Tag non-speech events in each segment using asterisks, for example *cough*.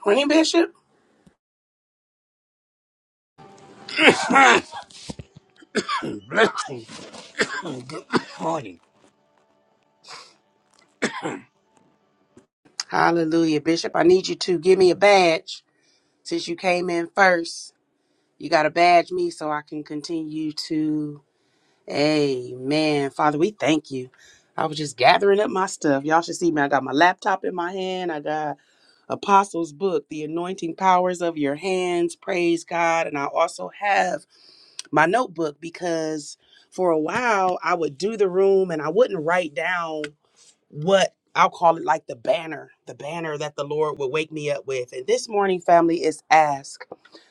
Queen Bishop? Blessings this morning. Hallelujah. Bishop, I need you to give me a badge since you came in first. You got to badge me so I can continue to. Amen. Father, we thank you. I was just gathering up my stuff. Y'all should see me. I got my laptop in my hand. I got Apostles' book, The Anointing Powers of Your Hands. Praise God. And I also have my notebook because for a while I would do the room and I wouldn't write down what I'll call it like the banner, the banner that the Lord would wake me up with. And this morning, family, is ask.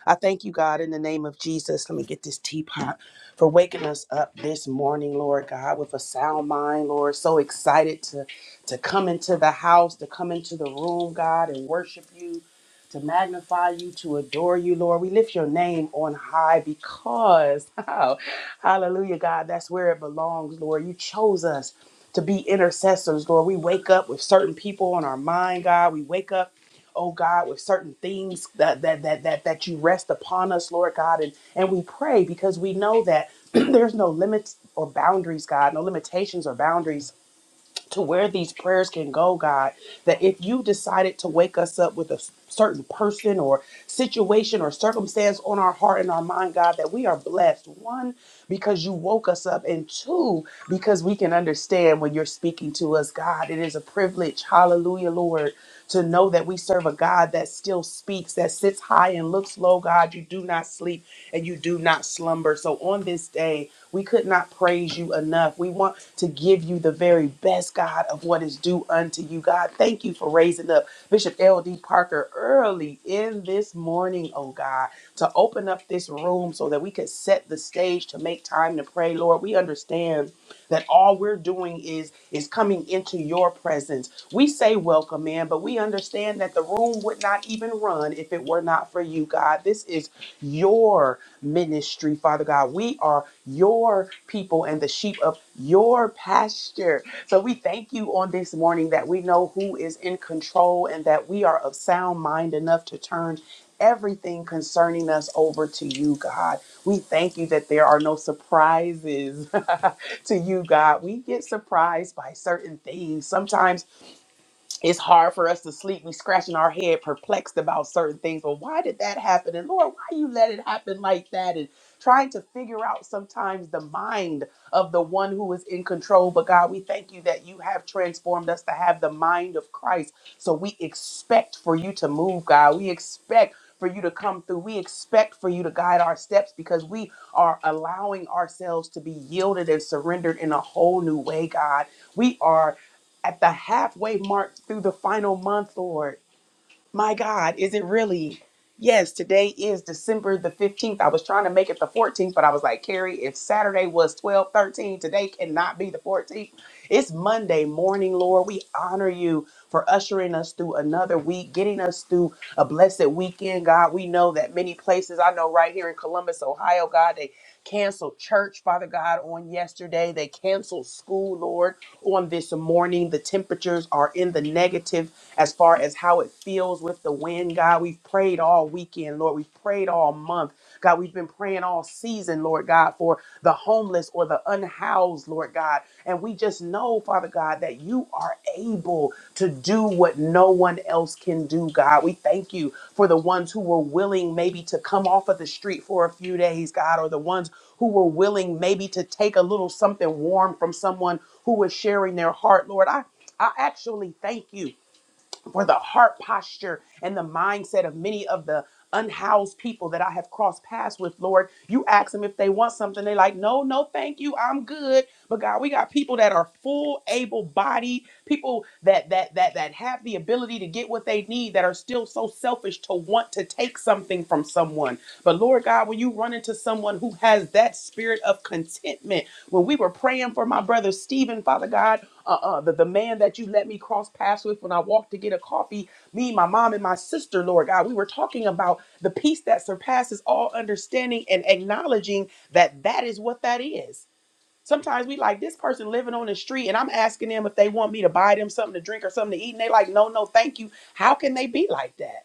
I thank you, God, in the name of Jesus. Let me get this teapot for waking us up this morning, Lord God, with a sound mind, Lord. So excited to to come into the house, to come into the room, God, and worship you, to magnify you, to adore you, Lord. We lift your name on high because, *laughs* hallelujah, God, that's where it belongs, Lord. You chose us to be intercessors, Lord. We wake up with certain people on our mind, God. We wake up, oh God, with certain things that that that that, that you rest upon us, Lord God, and and we pray because we know that *clears throat* there's no limits or boundaries, God, no limitations or boundaries to where these prayers can go, God, that if you decided to wake us up with a s- certain person or situation or circumstance on our heart and our mind, God, that we are blessed. One, because you woke us up, and two, because we can understand when you're speaking to us, God. It is a privilege, hallelujah, Lord, to know that we serve a God that still speaks, that sits high and looks low, God. You do not sleep and you do not slumber. So on this day, we could not praise you enough. We want to give you the very best, God, of what is due unto you, God. Thank you for raising up Bishop L.D. Parker early in this morning, oh God, to open up this room so that we could set the stage to make time to pray, Lord. We understand that all we're doing is is coming into your presence. We say welcome in, but we understand that the room would not even run if it were not for you, God. This is your ministry, Father God. We are your people and the sheep of your pasture. So we thank you on this morning that we know who is in control and that we are of sound mind enough to turn everything concerning us over to you, God. We thank you that there are no surprises *laughs* to you, God. We get surprised by certain things. Sometimes it's hard for us to sleep. We scratching our head, perplexed about certain things. Well, why did that happen? And Lord, why you let it happen like that? And trying to figure out sometimes the mind of the one who is in control. But God, we thank you that you have transformed us to have the mind of Christ. So we expect for you to move, God. We expect for you to come through. We expect for you to guide our steps because we are allowing ourselves to be yielded and surrendered in a whole new way, God. We are at the halfway mark through the final month, Lord my God, is it really? Yes, today is December the 15th. I was trying to make it the 14th, but I was like, Carrie, if Saturday was 12, 13, today cannot be the 14th. It's Monday morning, Lord. We honor you for ushering us through another week, getting us through a blessed weekend, God. We know that many places, I know right here in Columbus, Ohio, God, they canceled church, Father God, on yesterday. They canceled school, Lord, on this morning. The temperatures are in the negative as far as how it feels with the wind, God. We've prayed all weekend, Lord. We've prayed all month. God, we've been praying all season, Lord God, for the homeless or the unhoused, Lord God. And we just know, Father God, that you are able to do what no one else can do, God. We thank you for the ones who were willing maybe to come off of the street for a few days, God, or the ones who were willing maybe to take a little something warm from someone who was sharing their heart, Lord. I, I actually thank you for the heart posture and the mindset of many of the unhoused people that I have crossed paths with, Lord. You ask them if they want something. they like, no, no, thank you. I'm good. But God, we got people that are full, able bodied, people that that that that have the ability to get what they need that are still so selfish to want to take something from someone. But Lord God, when you run into someone who has that spirit of contentment, when we were praying for my brother Stephen, Father God uh, the, the man that you let me cross paths with when I walked to get a coffee, me, my mom, and my sister, Lord God, we were talking about the peace that surpasses all understanding and acknowledging that that is what that is. Sometimes we like this person living on the street, and I'm asking them if they want me to buy them something to drink or something to eat, and they like, no, no, thank you. How can they be like that?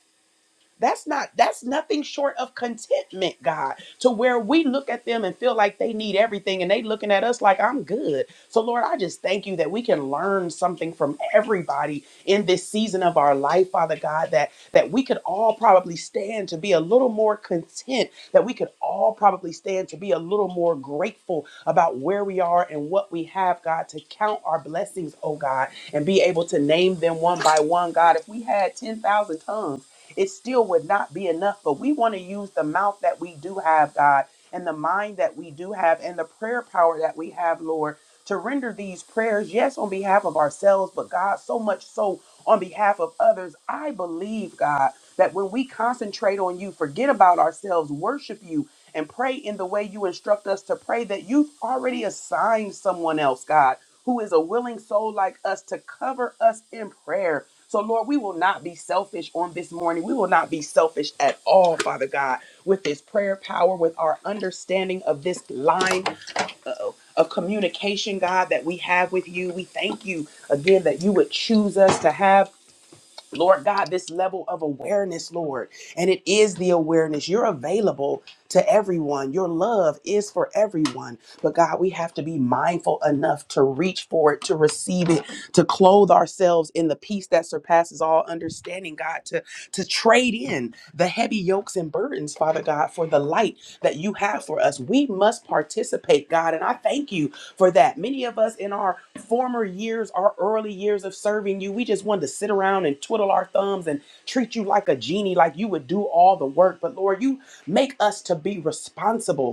That's not that's nothing short of contentment, God, to where we look at them and feel like they need everything and they looking at us like I'm good. So Lord, I just thank you that we can learn something from everybody in this season of our life, Father God, that that we could all probably stand to be a little more content, that we could all probably stand to be a little more grateful about where we are and what we have, God, to count our blessings, oh God, and be able to name them one by one, God. If we had 10,000 tongues, it still would not be enough. But we want to use the mouth that we do have, God, and the mind that we do have, and the prayer power that we have, Lord, to render these prayers, yes, on behalf of ourselves, but God, so much so on behalf of others. I believe, God, that when we concentrate on you, forget about ourselves, worship you, and pray in the way you instruct us to pray, that you've already assigned someone else, God. Who is a willing soul like us to cover us in prayer, so, Lord, we will not be selfish on this morning. We will not be selfish at all, Father God, with this prayer power, with our understanding of this line uh-oh, of communication, God, that we have with you. We thank you again that you would choose us to have. Lord God, this level of awareness, Lord. And it is the awareness. You're available to everyone. Your love is for everyone. But God, we have to be mindful enough to reach for it, to receive it, to clothe ourselves in the peace that surpasses all understanding, God, to, to trade in the heavy yokes and burdens, Father God, for the light that you have for us. We must participate, God. And I thank you for that. Many of us in our former years, our early years of serving you, we just wanted to sit around and twiddle our thumbs and treat you like a genie, like you would do all the work. But Lord, you make us to be responsible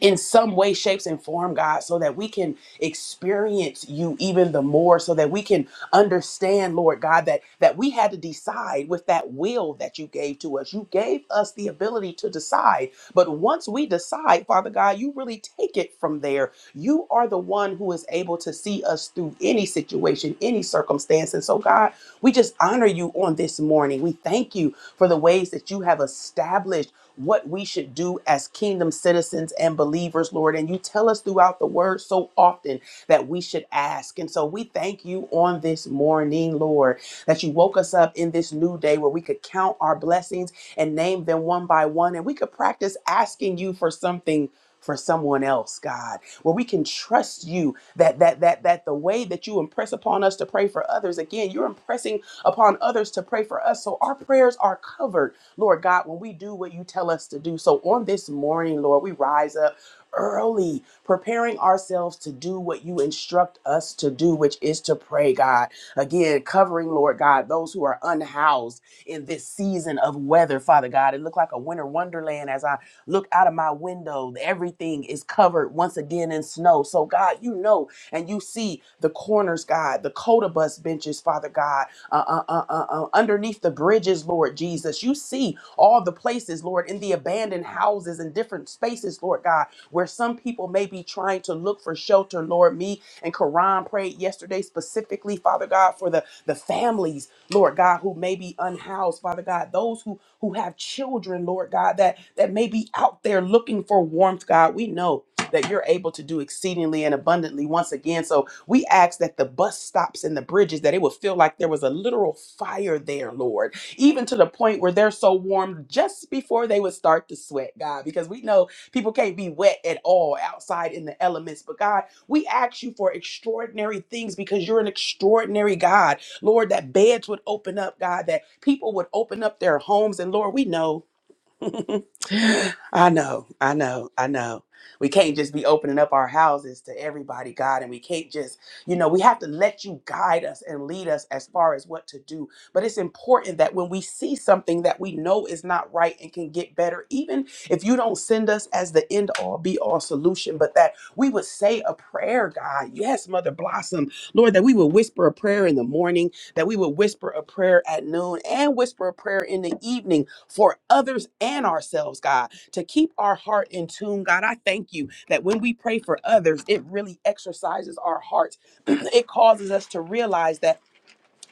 in some way, shapes, and form, God, so that we can experience you even the more, so that we can understand, Lord God, that, that we had to decide with that will that you gave to us. You gave us the ability to decide. But once we decide, Father God, you really take it from there. You are the one who is able to see us through any situation, any circumstance. And so, God, we just honor you on this morning. We thank you for the ways that you have established what we should do as kingdom citizens and believers, Lord. And you tell us throughout the word so often that we should ask. And so we thank you on this morning, Lord, that you woke us up in this new day where we could count our blessings and name them one by one and we could practice asking you for something for someone else, God, where we can trust you that that that that the way that you impress upon us to pray for others, again, you're impressing upon others to pray for us. So our prayers are covered, Lord God, when we do what you tell us to do. So on this morning, Lord, we rise up early, preparing ourselves to do what you instruct us to do, which is to pray, God. Again, covering, Lord God, those who are unhoused in this season of weather, Father God. It looked like a winter wonderland as I Look out of my window. Everything is covered once again in snow. So, God, you know, and you see the corners, God, the coda bus benches, Father God, uh, uh, uh, uh, uh, underneath the bridges, Lord Jesus. You see all the places, Lord, in the abandoned houses and different spaces, Lord God, where some people may be trying to look for shelter, Lord. Me and Karan prayed yesterday specifically, Father God, for the, the families Lord God, who may be unhoused, Father God, those who who have children, Lord God, that that may be out there looking for warmth, God. We know that you're able to do exceedingly and abundantly once again. So we ask that the bus stops and the bridges, that it would feel like there was a literal fire there, Lord, even to the point where they're so warm just before they would start to sweat, God, because we know people can't be wet at all outside in the elements. But God, we ask you for extraordinary things because you're an extraordinary God. Lord, that beds would open up, God, that people would open up their homes. And Lord, we know. I know, I know, I know. We can't just be opening up our houses to everybody, God, and we can't just, you know, we have to let you guide us and lead us as far as what to do. But it's important that when we see something that we know is not right and can get better, even if you don't send us as the end all be all solution, but that we would say a prayer, God. Yes, Mother Blossom, Lord, that we would whisper a prayer in the morning, that we would whisper a prayer at noon, and whisper a prayer in the evening for others and ourselves, God, to keep our heart in tune. God, I thank you that when we pray for others, it really exercises our hearts. *clears throat* it causes us to realize that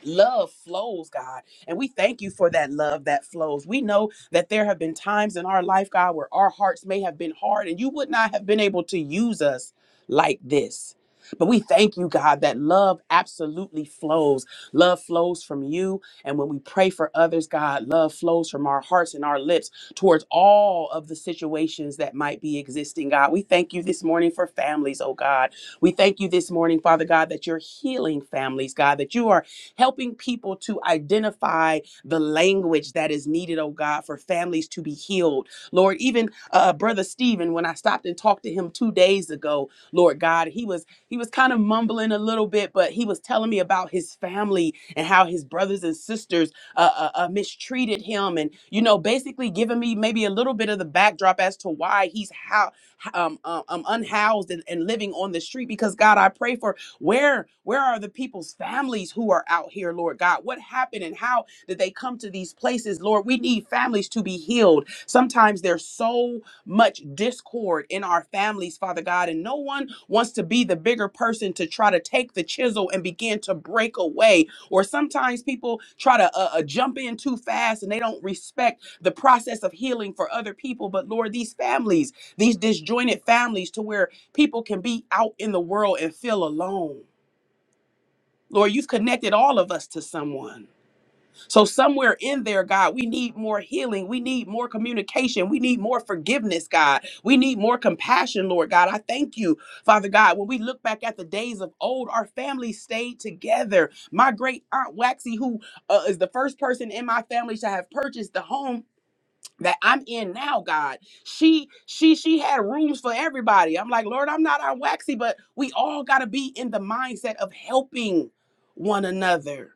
love flows, God. And we thank you for that love that flows. We know that there have been times in our life, God, where our hearts may have been hard and you would not have been able to use us like this. But we thank you, God, that love absolutely flows. Love flows from you. And when we pray for others, God, love flows from our hearts and our lips towards all of the situations that might be existing, God. We thank you this morning for families, oh God. We thank you this morning, Father God, that you're healing families, God, that you are helping people to identify the language that is needed, oh God, for families to be healed. Lord, even uh, uh, Brother Stephen, when I stopped and talked to him two days ago, Lord God, he was he was kind of mumbling a little bit, but he was telling me about his family and how his brothers and sisters uh, uh, uh, mistreated him, and you know, basically giving me maybe a little bit of the backdrop as to why he's how um, um, uh, um unhoused and, and living on the street. Because God, I pray for where where are the people's families who are out here, Lord God? What happened and how did they come to these places, Lord? We need families to be healed. Sometimes there's so much discord in our families, Father God, and no one wants to be the bigger person to try to take the chisel and begin to break away or sometimes people try to uh, uh, jump in too fast and they don't respect the process of healing for other people but lord these families these disjointed families to where People can be out in the world and feel alone. Lord, you've connected all of us to someone. So, somewhere in there, God, we need more healing. We need more communication. We need more forgiveness, God. We need more compassion, Lord God. I thank you, Father God. When we look back at the days of old, our family stayed together. My great aunt Waxy, who uh, is the first person in my family to have purchased the home that I'm in now, God. She she she had rooms for everybody. I'm like, Lord, I'm not on waxy, but we all gotta be in the mindset of helping one another.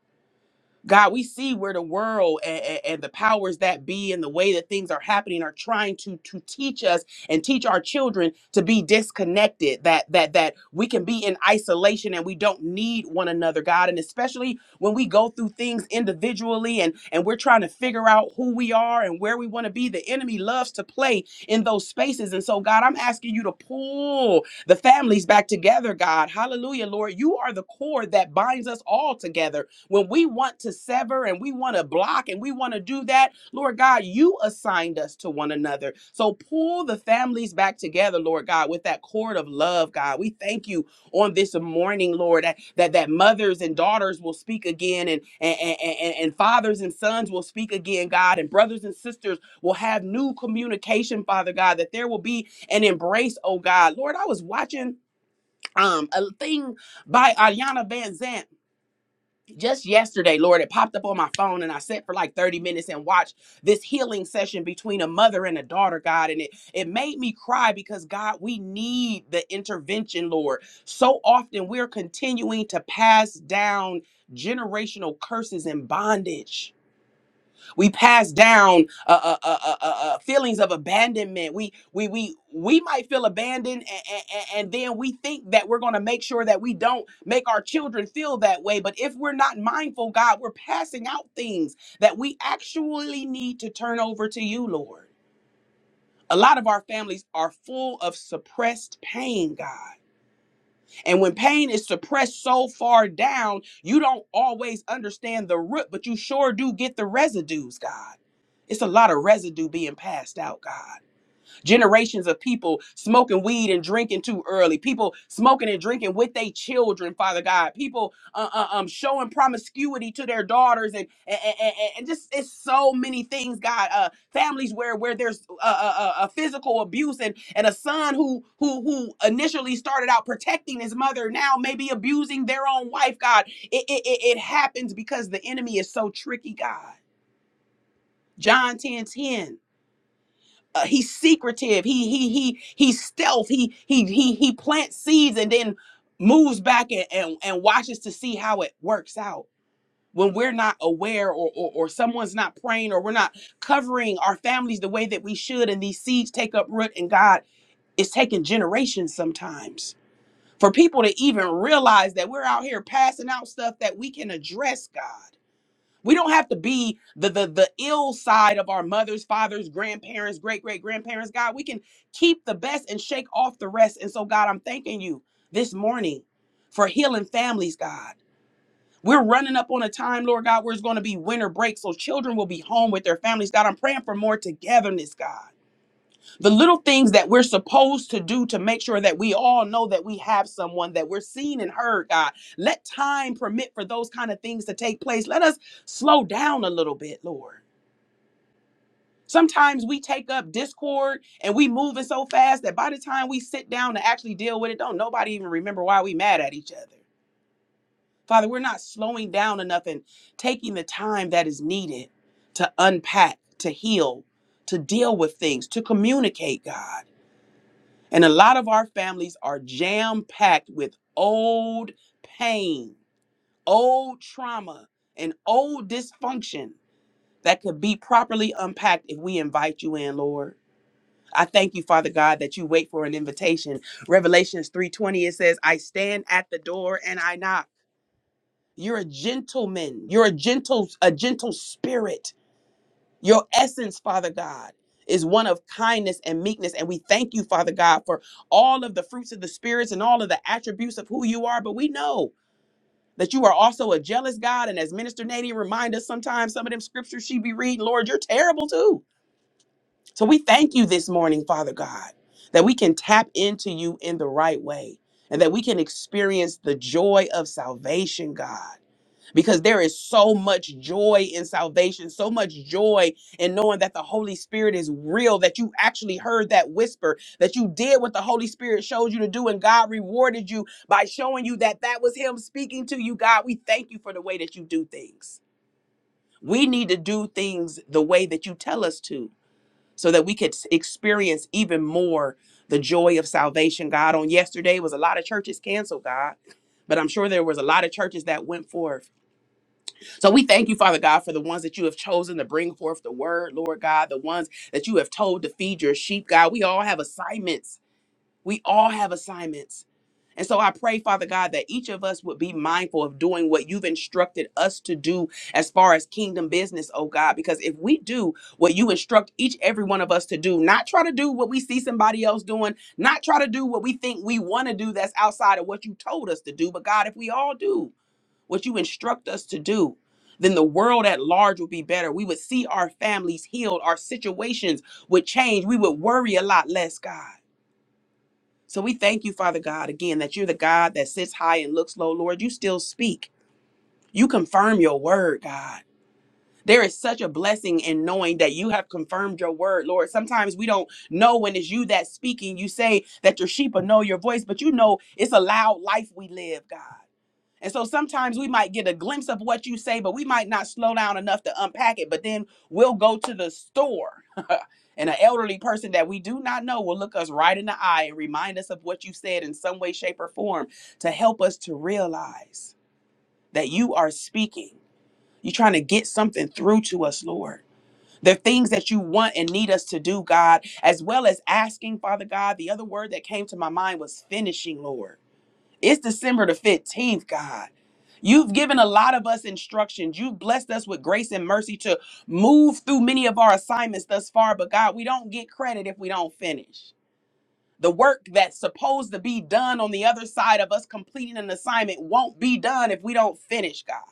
God, we see where the world and, and the powers that be and the way that things are happening are trying to to teach us and teach our children to be disconnected. That that that we can be in isolation and we don't need one another, God. And especially when we go through things individually and and we're trying to figure out who we are and where we want to be, the enemy loves to play in those spaces. And so, God, I'm asking you to pull the families back together, God. Hallelujah, Lord. You are the cord that binds us all together. When we want to sever and we want to block and we want to do that, Lord God, you assigned us to one another. So pull the families back together, Lord God, with that cord of love, God. We thank you on this morning, Lord, that that, that mothers and daughters will speak again and, and, and, and and fathers and sons will speak again, God, and brothers and sisters will have new communication, Father God, that there will be an embrace, oh God. Lord, I was watching um a thing by Ariana Van Zant just yesterday, Lord, it popped up on my phone and I sat for like 30 minutes and watched this healing session between a mother and a daughter, God. And it, it made me cry because, God, we need the intervention, Lord. So often we're continuing to pass down generational curses and bondage. We pass down uh, uh, uh, uh, uh, uh, feelings of abandonment. We we we we might feel abandoned, and, and then we think that we're going to make sure that we don't make our children feel that way. But if we're not mindful, God, we're passing out things that we actually need to turn over to you, Lord. A lot of our families are full of suppressed pain, God. And when pain is suppressed so far down, you don't always understand the root, but you sure do get the residues, God. It's a lot of residue being passed out, God generations of people smoking weed and drinking too early people smoking and drinking with their children father god people uh, uh, um showing promiscuity to their daughters and and, and and just it's so many things god uh families where where there's a, a, a physical abuse and and a son who who who initially started out protecting his mother now maybe abusing their own wife god it it, it it happens because the enemy is so tricky god john 10 10 uh, he's secretive. He he he he's stealth. He he he he plants seeds and then moves back and and, and watches to see how it works out. When we're not aware or, or or someone's not praying or we're not covering our families the way that we should and these seeds take up root and God is taking generations sometimes for people to even realize that we're out here passing out stuff that we can address God we don't have to be the the the ill side of our mothers, fathers, grandparents, great great grandparents. God, we can keep the best and shake off the rest. And so, God, I'm thanking you this morning for healing families. God, we're running up on a time, Lord God, where it's going to be winter break, so children will be home with their families. God, I'm praying for more togetherness. God the little things that we're supposed to do to make sure that we all know that we have someone that we're seen and heard god let time permit for those kind of things to take place let us slow down a little bit lord sometimes we take up discord and we moving so fast that by the time we sit down to actually deal with it don't nobody even remember why we mad at each other father we're not slowing down enough and taking the time that is needed to unpack to heal to deal with things to communicate god And a lot of our families are jam packed with old pain, old trauma, and old dysfunction that could be properly unpacked if we invite you in, Lord. I thank you, Father God, that you wait for an invitation. Revelations 3:20 it says, "I stand at the door and I knock." You're a gentleman. You're a gentle a gentle spirit your essence, Father God, is one of kindness and meekness. And we thank you, Father God, for all of the fruits of the spirits and all of the attributes of who you are. But we know that you are also a jealous God. And as Minister Nadine reminds us sometimes, some of them scriptures she be reading, Lord, you're terrible too. So we thank you this morning, Father God, that we can tap into you in the right way and that we can experience the joy of salvation, God because there is so much joy in salvation, so much joy in knowing that the Holy Spirit is real, that you actually heard that whisper, that you did what the Holy Spirit showed you to do, and God rewarded you by showing you that that was Him speaking to you. God, we thank you for the way that you do things. We need to do things the way that you tell us to so that we could experience even more the joy of salvation, God. On yesterday was a lot of churches canceled, God. But I'm sure there was a lot of churches that went forth. So we thank you, Father God, for the ones that you have chosen to bring forth the word, Lord God, the ones that you have told to feed your sheep, God. We all have assignments we all have assignments. And so I pray, Father God, that each of us would be mindful of doing what you've instructed us to do as far as kingdom business, oh God. Because if we do what you instruct each every one of us to do, not try to do what we see somebody else doing, not try to do what we think we want to do that's outside of what you told us to do, but God, if we all do what you instruct us to do, then the world at large would be better. We would see our families healed, our situations would change, we would worry a lot less, God. So we thank you, Father God, again, that you're the God that sits high and looks low, Lord. You still speak. You confirm your word, God. There is such a blessing in knowing that you have confirmed your word, Lord. Sometimes we don't know when it's you that's speaking. You say that your sheep will know your voice, but you know it's a loud life we live, God. And so sometimes we might get a glimpse of what you say, but we might not slow down enough to unpack it. But then we'll go to the store, *laughs* and an elderly person that we do not know will look us right in the eye and remind us of what you said in some way, shape, or form to help us to realize that you are speaking. You're trying to get something through to us, Lord. There are things that you want and need us to do, God, as well as asking, Father God. The other word that came to my mind was finishing, Lord it's December the 15th, God. You've given a lot of us instructions. You've blessed us with grace and mercy to move through many of our assignments thus far, but God, we don't get credit if we don't finish. The work that's supposed to be done on the other side of us completing an assignment won't be done if we don't finish, God.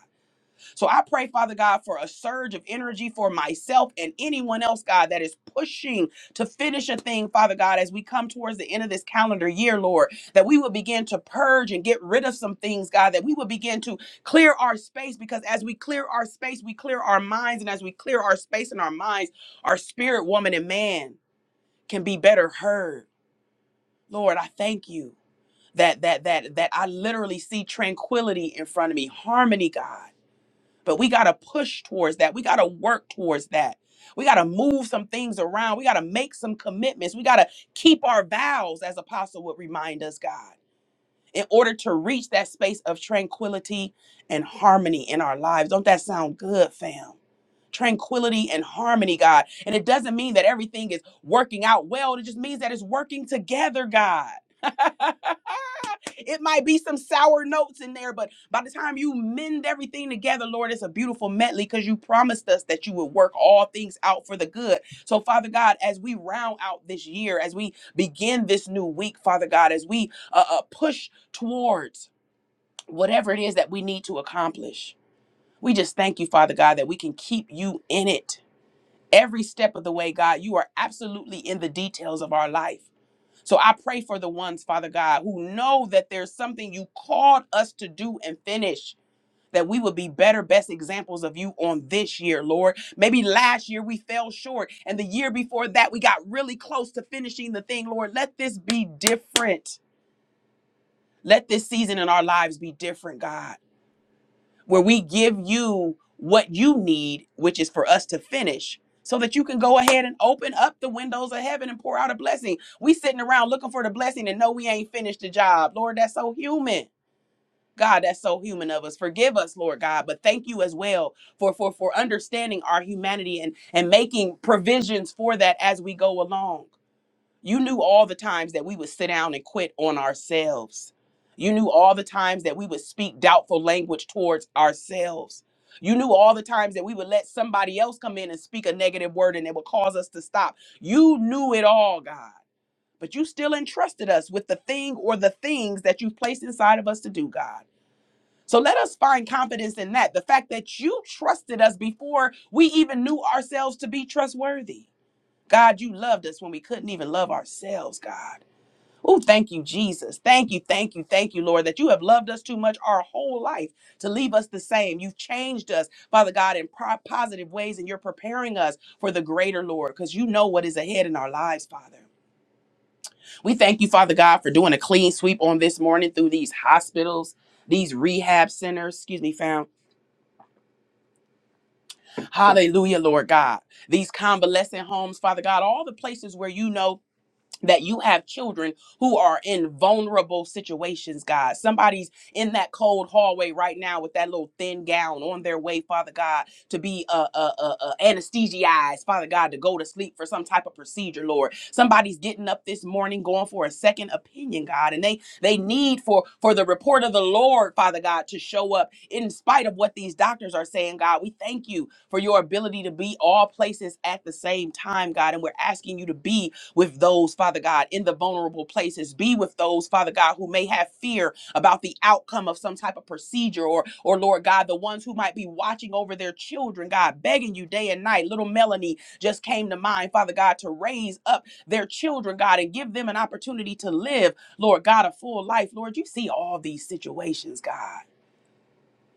So I pray, Father God, for a surge of energy for myself and anyone else, God, that is pushing to finish a thing, Father God, as we come towards the end of this calendar year, Lord, that we would begin to purge and get rid of some things, God, that we would begin to clear our space because as we clear our space, we clear our minds. And as we clear our space and our minds, our spirit, woman, and man can be better heard. Lord, I thank you that that that that I literally see tranquility in front of me, harmony, God. But we got to push towards that. We got to work towards that. We got to move some things around. We got to make some commitments. We got to keep our vows, as Apostle would remind us, God, in order to reach that space of tranquility and harmony in our lives. Don't that sound good, fam? Tranquility and harmony, God. And it doesn't mean that everything is working out well, it just means that it's working together, God. *laughs* It might be some sour notes in there, but by the time you mend everything together, Lord, it's a beautiful medley because you promised us that you would work all things out for the good. So, Father God, as we round out this year, as we begin this new week, Father God, as we uh, uh, push towards whatever it is that we need to accomplish, we just thank you, Father God, that we can keep you in it every step of the way, God. You are absolutely in the details of our life. So I pray for the ones, Father God, who know that there's something you called us to do and finish. That we would be better, best examples of you on this year, Lord. Maybe last year we fell short, and the year before that we got really close to finishing the thing, Lord. Let this be different. Let this season in our lives be different, God where we give you what you need, which is for us to finish, so that you can go ahead and open up the windows of heaven and pour out a blessing. We sitting around looking for the blessing and know we ain't finished the job. Lord, that's so human. God, that's so human of us. Forgive us, Lord God, but thank you as well for for for understanding our humanity and and making provisions for that as we go along. You knew all the times that we would sit down and quit on ourselves. You knew all the times that we would speak doubtful language towards ourselves. You knew all the times that we would let somebody else come in and speak a negative word and it would cause us to stop. You knew it all, God. But you still entrusted us with the thing or the things that you've placed inside of us to do, God. So let us find confidence in that. The fact that you trusted us before we even knew ourselves to be trustworthy. God, you loved us when we couldn't even love ourselves, God. Oh, thank you, Jesus. Thank you, thank you, thank you, Lord, that you have loved us too much our whole life to leave us the same. You've changed us, Father God, in pro- positive ways, and you're preparing us for the greater, Lord, because you know what is ahead in our lives, Father. We thank you, Father God, for doing a clean sweep on this morning through these hospitals, these rehab centers, excuse me, fam. Hallelujah, Lord God. These convalescent homes, Father God, all the places where you know that you have children who are in vulnerable situations, God. Somebody's in that cold hallway right now with that little thin gown on their way, Father God, to be uh, uh, uh, uh, anesthetized, Father God, to go to sleep for some type of procedure, Lord. Somebody's getting up this morning going for a second opinion, God, and they they need for for the report of the Lord, Father God, to show up in spite of what these doctors are saying, God. We thank you for your ability to be all places at the same time, God, and we're asking you to be with those, Father God, in the vulnerable places. Be with those, Father God, who may have fear about the outcome of some type of procedure or, or Lord God, the ones who might be watching over their children, God, begging you day and night. Little Melanie just came to mind, Father God, to raise up their children, God, and give them an opportunity to live, Lord God, a full life. Lord, you see all these situations, God.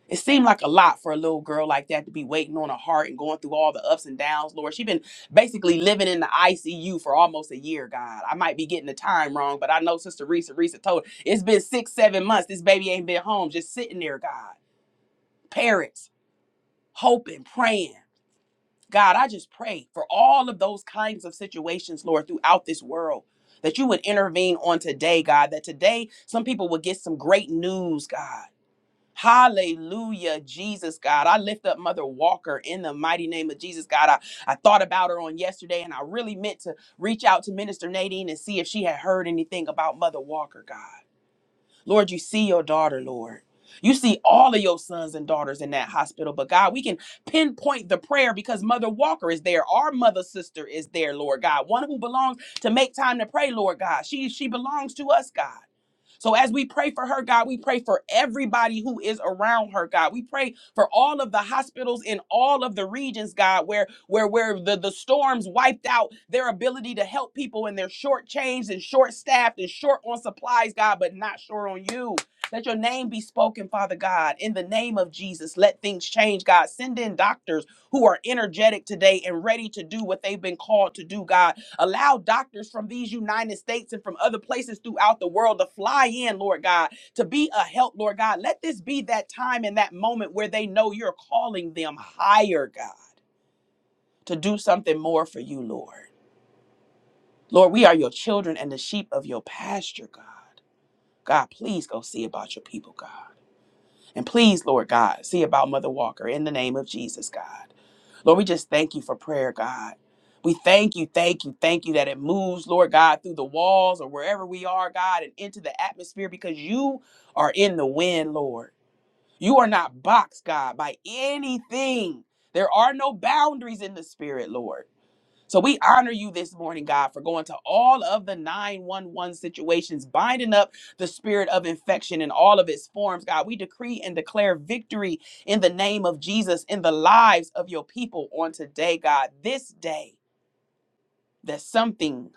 It seemed like a lot for a little girl like that to be waiting on a heart and going through all the ups and downs, Lord. She's been basically living in the ICU for almost a year, God. I might be getting the time wrong, but I know Sister Risa, Risa told her, it's been six, seven months. This baby ain't been home, just sitting there, God. Parents, hoping, praying. God, I just pray for all of those kinds of situations, Lord, throughout this world. That you would intervene on today, God. That today some people would get some great news, God Hallelujah, Jesus God. I lift up Mother Walker in the mighty name of Jesus God. I, I thought about her on yesterday and I really meant to reach out to Minister Nadine and see if she had heard anything about Mother Walker, God. Lord, you see your daughter, Lord. You see all of your sons and daughters in that hospital, but God, we can pinpoint the prayer because Mother Walker is there. Our mother sister is there, Lord God. One who belongs to make time to pray, Lord God. She she belongs to us, God. So as we pray for her, God, we pray for everybody who is around her, God. We pray for all of the hospitals in all of the regions, God, where where where the, the storms wiped out their ability to help people and they're shortchanged and short staffed and short on supplies, God, but not short on you. Let your name be spoken, Father God, in the name of Jesus. Let things change, God. Send in doctors who are energetic today and ready to do what they've been called to do, God Allow doctors from these United States and from other places throughout the world to fly in, Lord God, to be a help, Lord God. Let this be that time and that moment where they know you're calling them higher, God, to do something more for you, Lord. Lord, we are your children and the sheep of your pasture, God. God, please go see about your people, God. And please, Lord God, see about Mother Walker in the name of Jesus, God. Lord, we just thank you for prayer, God. We thank you, thank you, thank you that it moves, Lord God, through the walls or wherever we are, God, and into the atmosphere because you are in the wind, Lord. You are not boxed, God, by anything. There are no boundaries in the spirit, Lord. So we honor you this morning, God, for going to all of the 911 situations, binding up the spirit of infection in all of its forms, God. We decree and declare victory in the name of Jesus in the lives of your people on today, God, this day, that something,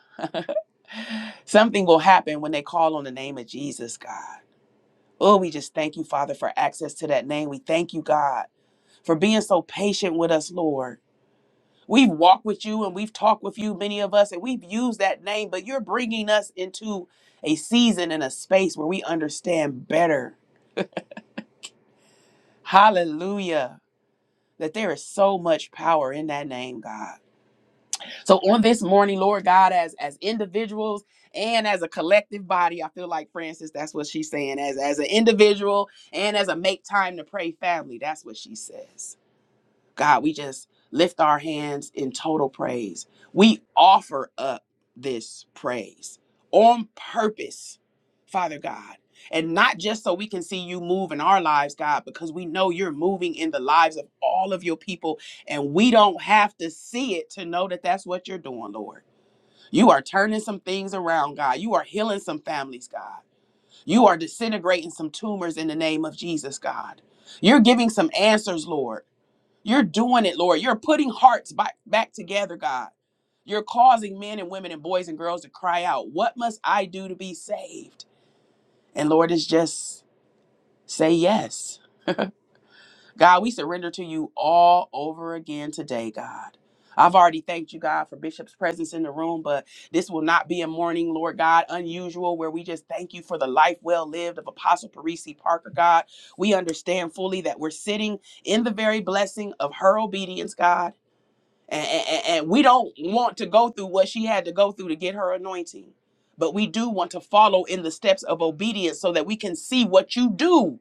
something will happen when they call on the name of Jesus, God. Oh, we just thank you, Father, for access to that name. We thank you, God, for being so patient with us, Lord. We've walked with you and we've talked with you, many of us, and we've used that name, but you're bringing us into a season and a space where we understand better. Hallelujah. That there is so much power in that name, God. So on this morning, Lord God, as as individuals and as a collective body, I feel like Francis, that's what she's saying. As as an individual and as a make time to pray family, that's what she says. God, we just lift our hands in total praise. We offer up this praise on purpose, Father God. And not just so we can see you move in our lives, God, because we know you're moving in the lives of all of your people, and we don't have to see it to know that that's what you're doing, Lord. You are turning some things around, God. You are healing some families, God. You are disintegrating some tumors in the name of Jesus, God. You're giving some answers, Lord. You're doing it, Lord. You're putting hearts back, back together, God. You're causing men and women and boys and girls to cry out, What must I do to be saved? And Lord, it's just say yes. God, we surrender to you all over again today, God. I've already thanked you, God, for Bishop's presence in the room, but this will not be a morning, Lord God, unusual, where we just thank you for the life well lived of Apostle Parisi Parker, God. We understand fully that we're sitting in the very blessing of her obedience, God and, and, and we don't want to go through what she had to go through to get her anointing but we do want to follow in the steps of obedience so that we can see what you do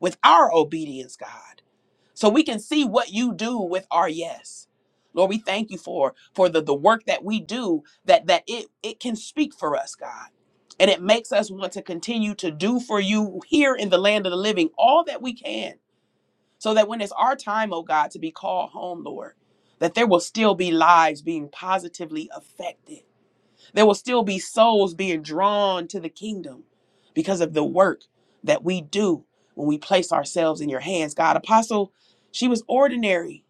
with our obedience god so we can see what you do with our yes lord we thank you for for the the work that we do that that it it can speak for us god and it makes us want to continue to do for you here in the land of the living all that we can so that when it's our time, oh God, to be called home, Lord, that there will still be lives being positively affected. There will still be souls being drawn to the kingdom because of the work that we do when we place ourselves in your hands, God. Apostle, she was ordinary.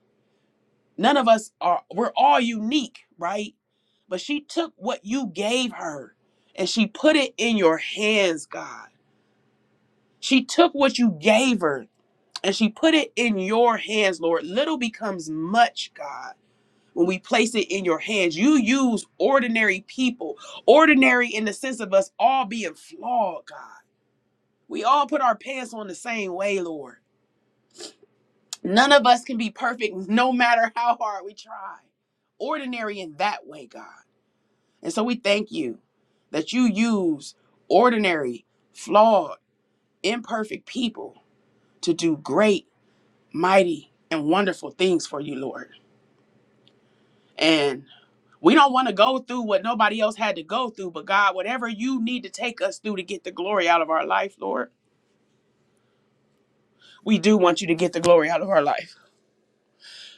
None of us are, we're all unique, right? But she took what you gave her and she put it in your hands, God. She took what you gave her and she put it in your hands, Lord. Little becomes much, God. When we place it in your hands, you use ordinary people, ordinary in the sense of us all being flawed, God. We all put our pants on the same way, Lord. None of us can be perfect *laughs* no matter how hard we try. Ordinary in that way, God. And so we thank you that you use ordinary, flawed, imperfect people to do great, mighty, and wonderful things for you, Lord. And we don't want to go through what nobody else had to go through, but God, whatever you need to take us through to get the glory out of our life, Lord, we do want you to get the glory out of our life.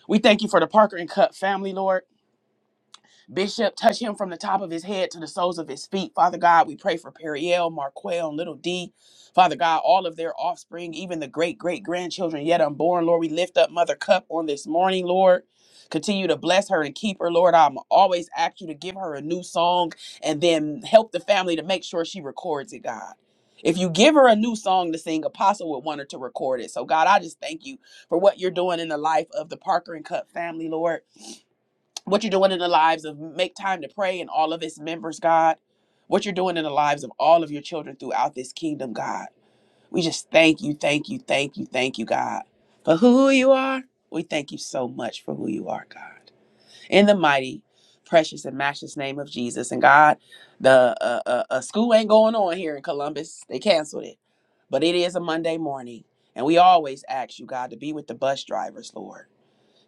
We thank you for the Parker and Cup family, Lord. Bishop, touch him from the top of his head to the soles of his feet. Father God, we pray for Periel, Marquel, and little D. Father God, all of their offspring, even the great great grandchildren yet unborn. Lord, we lift up Mother Cup on this morning, Lord. Continue to bless her and keep her, Lord. I'm always ask you to give her a new song and then help the family to make sure she records it, God. If you give her a new song to sing, Apostle would want her to record it. So, God, I just thank you for what you're doing in the life of the Parker and Cup family, Lord what you're doing in the lives of Make Time to Pray and all of its members, God. What you're doing in the lives of all of your children throughout this kingdom, God. We just thank you, thank you, thank you, thank you, God, for who you are. We thank you so much for who you are, God. In the mighty, precious, and matchless name of Jesus. And God, the uh, uh, uh, school ain't going on here in Columbus. They canceled it. But it is a Monday morning. And we always ask you, God, to be with the bus drivers, Lord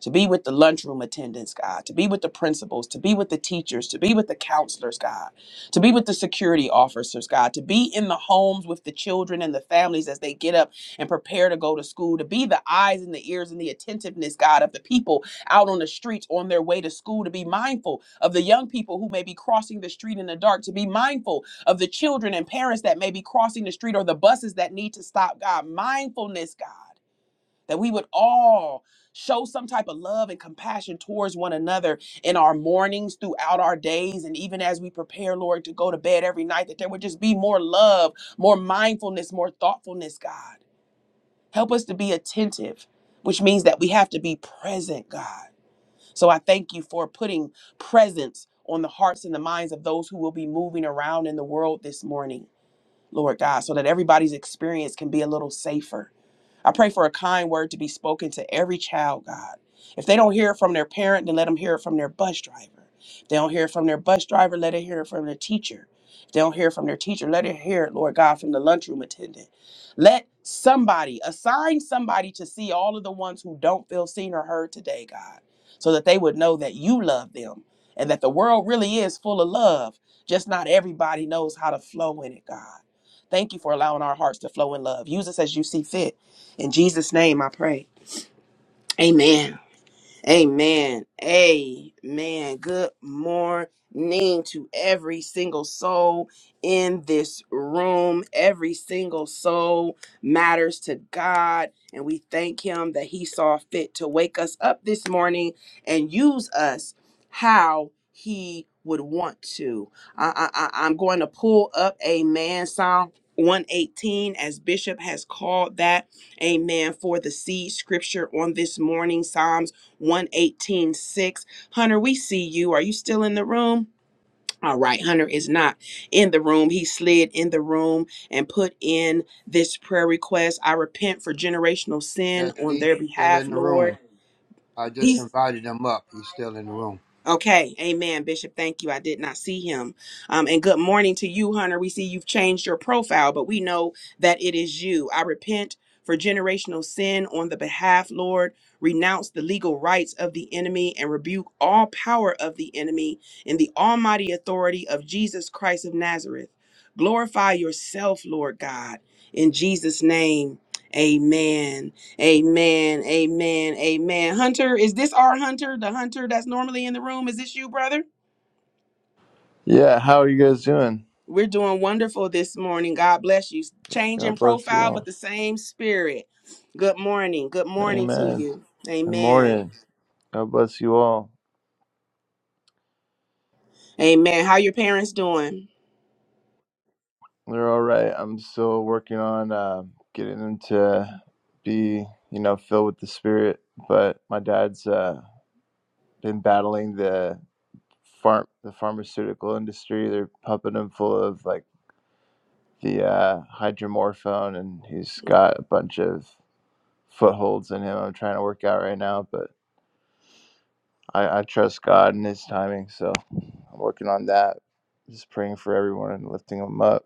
to be with the lunchroom attendants, God, to be with the principals, to be with the teachers, to be with the counselors, God, to be with the security officers, God, to be in the homes with the children and the families as they get up and prepare to go to school, to be the eyes and the ears and the attentiveness, God, of the people out on the streets on their way to school, to be mindful of the young people who may be crossing the street in the dark, to be mindful of the children and parents that may be crossing the street or the buses that need to stop, God, mindfulness, God that we would all show some type of love and compassion towards one another in our mornings throughout our days and even as we prepare lord to go to bed every night that there would just be more love more mindfulness more thoughtfulness god help us to be attentive which means that we have to be present god so i thank you for putting presence on the hearts and the minds of those who will be moving around in the world this morning lord god so that everybody's experience can be a little safer I pray for a kind word to be spoken to every child, God. If they don't hear it from their parent, then let them hear it from their bus driver. If they don't hear it from their bus driver, let it hear it from their teacher. If they don't hear it from their teacher, let it hear it, Lord God, from the lunchroom attendant. Let somebody assign somebody to see all of the ones who don't feel seen or heard today, God, so that they would know that you love them and that the world really is full of love. Just not everybody knows how to flow in it, God. Thank you for allowing our hearts to flow in love. Use us as you see fit. In Jesus' name I pray. Amen. Amen. Amen. Good morning to every single soul in this room. Every single soul matters to God. And we thank Him that He saw fit to wake us up this morning and use us how He would want to. I, I, I- I'm going to pull up a man Psalm 118 as Bishop has called that. Amen. For the seed scripture on this morning, Psalms. 118.6. Hunter, we see you. Are you still in the room? All right, Hunter is not in the room. He slid in the room and put in this prayer request. I repent for generational sin Yes, on he's their still behalf, in the room. Lord. I He just invited him up. He's still in the room. Okay, amen, Bishop. Thank you. I did not see him. Um, and good morning to you, Hunter. We see you've changed your profile, but we know that it is you. I repent for generational sin on the behalf, Lord. Renounce the legal rights of the enemy and rebuke all power of the enemy in the almighty authority of Jesus Christ of Nazareth. Glorify yourself, Lord God, in Jesus' name. Amen. Amen. Amen. Amen. Hunter, is this our Hunter, the Hunter that's normally in the room? Is this you, brother? Yeah, how are you guys doing? We're doing wonderful this morning. God bless you. Change in God bless you profile, but all. the same spirit. Good morning. Good morning to Amen. you. Good Amen. morning. God bless you all. Amen. How your parents doing? They're all right. I'm still working on uh, getting them to be, you know, filled with the Spirit. But my dad's uh, been battling the farm, the pharmaceutical industry. They're pumping him full of like the uh, hydromorphone, and he's got a bunch of footholds in him. I'm trying to work out right now, but I, I trust God and His timing, so I'm working on that. Just praying for everyone and lifting them up.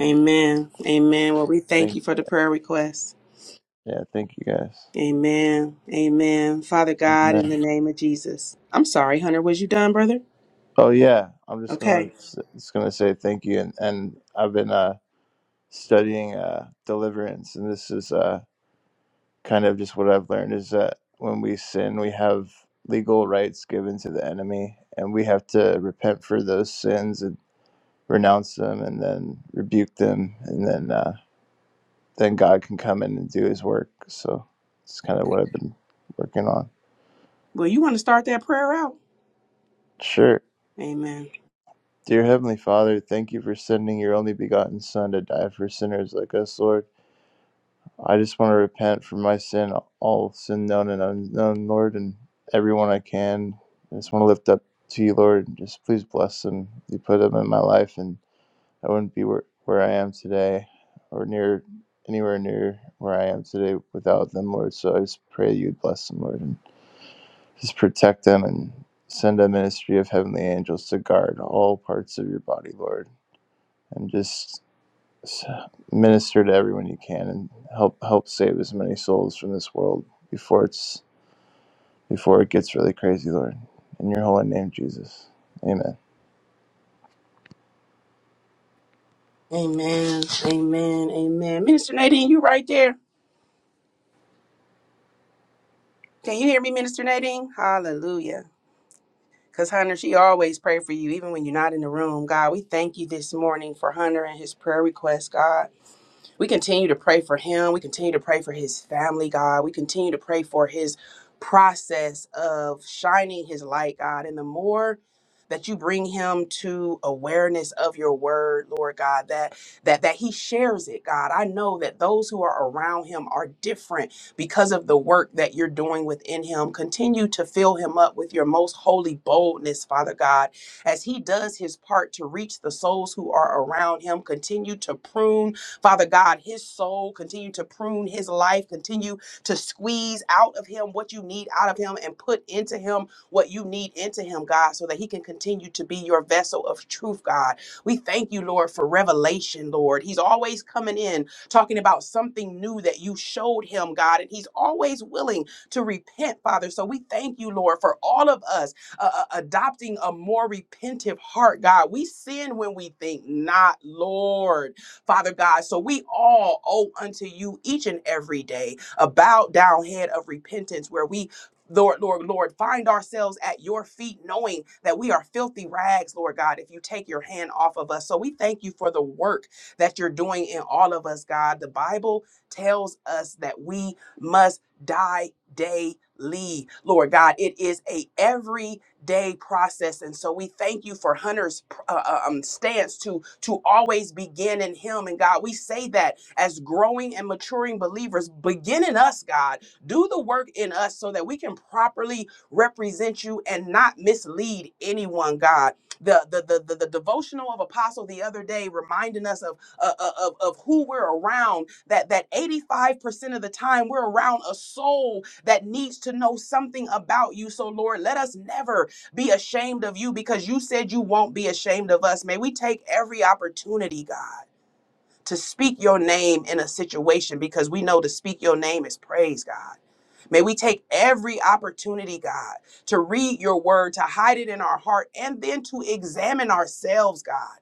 Amen. Amen. Well, we thank Thank, you for the prayer request. yeah, thank you guys. Amen. Amen. Father God, in Amen. the name of Jesus. I'm sorry, Hunter. Was you done, brother? Oh yeah, I'm just gonna Okay. just gonna say thank you, and and I've been uh studying uh deliverance, and this is uh kind of just what I've learned is that when we sin, we have legal rights given to the enemy, and we have to repent for those sins and renounce them, and then rebuke them, and then. uh, then God can come in and do his work. So it's kind of what I've been working on. Well, you want to start that prayer out? Sure. Amen. Dear Heavenly Father, thank you for sending your only begotten Son to die for sinners like us, Lord. I just want to repent for my sin, all sin known and unknown, Lord, and everyone I can. I just want to lift up to you, Lord, and just please bless them. You put them in my life, and I wouldn't be where, where I am today or near anywhere near where I am today without them, Lord. So I just pray you would bless them, Lord. and Just protect them and send a ministry of heavenly angels to guard all parts of your body, Lord, and just minister to everyone you can and help help save as many souls from this world before it's before it gets really crazy, Lord. In your holy name, Jesus. Amen. Amen. Amen. Amen. Minister Nadine, you right there? Can you hear me, Minister Nadine? Hallelujah. Because Hunter, she always pray for you, even when you're not in the room. God, we thank you this morning for Hunter and his prayer request, God. We continue to pray for him. We continue to pray for his family, God. We continue to pray for his process of shining his light, God. And the more that you bring him to awareness of your word, Lord God, that that that he shares it, God. I know that those who are around him are different because of the work that you're doing within him. Continue to fill him up with your most holy boldness, Father God, as he does his part to reach the souls who are around him. Continue to prune Father God, his soul, continue to prune his life, continue to squeeze out of him what you need out of him and put into him what you need into him, God, so that he can continue to be your vessel of truth, God. We thank you, Lord, for revelation, Lord. He's always coming in talking about something new that you showed him, God, and he's always willing to repent, Father. So we thank you, Lord, for all of us uh, uh, adopting a more repentive heart, God. We sin when we think not, Lord. Father God. So we all owe unto you each and every day a bowed down head of repentance where we Lord, Lord, Lord, find ourselves at your feet, knowing that we are filthy rags, Lord God, if you take your hand off of us. So we thank you for the work that you're doing in all of us, God. The Bible tells us that we must die daily, Lord God. It is a every day process. And so we thank you for Hunter's uh, uh, um, stance to to always begin in Him. And God, we say that as growing and maturing believers, begin in us, God. Do the work in us so that we can properly represent you and not mislead anyone, God. The, the, the, the, the devotional of apostle the other day reminding us of, uh, uh, of of who we're around that that 85% of the time we're around a soul that needs to know something about you so lord let us never be ashamed of you because you said you won't be ashamed of us. May we take every opportunity, God, to speak your name in a situation because we know to speak your name is praise, God. May we take every opportunity, God, to read your word, to hide it in our heart, and then to examine ourselves, God.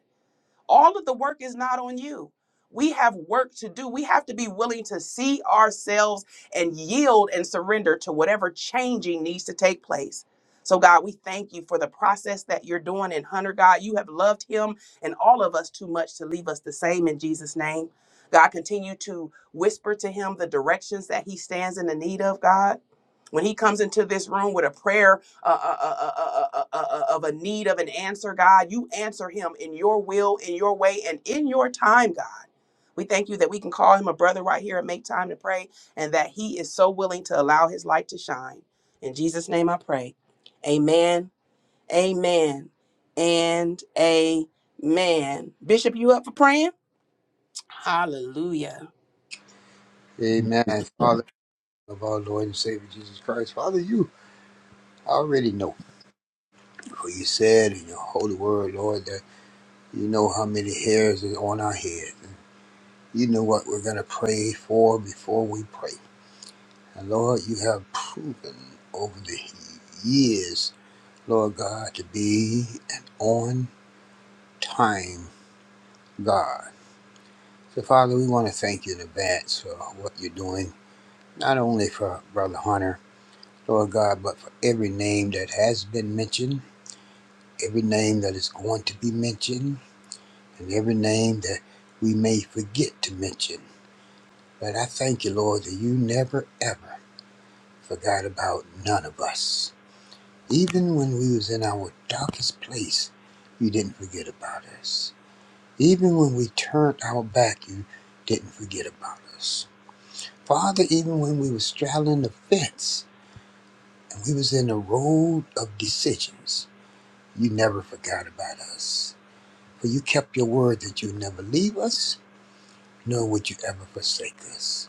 All of the work is not on you. We have work to do. We have to be willing to see ourselves and yield and surrender to whatever changing needs to take place. So, God, we thank you for the process that you're doing in Hunter, God. You have loved him and all of us too much to leave us the same in Jesus' name. God, continue to whisper to him the directions that he stands in the need of, God when he comes into this room with a prayer uh, uh, uh, uh, uh, uh, uh, of a need of an answer, God. You answer him in your will, in your way, and in your time, God. We thank you that we can call him a brother right here and make time to pray, and that he is so willing to allow his light to shine. In Jesus' name I pray. Amen, amen, and amen. Bishop, you up for praying? Hallelujah. In Amen. Jesus' name, Father of our Lord and Savior Jesus Christ. Father, you already know for you said in your holy word, Lord, that you know how many hairs is on our head. You know what we're going to pray for before we pray. And Lord, you have proven over the years, Lord God, to be an on time God. So, Father, we want to thank you in advance for what you're doing, not only for Brother Hunter, Lord God, but for every name that has been mentioned, every name that is going to be mentioned, and every name that we may forget to mention. But I thank you, Lord, that you never ever forgot about none of us. Even when we was in our darkest place, you didn't forget about us. Even when we turned our back, you didn't forget about us. Father, even when we was straddling the fence and we was in the road of decisions, you never forgot about us. For you kept your word that you would never leave us, nor would you ever forsake us.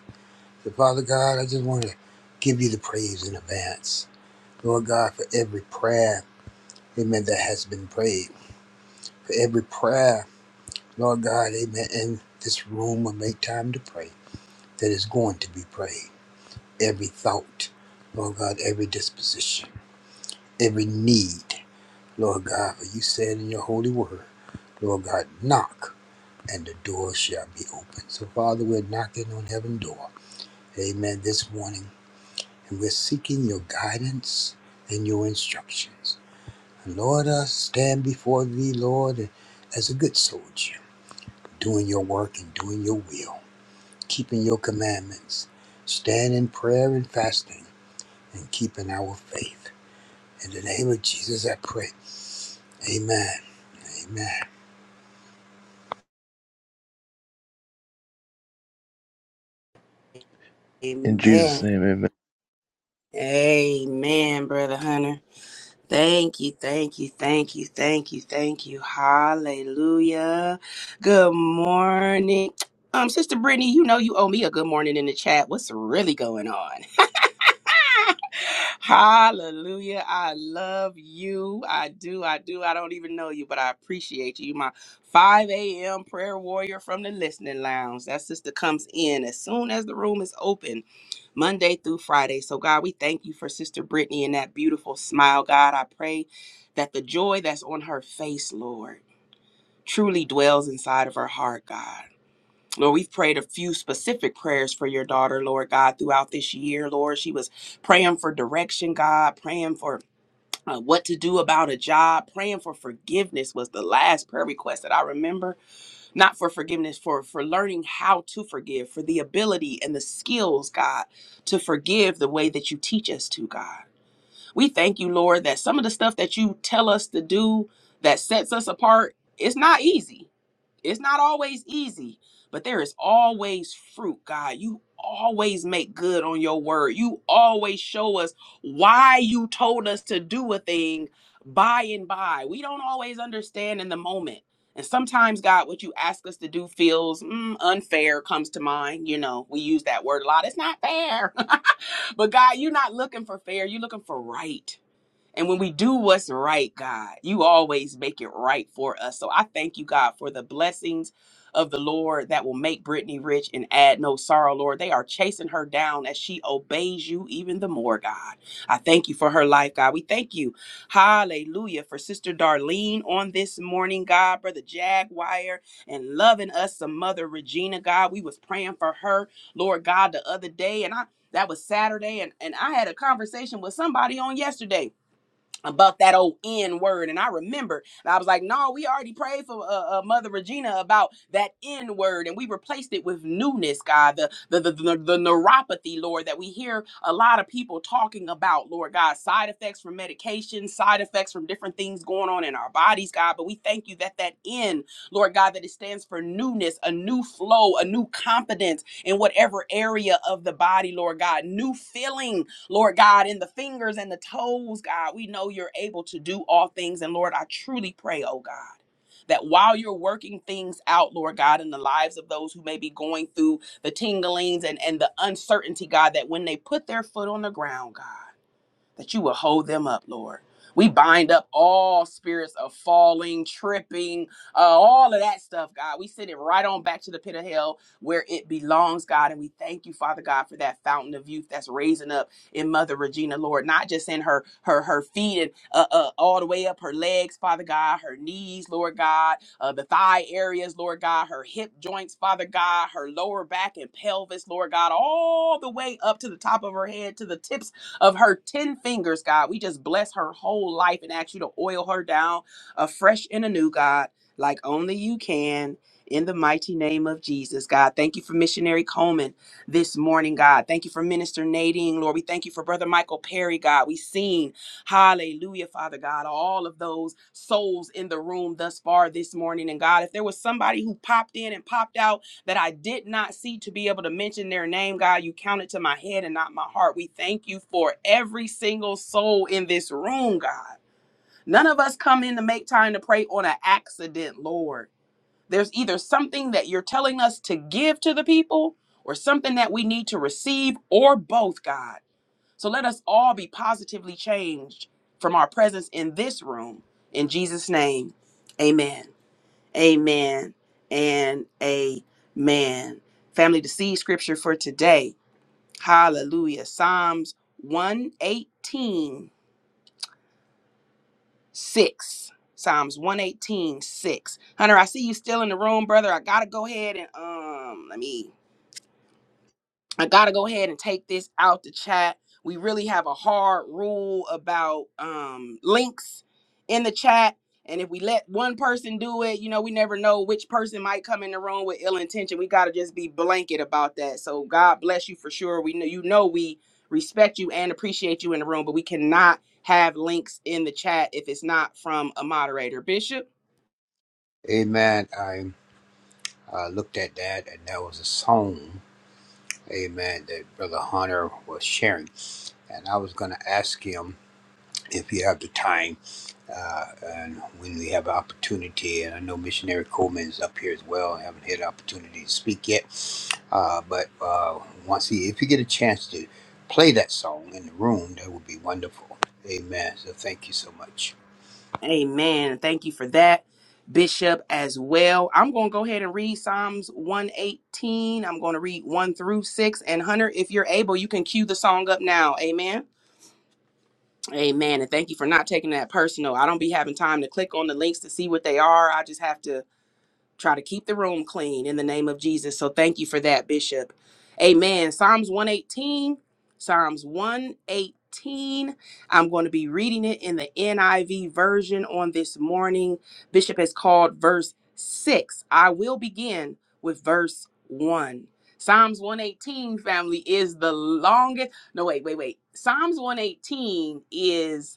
So Father God, I just want to give you the praise in advance. Lord God, for every prayer, amen, that has been prayed. For every prayer, Lord God, amen, in this room will make time to pray that is going to be prayed. Every thought, Lord God, every disposition. every need, Lord God, for you said in your holy word, Lord God, knock and the door shall be open. So, Father, we're knocking on heaven's door, amen, this morning, and we're seeking your guidance and your instructions. And Lord, I stand before thee, Lord, as a good soldier, doing your work and doing your will, keeping your commandments, stand in prayer and fasting, and keeping our faith. In the name of Jesus, I pray. Amen. Amen. In Jesus' Amen. name, amen. Amen, Brother Hunter. Thank you, thank you, thank you, thank you, thank you. Hallelujah. Good morning. Um, Sister Brittany, you know you owe me a good morning in the chat. What's really going on? *laughs* Hallelujah. I love you. I do. I do. I don't even know you, but I appreciate you. You my 5 a.m. prayer warrior from the listening lounge. That sister comes in as soon as the room is open, Monday through Friday. So, God, we thank you for Sister Brittany and that beautiful smile. God, I pray that the joy that's on her face, Lord, truly dwells inside of her heart, God. Lord, we've prayed a few specific prayers for your daughter, Lord God, throughout this year. Lord, she was praying for direction, God, praying for uh, what to do about a job, praying for forgiveness was the last prayer request that I remember. Not for forgiveness, for for learning how to forgive, for the ability and the skills, God, to forgive the way that you teach us to, God. We thank you, Lord, that some of the stuff that you tell us to do that sets us apart, it's not easy it's not always easy, but there is always fruit, God. You always make good on your word. You always show us why you told us to do a thing by and by. We don't always understand in the moment. And sometimes, God, what you ask us to do feels mm, unfair, comes to mind. You know, we use that word a lot. It's not fair. *laughs* but, God, you're not looking for fair. You're looking for right. And when we do what's right, God, you always make it right for us. So I thank you, God, for the blessings of the Lord that will make Brittany rich and add no sorrow, Lord. They are chasing her down as she obeys you even the more, God. I thank you for her life, God. We thank you, hallelujah, for Sister Darlene on this morning, God, Brother Jaguar, and loving us some Mother Regina, God. We was praying for her, Lord God, the other day, and I that was Saturday, and, and I had a conversation with somebody on yesterday about that old N word. And I remember I was like, no, we already prayed for uh, uh, Mother Regina about that N word, and we replaced it with newness, God, the, the, the, the, the neuropathy, Lord, that we hear a lot of people talking about, Lord God, side effects from medication, side effects from different things going on in our bodies, God. But we thank you that that N, Lord God, that it stands for newness, a new flow, a new confidence in whatever area of the body, Lord God, new feeling, Lord God, in the fingers and the toes, God, we know you're able to do all things. And Lord, I truly pray, oh God. That while you're working things out, Lord God, in the lives of those who may be going through the tinglings and, and the uncertainty, God, that when they put their foot on the ground, God, that you will hold them up, Lord. We bind up all spirits of falling, tripping, uh, all of that stuff, God. We send it right on back to the pit of hell where it belongs, God. And we thank you, Father God, for that fountain of youth that's raising up in Mother Regina, Lord. Not just in her her her feet and uh, uh, all the way up her legs, Father God, her knees, Lord God, uh, the thigh areas, Lord God, her hip joints, Father God, her lower back and pelvis, Lord God, all the way up to the top of her head, to the tips of her 10 fingers, God. We just bless her whole life and ask you to oil her down afresh and anew, God, like only you can. In the mighty name of Jesus, God. Thank you for missionary Coleman this morning, God. Thank you for Minister Nadine, Lord. We thank you for Brother Michael Perry, God. we seen, hallelujah, Father God, all of those souls in the room thus far this morning. And God, if there was somebody who popped in and popped out, that I did not see to be able to mention their name, God. You counted to my head and not my heart. We thank you for every single soul in this room, God. None of us come in to make time to pray on an accident, Lord. There's either something that you're telling us to give to the people or something that we need to receive or both, God. So let us all be positively changed from our presence in this room. In Jesus' name, amen. Amen and amen. Family, the seed scripture for today. Hallelujah. Psalms one eighteen six. Psalms one eighteen six. Hunter, I see you still in the room, brother. I gotta go ahead and um let me I gotta go ahead and take this out the chat. We really have a hard rule about um, links in the chat. And if we let one person do it, you know, we never know which person might come in the room with ill intention. We gotta just be blanket about that. So God bless you for sure. We know you know we respect you and appreciate you in the room, but we cannot have links in the chat if it's not from a moderator. Bishop. Amen. I uh, looked at that, and that was a song, amen, that Brother Hunter was sharing. And I was going to ask him if you have the time uh, and when we have opportunity. And I know Missionary Coleman is up here as well. I haven't had opportunity to speak yet. Uh, but uh, once he, if you get a chance to play that song in the room, that would be wonderful. Amen. So thank you so much. Amen. Thank you for that, Bishop, as well. I'm going to go ahead and read Psalms 118. I'm going to read 1 through 6. And Hunter, if you're able, you can cue the song up now. Amen. Amen. And thank you for not taking that personal. I don't be having time to click on the links to see what they are. I just have to Try to keep the room clean in the name of Jesus. So thank you for that, Bishop. Amen. Psalms 118, Psalms 118. I'm going to be reading it in the NIV version on this morning. Bishop has called verse 6. I will begin with verse 1. Psalms 118, family, is the longest. No, wait, wait, wait. Psalms 118 is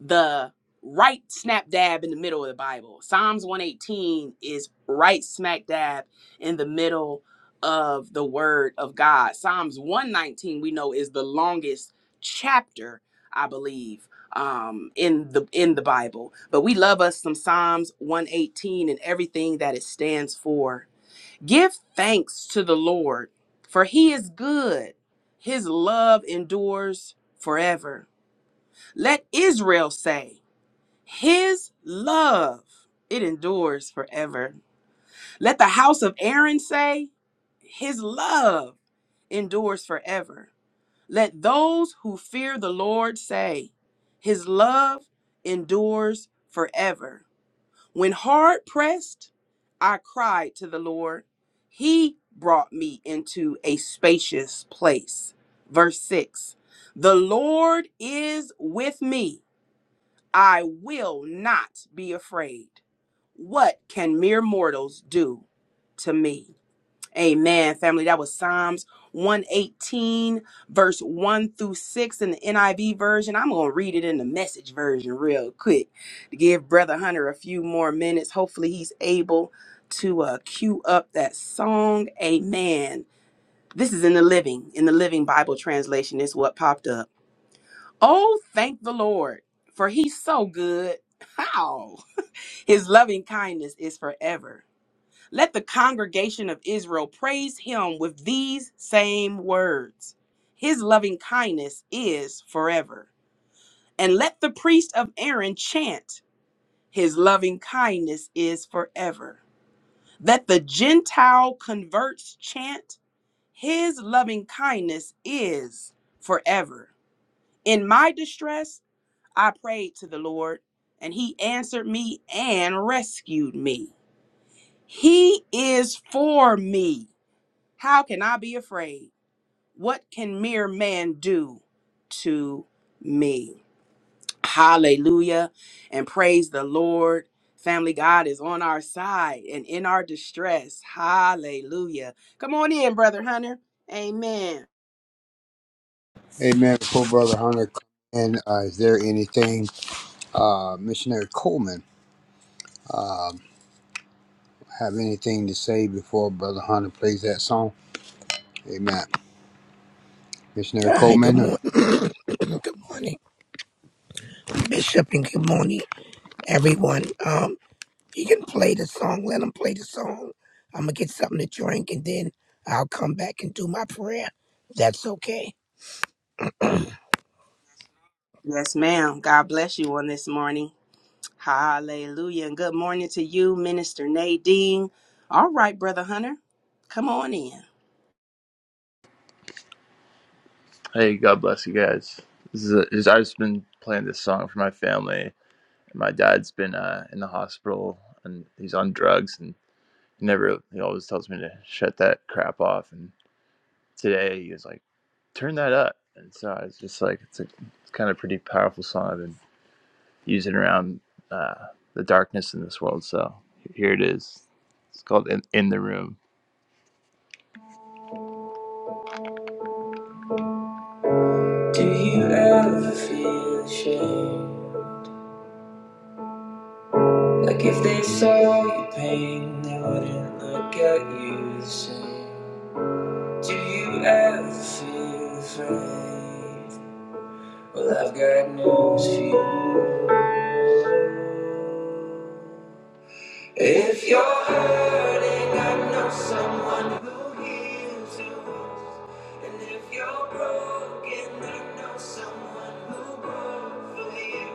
the right snap dab in the middle of the Bible. Psalms 118 is right smack dab in the middle of the word of God. Psalms 119 we know is the longest chapter, I believe, um in the in the Bible. But we love us some Psalms 118 and everything that it stands for. Give thanks to the Lord, for he is good. His love endures forever. Let Israel say his love, it endures forever. Let the house of Aaron say, His love endures forever. Let those who fear the Lord say, His love endures forever. When hard pressed, I cried to the Lord. He brought me into a spacious place. Verse 6 The Lord is with me. I will not be afraid. What can mere mortals do to me? Amen, family. That was Psalms 118, verse 1 through 6 in the NIV version. I'm going to read it in the message version real quick to give Brother Hunter a few more minutes. Hopefully, he's able to uh, cue up that song. Amen. This is in the living, in the living Bible translation, is what popped up. Oh, thank the Lord, for he's so good. How? His loving kindness is forever. Let the congregation of Israel praise him with these same words His loving kindness is forever. And let the priest of Aaron chant, His loving kindness is forever. Let the Gentile converts chant, His loving kindness is forever. In my distress, I prayed to the Lord, and he answered me and rescued me. He is for me. How can I be afraid? What can mere man do to me? Hallelujah and praise the Lord. Family, God is on our side and in our distress. Hallelujah. Come on in, Brother Hunter. Amen. Amen. Before Brother Hunter, and uh, is there anything, uh, Missionary Coleman? Um, Have anything to say before Brother Hunter plays that song? Amen. Missionary Hi, good Coleman. morning. *clears throat* good morning, Bishop, and good morning, everyone. Um, you can play the song. Let them play the song. I'm gonna get something to drink, and then I'll come back and do my prayer. That's okay. Yes, ma'am. God bless you on this morning. Hallelujah. And good morning to you, Minister Nadine. All right, Brother Hunter, come on in. Hey, God bless you guys. This is a, is- I've just been playing this song for my family. My dad's been uh, in the hospital and he's on drugs, and. never he always tells me to shut that crap off and today he was like turn that up and so i was just like it's a it's kind of pretty powerful song i've been using around uh, the darkness in this world so here it is it's called in, in the room do you ever feel ashamed like if they saw your pain they wouldn't look at you the same do you ever feel afraid well i've got news for you If you're hurting, I know someone who heals you. And if you're broken, I know someone who broke for you.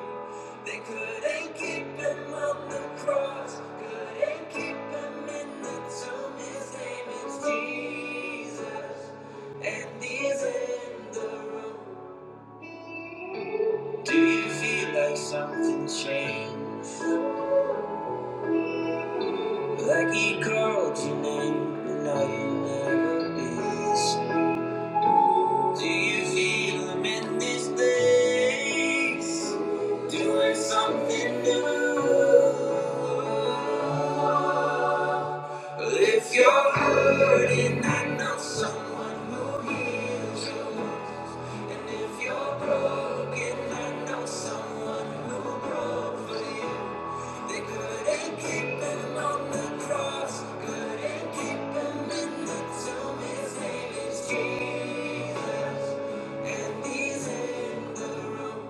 They couldn't keep him on the cross, couldn't keep him in the tomb. His name is Jesus, and he's in the room. Do you feel like something changed? Like he called your name, and now you will never be the same. Do you feel him in this place? Doing something new. If you're hurting, I know someone who heals you. And if you're broken, I know someone who broke for you. They couldn't keep him on the cross, couldn't keep him in the tomb. His name is Jesus, and he's in the room.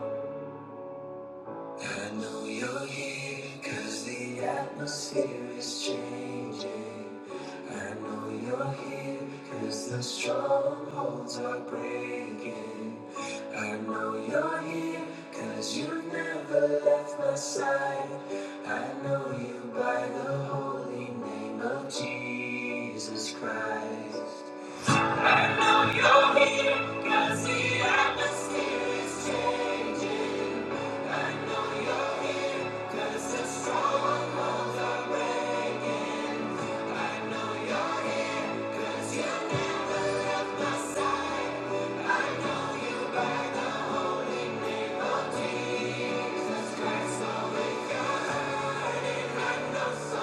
I know you're here cause the atmosphere is changing. I know you're here cause the strongholds are breaking. I know you're here cause you've never left my side. I know you by the holy name of Jesus Christ. I know you're here cause the atmosphere is changing. Back the holy name of Jesus Christ, always. Jesus.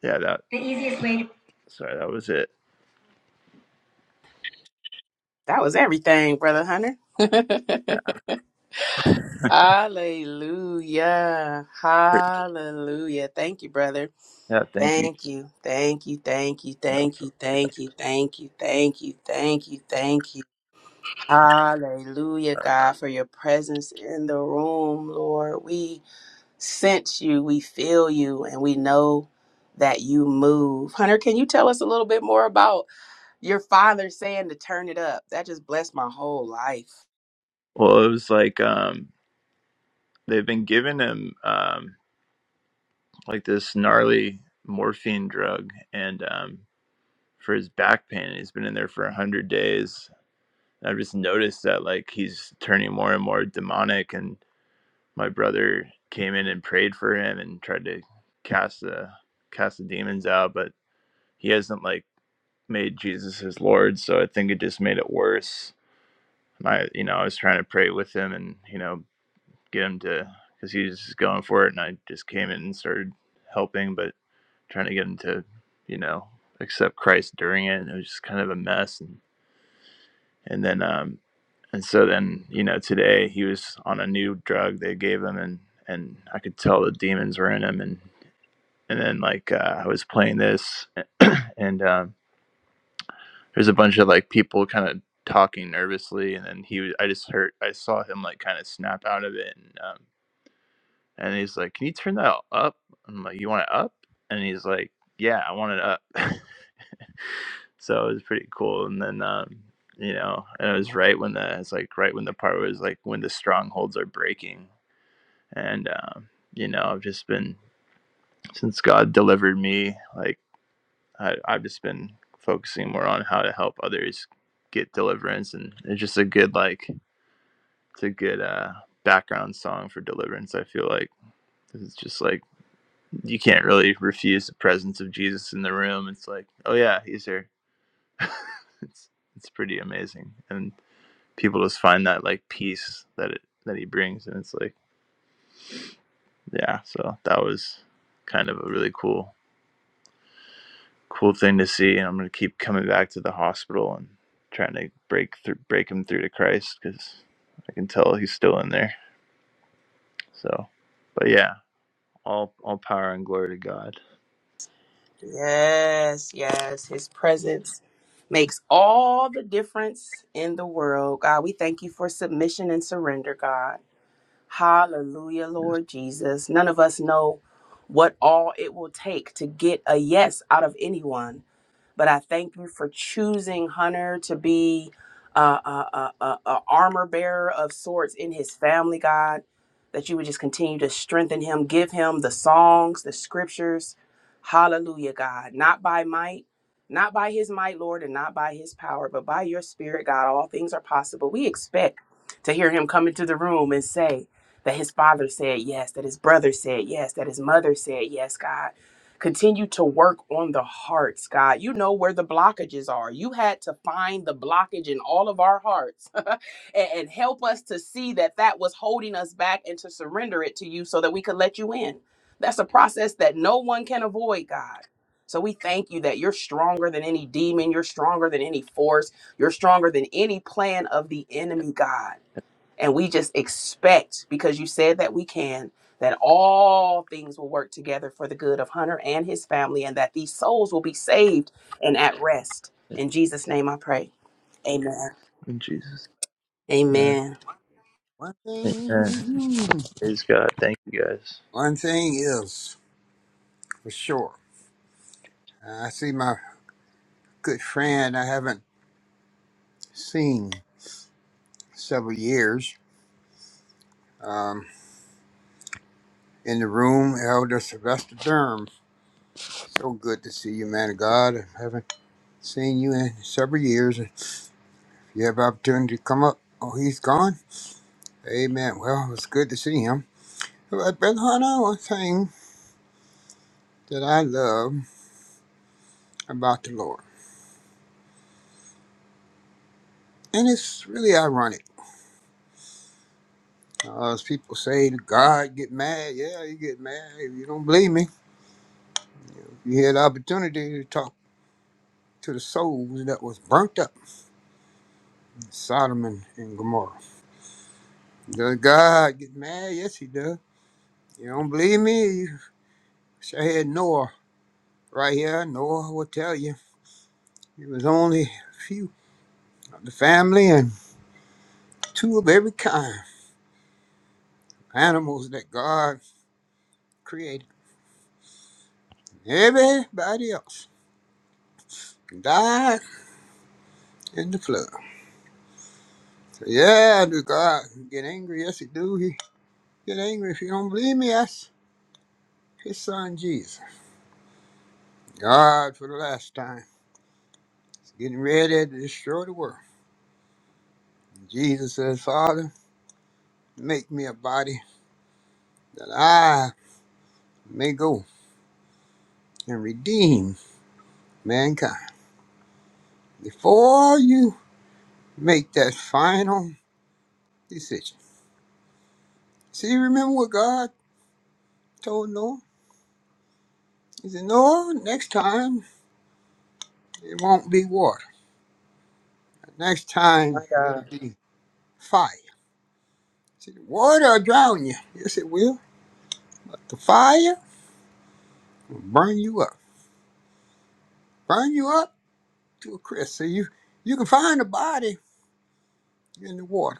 Yeah, that. Sorry, that was it. That was everything, Brother Hunter. Yeah, *laughs* Hallelujah. great. Hallelujah. Thank you, brother. yeah. Thank you. Thank you. Thank you. Thank you. Yeah. Thank you. Thank you. Thank you. Thank you. Thank you. Thank you. Hallelujah, God, for your presence in the room, Lord. We sense you, we feel you, and we know that you move. Hunter, can you tell us a little bit more about your father saying to turn it up? That just blessed my whole life. Well, it was like um, they've been giving him um, like this gnarly morphine drug, and um, for his back pain. He's been in there for a hundred days. I've just noticed that like he's turning more and more demonic. And my brother came in and prayed for him and tried to cast the cast the demons out, but he hasn't like made Jesus his Lord. So I think it just made it worse. And I you know I was trying to pray with him and you know get him to because he was just going for it, and I just came in and started helping, but trying to get him to you know accept Christ during it. And it was just kind of a mess and and then um and so then you know today he was on a new drug they gave him and and i could tell the demons were in him and and then like uh, i was playing this *clears throat* and um there's a bunch of like people kind of talking nervously and then he was, i just heard i saw him like kind of snap out of it and um and he's like can you turn that up i'm like you want it up and he's like yeah i want it up *laughs* so it was pretty cool and then um you know and it was right when the it's like right when the part was like when the strongholds are breaking and um you know i've just been since god delivered me like I, i've just been focusing more on how to help others get deliverance and it's just a good like it's a good uh background song for deliverance i feel like it's just like you can't really refuse the presence of jesus in the room it's like oh yeah he's here it's it's pretty amazing and people just find that like peace that it that he brings and it's like yeah so that was kind of a really cool cool thing to see and i'm going to keep coming back to the hospital and trying to break through break him through to christ because i can tell he's still in there so but yeah all all power and glory to god Yes, yes. His presence makes all the difference in the world. God, we thank you for submission and surrender, God. Hallelujah, Lord Jesus. None of us know what all it will take to get a yes out of anyone. But I thank you for choosing Hunter to be uh, a, a, a, a armor bearer of sorts in his family, God. That you would just continue to strengthen him, give him the songs, the scriptures. Hallelujah, God. Not by might, not by his might, Lord, and not by his power, but by your spirit, God. All things are possible. We expect to hear him come into the room and say, that his father said yes, that his brother said yes, that his mother said yes, God. Continue to work on the hearts, God. You know where the blockages are. You had to find the blockage in all of our hearts *laughs* and, and help us to see that that was holding us back and to surrender it to you so that we could let you in. That's a process that no one can avoid, God. So we thank you that you're stronger than any demon, you're stronger than any force, you're stronger than any plan of the enemy, God. And we just expect, because you said that we can, that all things will work together for the good of Hunter and his family, and that these souls will be saved and at rest. In Jesus' name I pray. Amen. in jesus man Amen. One thing, amen praise god thank you guys one thing is for sure. I see my good friend I haven't seen several years um, in the room, Elder Sylvester Durham. So good to see you, man of God. I haven't seen you in several years. If you have opportunity to come up, oh, he's gone. Amen. Well, it's good to see him. But Brother Hunter, one thing that I love. about the Lord. And it's really ironic. Uh, as people say, God get mad. Yeah, you get mad. If you don't believe me, you had the opportunity to talk to the souls that was burnt up in Sodom and, and Gomorrah. Does God get mad? Yes, he does. You don't believe me? You should have had Noah right here. Noah will tell you. It was only a few of the family and two of every kind, animals that God created. Everybody else died in the flood. Yeah, do God get angry? Yes, he do. He get angry if you don't believe me. That's his son Jesus. God, for the last time, is getting ready to destroy the world. Jesus says, Father, make me a body that I may go and redeem mankind. Before you make that final decision. See, remember what God told Noah? He said, Noah, next time it won't be water. Next time My it'll God. be fire. said, the water will drown you. Yes, it will. But The fire will burn you up. Burn you up to a crisp. So you, you can find the body in the water.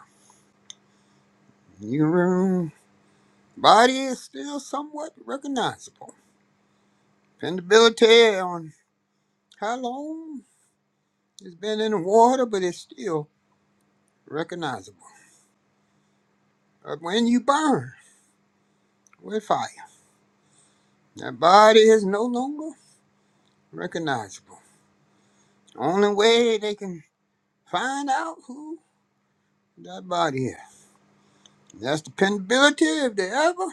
You, body is still somewhat recognizable. Dependability on how long it's been in the water, but it's still recognizable. But when you burn with fire, that body is no longer recognizable. Only way they can find out who that body is That's dependability if they ever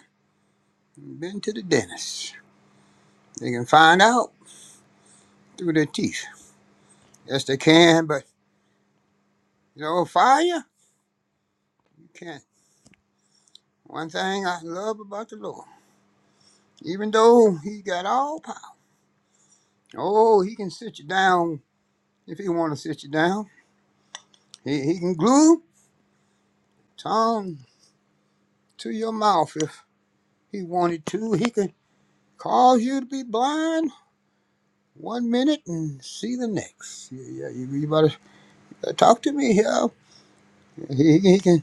been to the dentist. They can find out through their teeth. Yes, they can, but you know, fire, you can't. One thing I love about the Lord, even though he got all power, oh, he can sit you down if he want to sit you down. He, he can glue tongue to your mouth if he wanted to. He can cause you to be blind one minute and see the next. Yeah, yeah, you, you better better talk to me here. He He can.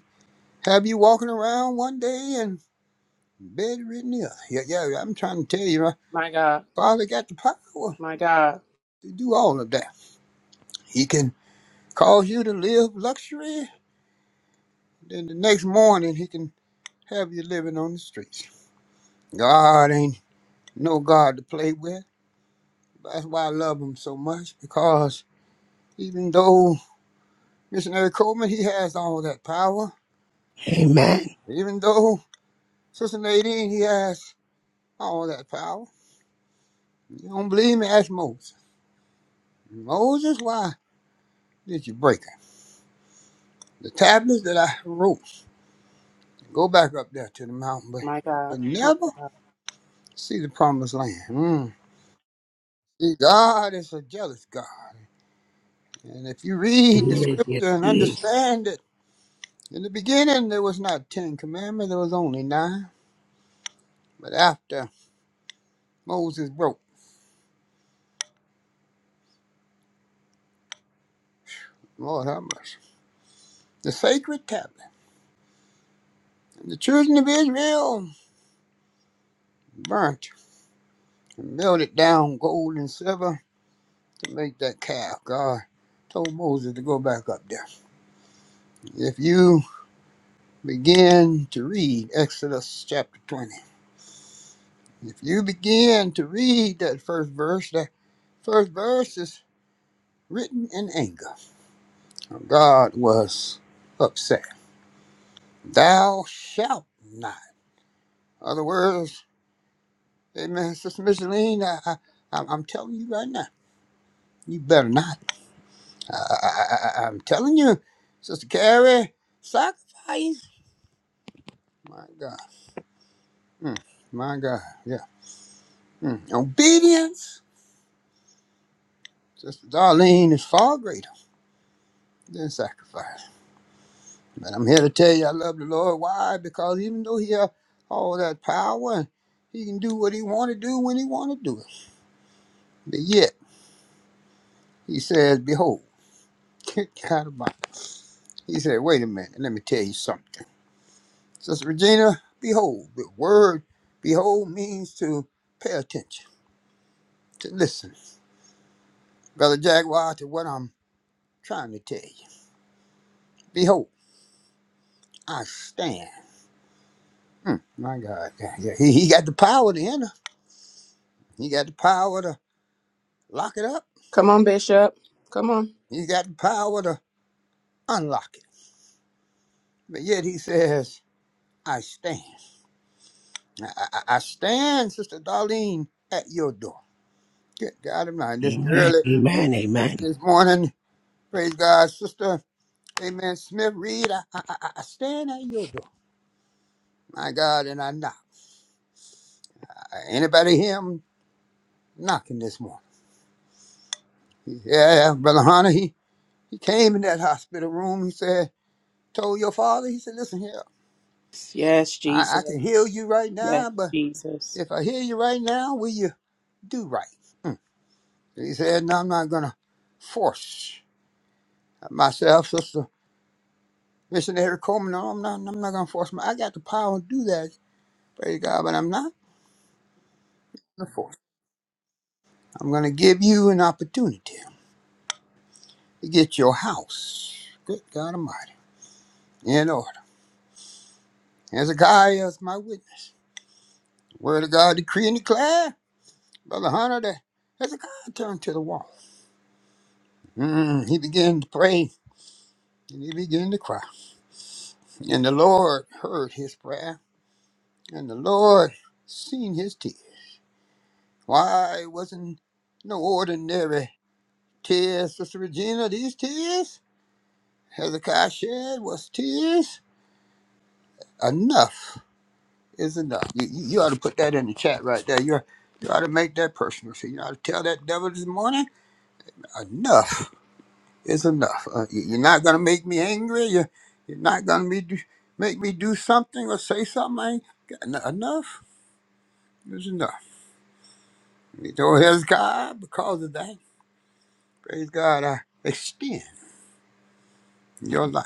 have you walking around one day and bedridden the Yeah, yeah, I'm trying to tell you, my My God. father got the power My God. to do all of that. He can cause you to live luxury, then the next morning he can have you living on the streets. God ain't no God to play with. That's why I love him so much, because even though Missionary Coleman, he has all that power, Amen. even though Sister Nadine, he has all that power. You don't believe me? Ask Moses. Moses, why did you break her? The tablets that I wrote go back up there to the mountain, but My God. you will My never God. see the promised land. Mm. See, God is a jealous God. And if you read the Yes, scripture yes, and yes. understand it, in the beginning there was not ten commandments, there was only nine. But after Moses broke, Lord have mercy, the sacred tablet, and the children of Israel burnt and melted down gold and silver to make that calf. God told Moses to go back up there. If you begin to read Exodus chapter 20. If you begin to read that first verse, that first verse is written in anger. God was upset. Thou shalt not. Other words, amen, Sister Micheline, I, I, I'm I'm telling you right now, you better not. I, I, I, I- I'm telling you, Sister Carrie, sacrifice. My God. Mm, my God, yeah. Mm. Obedience, Sister Darlene, is far greater. than sacrifice. But I'm here to tell you I love the Lord. Why? Because even though he have all that power, he can do what he want to do when he want to do it. But yet, he says, behold, *laughs* get out of my. He said, wait a minute, let me tell you something. Sister Regina, behold, the word behold means to pay attention, to listen. Brother Jaguar, to what I'm trying to tell you. Behold, I stand. Mm, my God, yeah, yeah. He, he got the power to enter. He got the power to lock it up. Come on, Bishop. Come on. He's got the power to unlock it. But yet he says, I stand. I, I, I stand, Sister Darlene, at your door. Good God of mine. This Amen. early Amen. Amen. this morning, praise God, Sister Amen Smith Reed, I, I, I I stand at your door. My God, and I knock. Uh, Anybody hear him knocking this morning? He- Yeah, yeah, Brother Hunter, he, he came in that hospital room. He said, told your father, he said, listen here, Yes, I, I can heal Jesus. you right Yes, now, but Jesus. if I heal you right now, will you do right? He said, "No, I'm not gonna force myself, Sister Missionary Coleman. No, I'm not. I'm not gonna force my. I got the power to do that. Praise God, but I'm not gonna force. I'm gonna give you an opportunity to get your house. Good God Almighty, in order. Hezekiah is my witness. Word of God, decree and declare, Brother Hunter. That Hezekiah turned to the wall. Mm, he began to pray and he began to cry, and the Lord heard his prayer, and the Lord seen his tears. Why, it wasn't no ordinary tears, Sister Regina. These tears Hezekiah shed was tears. Enough is enough. You, you, you ought to put that in the chat right there. You're, you ought to make that personal. So you ought to tell that devil this morning, enough is enough. Uh, you- you're not going to make me angry. You're, you're not going to be, make me do something or say something. I ain't got, en- enough is enough. You know, Hezekiah, because of that, praise God, I extend your life.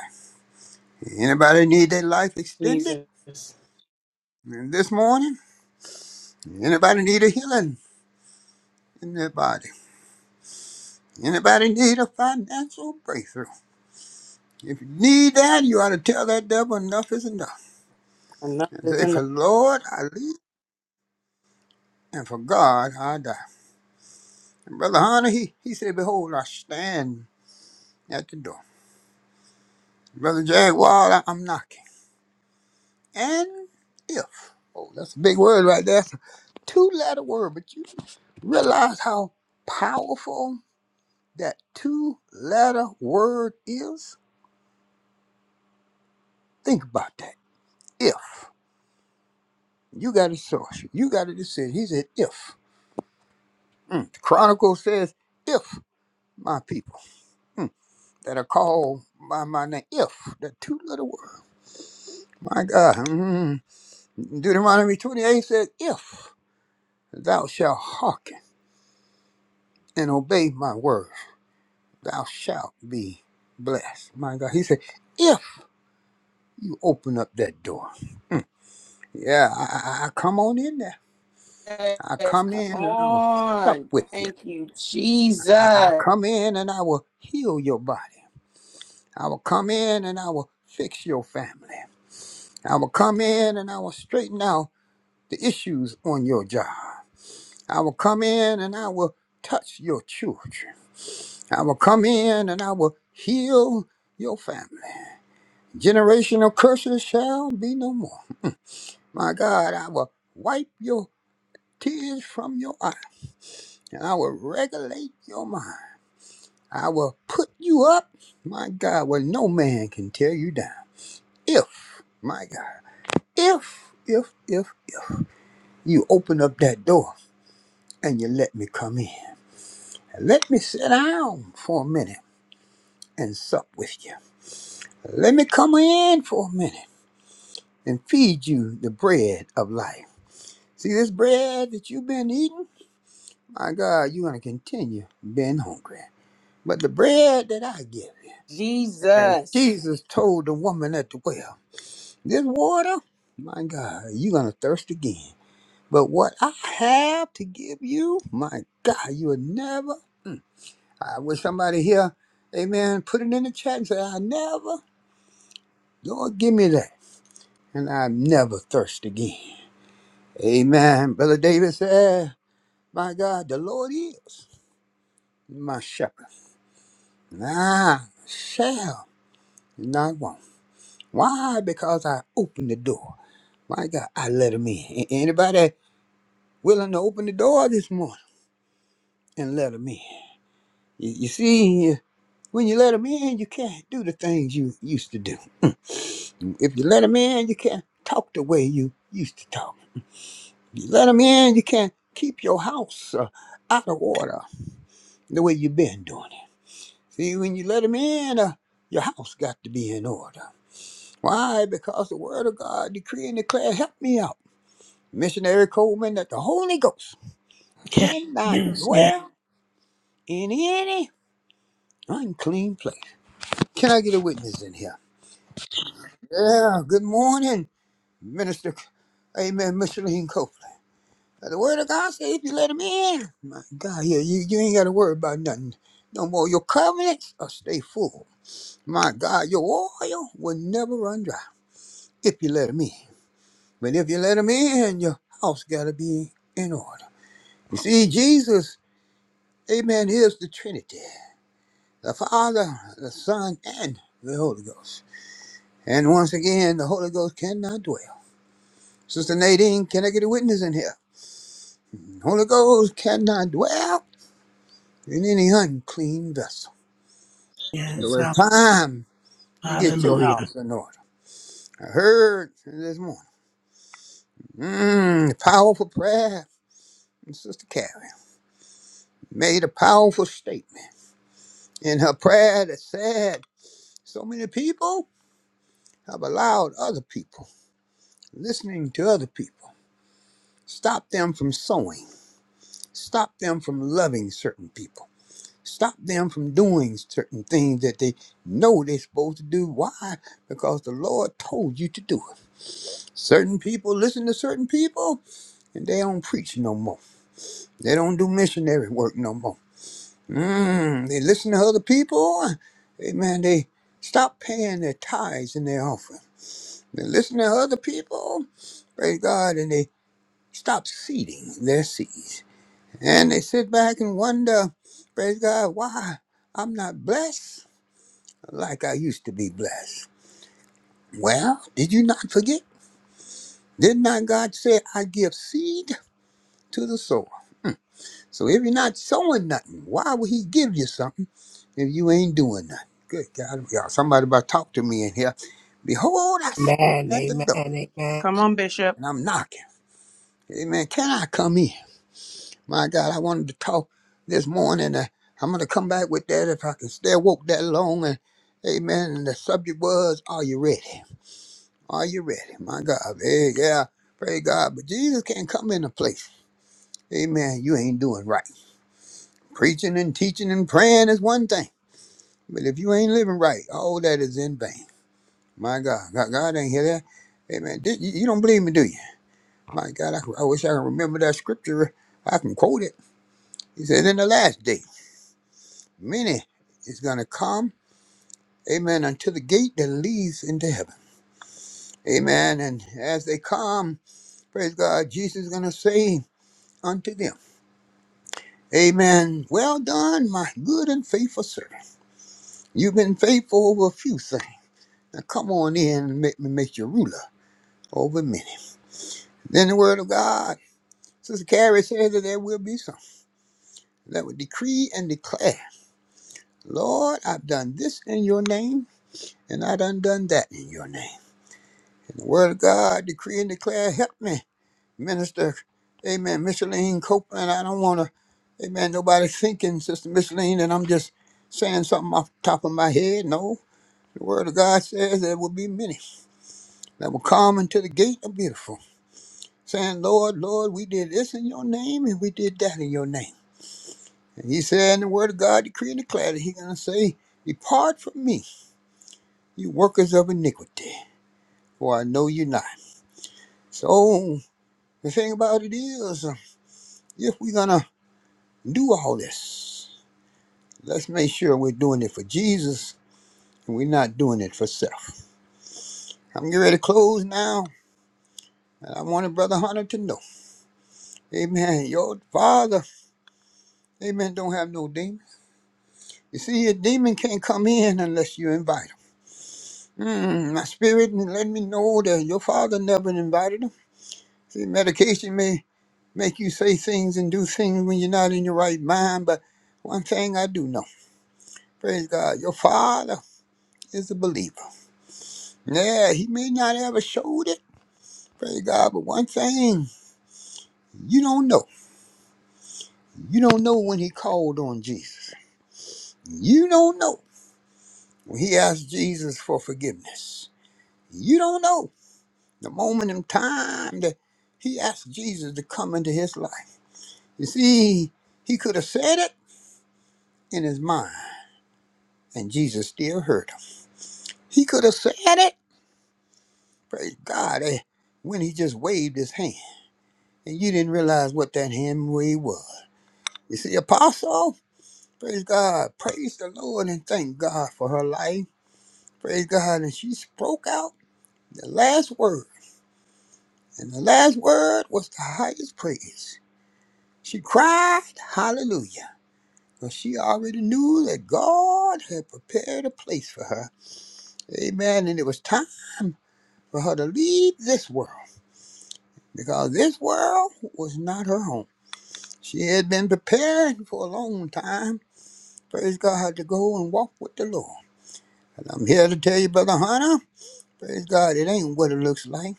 Anybody need their life extended Jesus. this morning? Anybody need a healing in their body? Anybody need a financial breakthrough? If you need that, you ought to tell that devil enough is enough. Enough And is say, enough. for Lord I live, and for God I die. And Brother Hunter, he, he said, behold, I stand at the door. Brother Jaguar, I, I'm knocking. And if, oh, that's a big word right there. Two letter word, but you realize how powerful that two letter word is? Think about that. If. You got a source. You got a decision. He said, if. Mm. The Chronicle says, if my people mm, that are called by my name, if. That two letter word. My God. Mm. Deuteronomy 28 says, if thou shalt hearken and obey my word, thou shalt be blessed. My God. He said, if you open up that door. Yeah, I, I I- come on in there. I Yes, come come in and I will sup on. with you. Thank you, I, I Jesus. come in and I will heal your body. I will come in and I will fix your family. I will come in and I will straighten out the issues on your job. I will come in and I will touch your children. I will come in and I will heal your family. Generational curses shall be no more. My God, I will wipe your tears from your eyes and I will regulate your mind. I will put you up, my God, where no man can tear you down. If, my God, if, if, if you open up that door and you let me come in. Let me sit down for a minute and sup with you. Let me come in for a minute and feed you the bread of life. See this bread that you've been eating? My God, you're going to continue being hungry. But the bread that I give you, as Jesus. Jesus told the woman at the well. This water, my God, you're going to thirst again. But what I have to give you, my God, you will never. I wish somebody here, amen, put it in the chat and say, I never, Lord, give me that. And I never thirst again. Amen. Brother David said, My God, the Lord is my shepherd. And I shall not want. Why? Because I opened the door. My God, I let him in. A- Anybody willing to open the door this morning? and let them in. You, you see, when you let them in, you can't do the things you used to do. If you let them in, you can't talk the way you used to talk. You let them in, you can't keep your house uh, out of order the way you've been doing it. See, when you let them in, uh, your house got to be in order. Why? Because the Word of God decree and declare, help me out. Missionary Coleman, that the Holy Ghost Yes, cannot yes, yes, dwell in any unclean place. Can I get a witness in here? Yeah, good morning, Minister. Amen, Micheline Copeland. Now, The word of God says if you let him in, my God, yeah, you, you ain't got to worry about nothing no more. Your covenants will stay full. My God, your oil will never run dry if you let him in. But if you let him in, your house got to be in order. You see, Jesus, amen, is the Trinity the Father, the Son, and the Holy Ghost. And once again, the Holy Ghost cannot dwell. Sister Nadine, can I get a witness in here? Holy Ghost cannot dwell in any unclean vessel. So yes. it's time to get your Hallelujah. house in order. I heard this morning, mm, powerful prayer from Sister Carrie. Made a powerful statement in her prayer that said, so many people have allowed other people, listening to other people, stop them from sowing, stop them from loving certain people stop them from doing certain things that they know they're supposed to do. Why? Because the Lord told you to do it. Certain people listen to certain people and they don't preach no more. They don't do missionary work no more. Mm, they listen to other people. Amen. They stop paying their tithes and their offering. They listen to other people. Praise God. And they stop seeding their seeds. And they sit back and wonder, praise God, why I'm not blessed like I used to be blessed. Well, did you not forget? Did not God say, I give seed to the sower? So if you're not sowing nothing, why would He give you something if you ain't doing nothing? Good God, y'all, somebody about to talk to me in here. Behold, I Amen. stand at the Amen. door Amen. Come on, Bishop. and I'm knocking. Amen. Can I come in? My God, I wanted to talk this morning. Uh, I'm going to come back with that if I can stay woke that long. And amen. And the subject was, Are you ready? Are you ready? My God. Hey, yeah. Praise God. But Jesus can't come in a place. Amen. You ain't doing right. Preaching and teaching and praying is one thing. But if you ain't living right, all that is in vain. My God. God, God ain't hear that. Amen. Did- You you don't believe me, do you? My God, I, I wish I could remember that scripture. I can quote it. He said, In the last day, many is going to come, amen, unto the gate that leads into heaven. Amen. And as they come, praise God, Jesus is going to say unto them. Amen. Well done, my good and faithful servant. You've been faithful over a few things. Now come on in and make me make you ruler over many. Then the word of God. Sister Carrie says that there will be some that will decree and declare, Lord, I've done this in your name, and I done done that in your name. And the word of God, decree and declare, help me, minister. Amen. Micheline Copeland, I don't want to, amen, nobody thinking, Sister Micheline, that I'm just saying something off the top of my head. No, The word of God says there will be many that will come into the gate of beautiful, saying, Lord, Lord, we did this in your name and we did that in your name. And he said in the word of God, decree and declare that he's going to say, Depart from me, you workers of iniquity, for I know you not. So the thing about it is, uh, if we're going to do all this, let's make sure we're doing it for Jesus and we're not doing it for self. I'm getting ready to close now, and I wanted Brother Hunter to know. Amen. Your father Amen. Don't have no demon. You see, a demon can't come in unless you invite him. Mm, my spirit and let me know that your father never invited him. See, medication may make you say things and do things when you're not in your right mind, but one thing I do know, praise God, your father is a believer. Yeah, he may not ever showed it, praise God, but one thing you don't know. You don't know when he called on Jesus. You don't know when he asked Jesus for forgiveness. You don't know. The moment in time that he asked Jesus to come into his life. You see, he could have said it in his mind, and Jesus still heard him. He could have said it, praise God, eh, when he just waved his hand, and you didn't realize what that hand wave was. You see, Apostle, praise God, praise the Lord, and thank God for her life. Praise God, and she spoke out the last word, and the last word was the highest praise. She cried, Hallelujah. Well, she already knew that God had prepared a place for her. Amen. And it was time for her to leave this world because this world was not her home. She had been preparing for a long time, praise God, to go and walk with the Lord. And I'm here to tell you, Brother Hunter, praise God, it ain't what it looks like.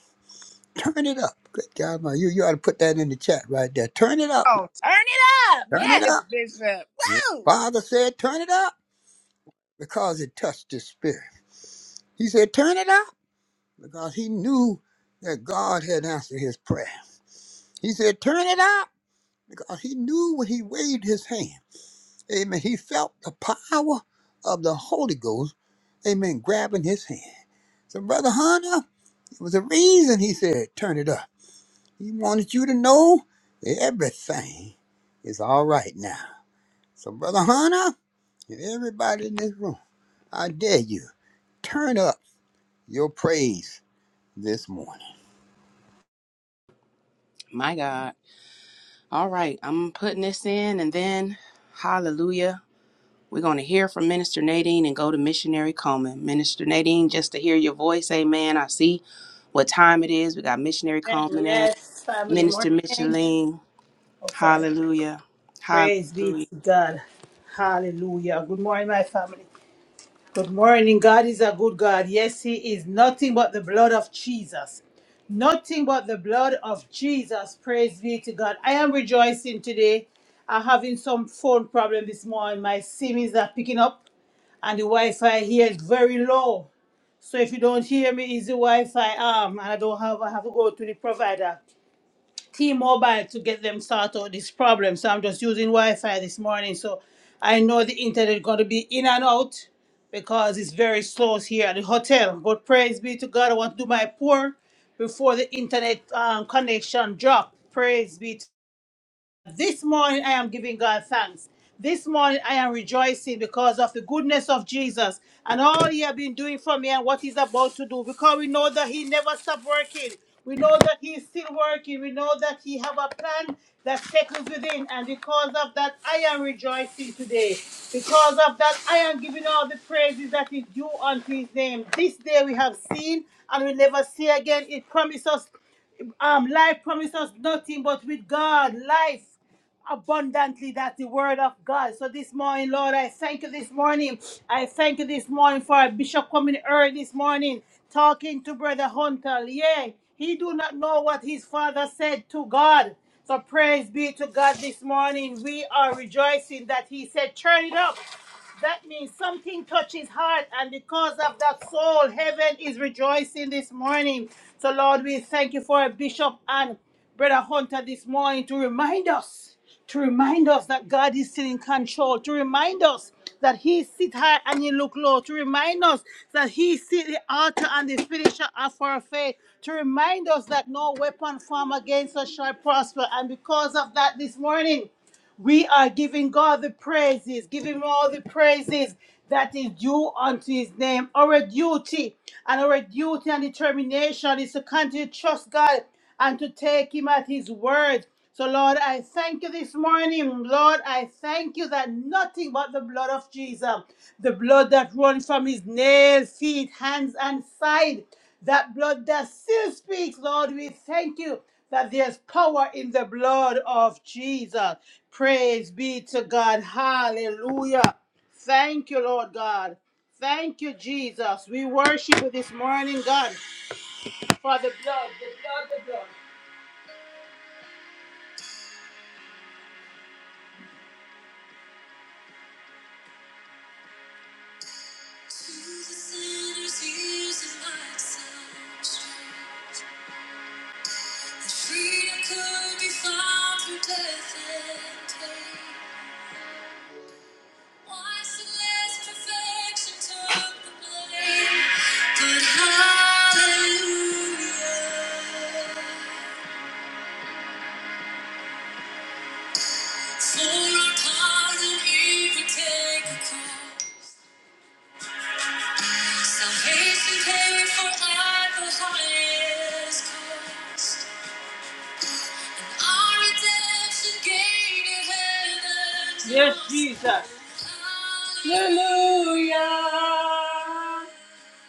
Turn it up. Good God, my, you, you ought to put that in the chat right there. Turn it up. Oh, turn it up. Turn it Yes, up. Bishop. Yeah. Woo! Father said, turn it up because it touched his spirit. He said, turn it up because he knew that God had answered his prayer. He said, Turn it out, because he knew when he waved his hand. Amen. He felt the power of the Holy Ghost, amen, grabbing his hand. So, Brother Hunter, it was a reason he said, Turn it up. He wanted you to know that everything is all right now. So, Brother Hunter, and everybody in this room, I dare you, turn up your praise this morning. My God. All right, I'm putting this in and then hallelujah. We're going to hear from Minister Nadine and go to Missionary Coleman. Minister Nadine, just to hear your voice, amen. I see what time it is. We got Missionary And Coleman and yes, family Minister morning. Micheline. Oh, sorry. Hallelujah. Praise be Hallelujah. to God. Hallelujah. Good morning, my family. Good morning. God is a good God. Yes, He is nothing but the blood of Jesus. Nothing but the blood of Jesus. Praise be to God. I am rejoicing today. I'm having some phone problem this morning. My SIM is not picking up, and the Wi Fi here is very low. So if you don't hear me, it's the Wi Fi arm, and I don't have, I have to go to the provider. T-Mobile to get them sort out this problem. So I'm just using Wi-Fi this morning. So I know the internet going to be in and out because it's very slow here at the hotel. But praise be to God, I want to do my pour before the internet um, connection drop. Praise be to this morning I am giving God thanks. This morning I am rejoicing because of the goodness of Jesus and all he has been doing for me and what he's about to do. Because we know that he never stopped working. We know that he is still working. We know that he have a plan that settles within. And because of that, I am rejoicing today. Because of that, I am giving all the praises that is due unto his name. This day we have seen and we never see again. It promises um, life promises us nothing but with God, life abundantly. That's the word of God. So this morning, Lord, I thank you this morning. I thank you this morning for our bishop coming early this morning, talking to Brother Hunter. Yeah, he do not know what his father said to God. So praise be to God this morning. We are rejoicing that he said, turn it up. That means something touches heart, and because of that soul, heaven is rejoicing this morning. So, Lord, we thank you for Bishop and Brother Hunter this morning to remind us, to remind us that God is still in control, to remind us that He sit high and He look low, to remind us that He is still the author and the finisher of our faith, to remind us that no weapon formed against us shall prosper. And because of that, this morning, we are giving God the praises, giving Him all the praises that is due unto His name. Our duty and our duty and determination is to continue to trust God and to take Him at His word. So, Lord, I thank you this morning. Lord, I thank you that nothing but the blood of Jesus, the blood that runs from His nails, feet, hands, and side, that blood that still speaks, Lord, we thank you that there's power in the blood of Jesus. Praise be to God. Hallelujah. Thank you, Lord God. Thank you, Jesus. We worship you this morning, God, for the blood, the blood, the blood. Our redemption gate is heaven. Yes, Jesus. Hallelujah.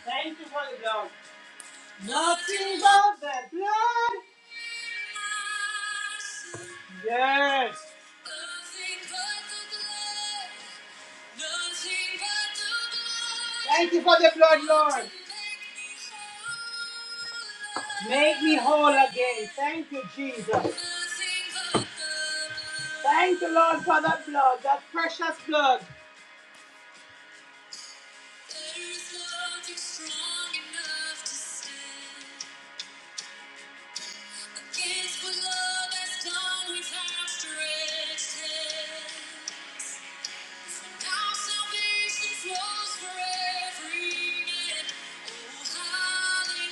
Thank you for the blood. Nothing but the blood. Yes. Thank you for the blood, Lord. Make me whole again. Thank you, Jesus. Thank you, Lord, for that blood, that precious blood.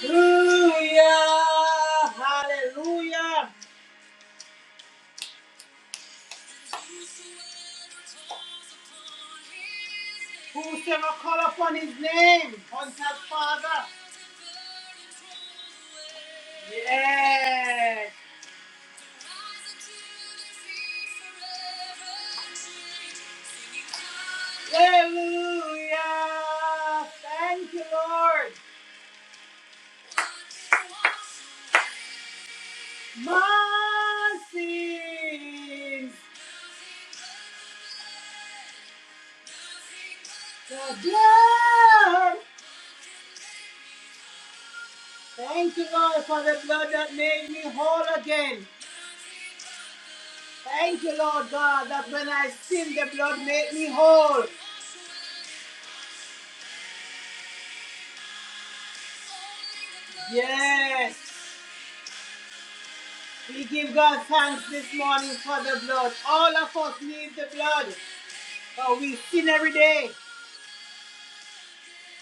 Hallelujah, hallelujah, Whosoever call upon his name, on his father. Yes. Hallelujah. Thank you, Lord. My sins, the blood. Thank you, Lord, for the blood that made me whole again. Thank you, Lord God, that when I sin, the blood made me whole. Yes. We give God thanks this morning for the blood. All of us need the blood, but we sin every day.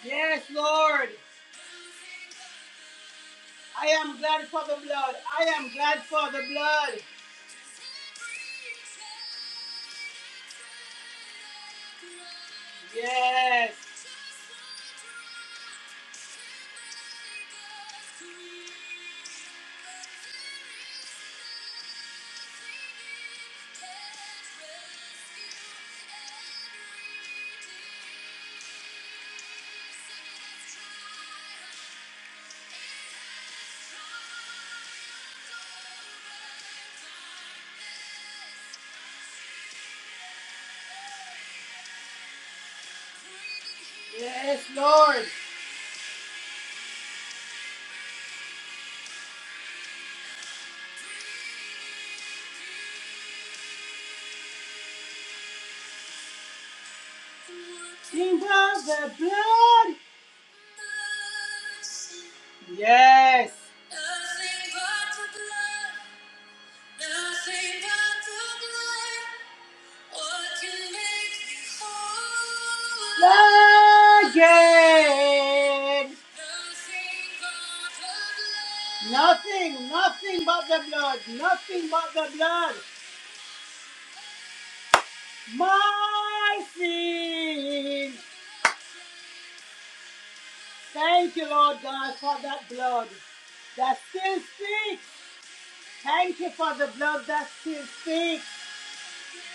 Yes, Lord. I am glad for the blood. I am glad for the blood. Yes. Yes, Lord. Think of the blood. Yes. again? Nothing, nothing but the blood, nothing but the blood. My sin. Thank you, Lord God, for that blood that still speaks. Thank you for the blood that still speaks.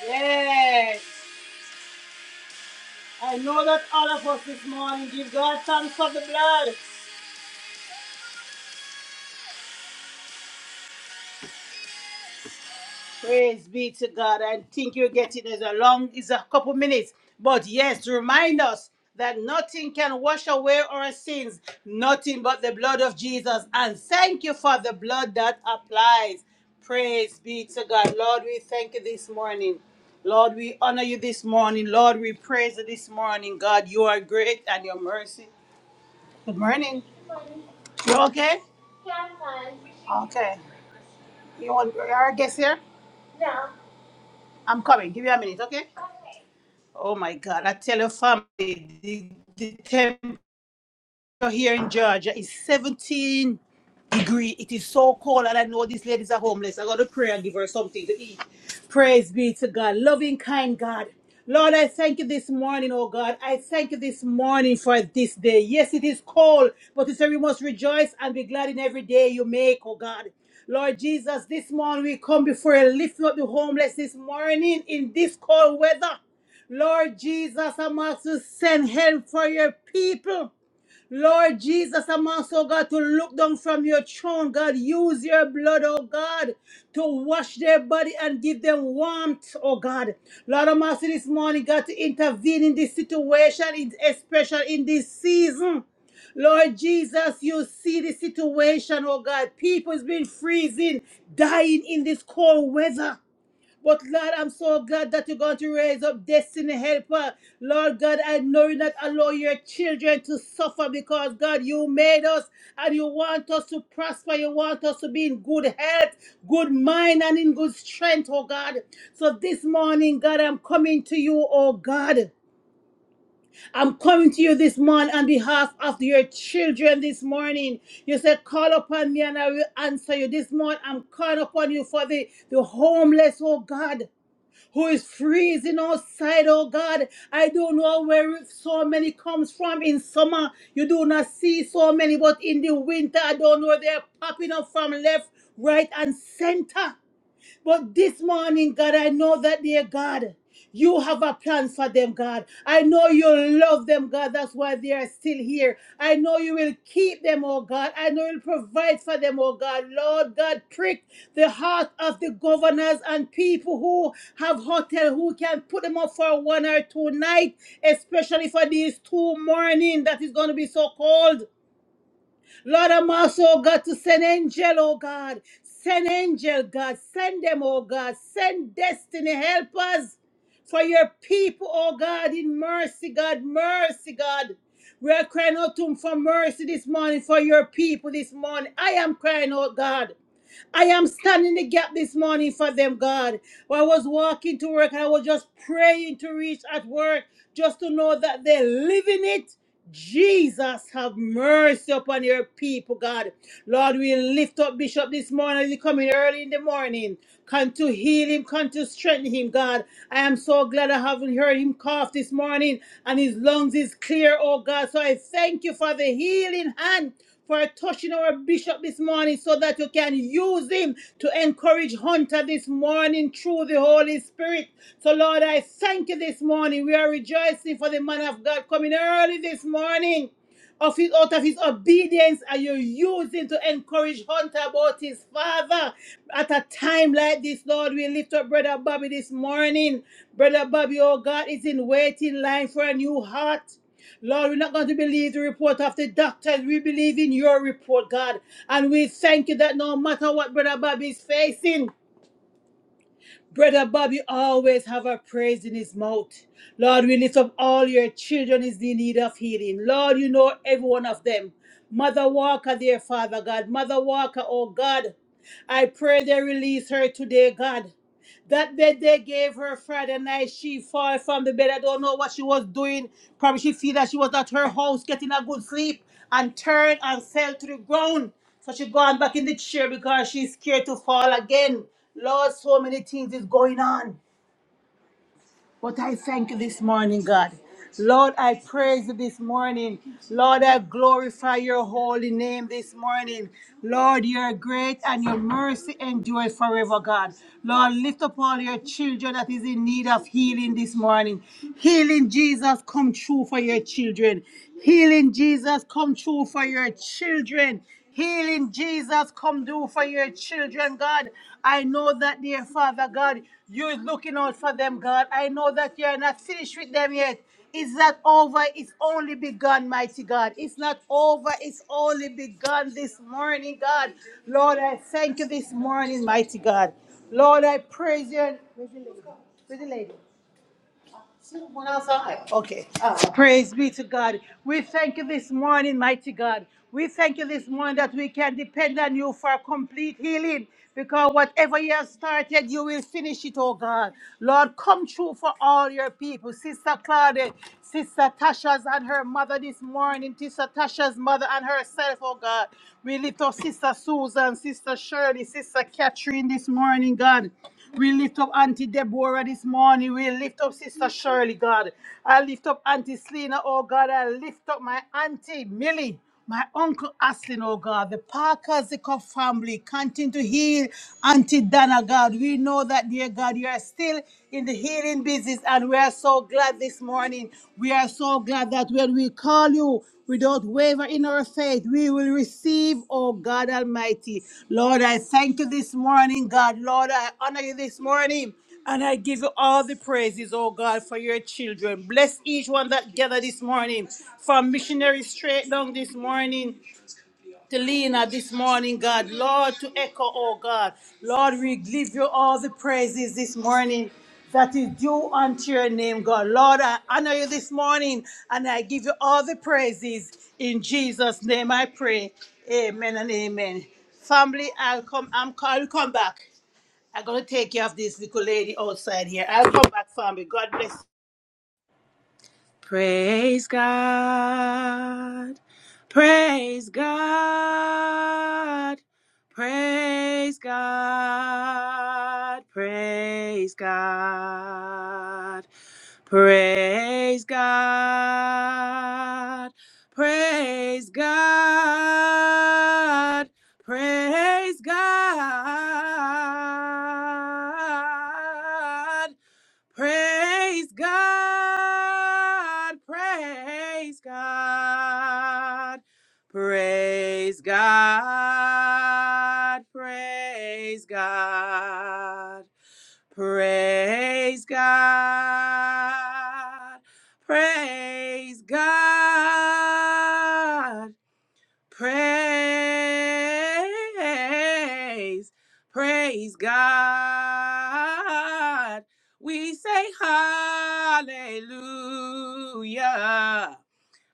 Yes. I know that all of us this morning give God thanks for the blood. Praise be to God. I think you're getting as a long is a couple minutes. But yes, remind us that nothing can wash away our sins, nothing but the blood of Jesus. And thank you for the blood that applies. Praise be to God. Lord, we thank you this morning. Lord, we honor you this morning. Lord, we praise you this morning. God, you are great and your mercy. Good morning. You okay? Okay. You want our guest here? I'm coming. Give you a minute, okay? Oh my God, I tell your family, the, the temperature here in Georgia is 17 degree. It is so cold, and I know these ladies are homeless. I got to pray and give her something to eat. Praise be to God. Loving, kind God. Lord, I thank you this morning, oh God. I thank you this morning for this day. Yes, it is cold, but you say we must rejoice and be glad in every day you make, oh God. Lord Jesus, this morning we come before you, lifting up the homeless this morning in this cold weather. Lord Jesus, I'm asked to send help for your people. Lord Jesus, I'm also, God, to look down from your throne. God, use your blood, oh God, to wash their body and give them warmth, oh God. Lord, I'm asking this morning, God, to intervene in this situation, in- especially in this season. Lord Jesus, you see the situation, oh God. People has been freezing, dying in this cold weather. But Lord, I'm so glad that you're going to raise up destiny helper. Lord God, I know you not allow your children to suffer because God, you made us and you want us to prosper. You want us to be in good health, good mind, and in good strength, oh God. So this morning, God, I'm coming to you, oh God. I'm coming to you this morning on behalf of your children this morning. You said, Call upon me and I will answer you. This morning, I'm calling upon you for the, the homeless, oh God who is freezing outside, oh God. I don't know where so many comes from in summer. You do not see so many, but in the winter, I don't know where they're popping up from left, right, and center. But this morning, God, I know that, dear God, you have a plan for them, God. I know you love them, God. That's why they are still here. I know you will keep them, oh God. I know you'll provide for them, oh God. Lord God, prick the heart of the governors and people who have hotel who can put them up for one or two nights, especially for these two morning that is going to be so cold. Lord, I'm also, oh God, to send angel, oh God. Send angel, God. Send them, oh God. Send destiny helpers for your people, oh God, in mercy, God. Mercy, God. We are crying out to him for mercy this morning for your people this morning. I am crying out, God. I am standing the gap this morning for them, God. When I was walking to work and I was just praying to reach at work just to know that they're living it. Jesus, have mercy upon your people, God. Lord, we lift up Bishop this morning as he come in early in the morning. Come to heal him, come to strengthen him, God. I am so glad I haven't heard him cough this morning and his lungs is clear, oh God. So I thank you for the healing hand for touching our bishop this morning so that you can use him to encourage Hunter this morning through the Holy Spirit. So, Lord, I thank you this morning. We are rejoicing for the man of God coming early this morning. Of his, out of his obedience, and you using to encourage Hunter about his father? At a time like this, Lord, we lift up Brother Bobby this morning. Brother Bobby, oh God, is in waiting line for a new heart. Lord, we're not going to believe the report of the doctors. We believe in your report, God. And we thank you that no matter what Brother Bobby is facing, Brother Bobby always have a praise in his mouth. Lord, we lift up all your children is in need of healing. Lord, you know every one of them. Mother Walker, dear Father God. Mother Walker, oh God. I pray they release her today, God. That bed they gave her Friday night, she fall from the bed. I don't know what she was doing. Probably she feel that she was at her house getting a good sleep and turned and fell to the ground. So she gone back in the chair because she's scared to fall again. Lord, so many things is going on. But I thank you this morning, God. Lord, I praise you this morning. Lord, I glorify your holy name this morning. Lord, you are great and your mercy endures forever, God. Lord, lift up all your children that is in need of healing this morning. Healing, Jesus, come true for your children. Healing, Jesus, come true for your children. Healing Jesus, come do for your children, God. I know that, dear Father God, you're looking out for them, God. I know that you're not finished with them yet. It's not over, it's only begun, mighty God. It's not over, it's only begun this morning, God. Lord, I thank you this morning, mighty God. Lord, I praise you. Where's the lady? Where's the lady? She outside. Okay. Oh. Praise be to God. We thank you this morning, mighty God. We thank you this morning that we can depend on you for complete healing because whatever you have started, you will finish it, oh God. Lord, come true for all your people. Sister Claudette, Sister Tasha's and her mother this morning, Sister Tasha's mother and herself, oh God. We lift up Sister Susan, Sister Shirley, Sister Catherine this morning, God. We lift up Auntie Deborah this morning. We lift up Sister Shirley, God. I lift up Auntie Selena, oh God. I lift up my Auntie Millie. My uncle Aslin, oh God, the Parker Zickoff family, continue to heal Auntie Dana, God. We know that, dear God, you are still in the healing business, and we are so glad this morning. We are so glad that when we call you, without waver in our faith, we will receive, oh God Almighty. Lord, I thank you this morning, God. Lord, I honor you this morning. And I give you all the praises, oh God, for your children. Bless each one that gather this morning. From missionary straight down this morning to Lena this morning, God. Lord, to echo, oh God. Lord, we give you all the praises this morning that is due unto your name, God. Lord, I honor you this morning and I give you all the praises. In Jesus' name I pray. Amen and amen. Family, I'll come, I'm I'll come back. I'm gonna take care of this little lady outside here. I'll come back, family. God bless you. Praise God. Praise God. Praise God. Praise God. Praise God. Praise God. Praise God. Praise God, praise God, praise God, praise God, praise God, praise God, praise, praise God. We say hallelujah,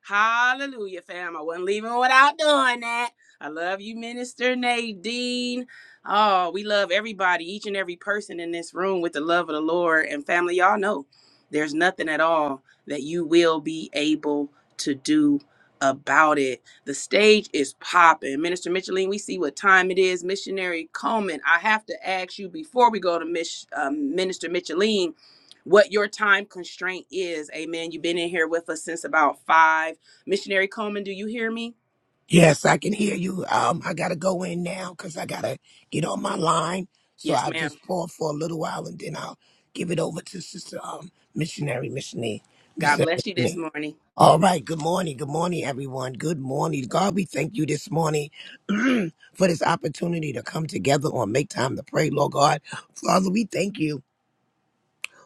Hallelujah, fam. I wasn't leaving without doing that. I love you, Minister Nadine. Oh, we love everybody, each and every person in this room with the love of the Lord. And family, y'all know there's nothing at all that you will be able to do about it. The stage is popping. Minister Micheline, we see what time it is. Missionary Coleman, I have to ask you before we go to Miss, um, Minister Micheline what your time constraint is. Amen. You've been in here with us since about five. Missionary Coleman, do you hear me? Yes, I can hear you. Um, I gotta go in now because I gotta get on my line. So Yes, I'll ma'am. just pause for a little while and then I'll give it over to Sister um, Missionary Missionary God Mister bless you this Missionary. morning. All right. Good morning. Good morning, everyone. Good morning, God. We thank you this morning *clears throat* for this opportunity to come together on make time to pray, Lord God. Father, we thank you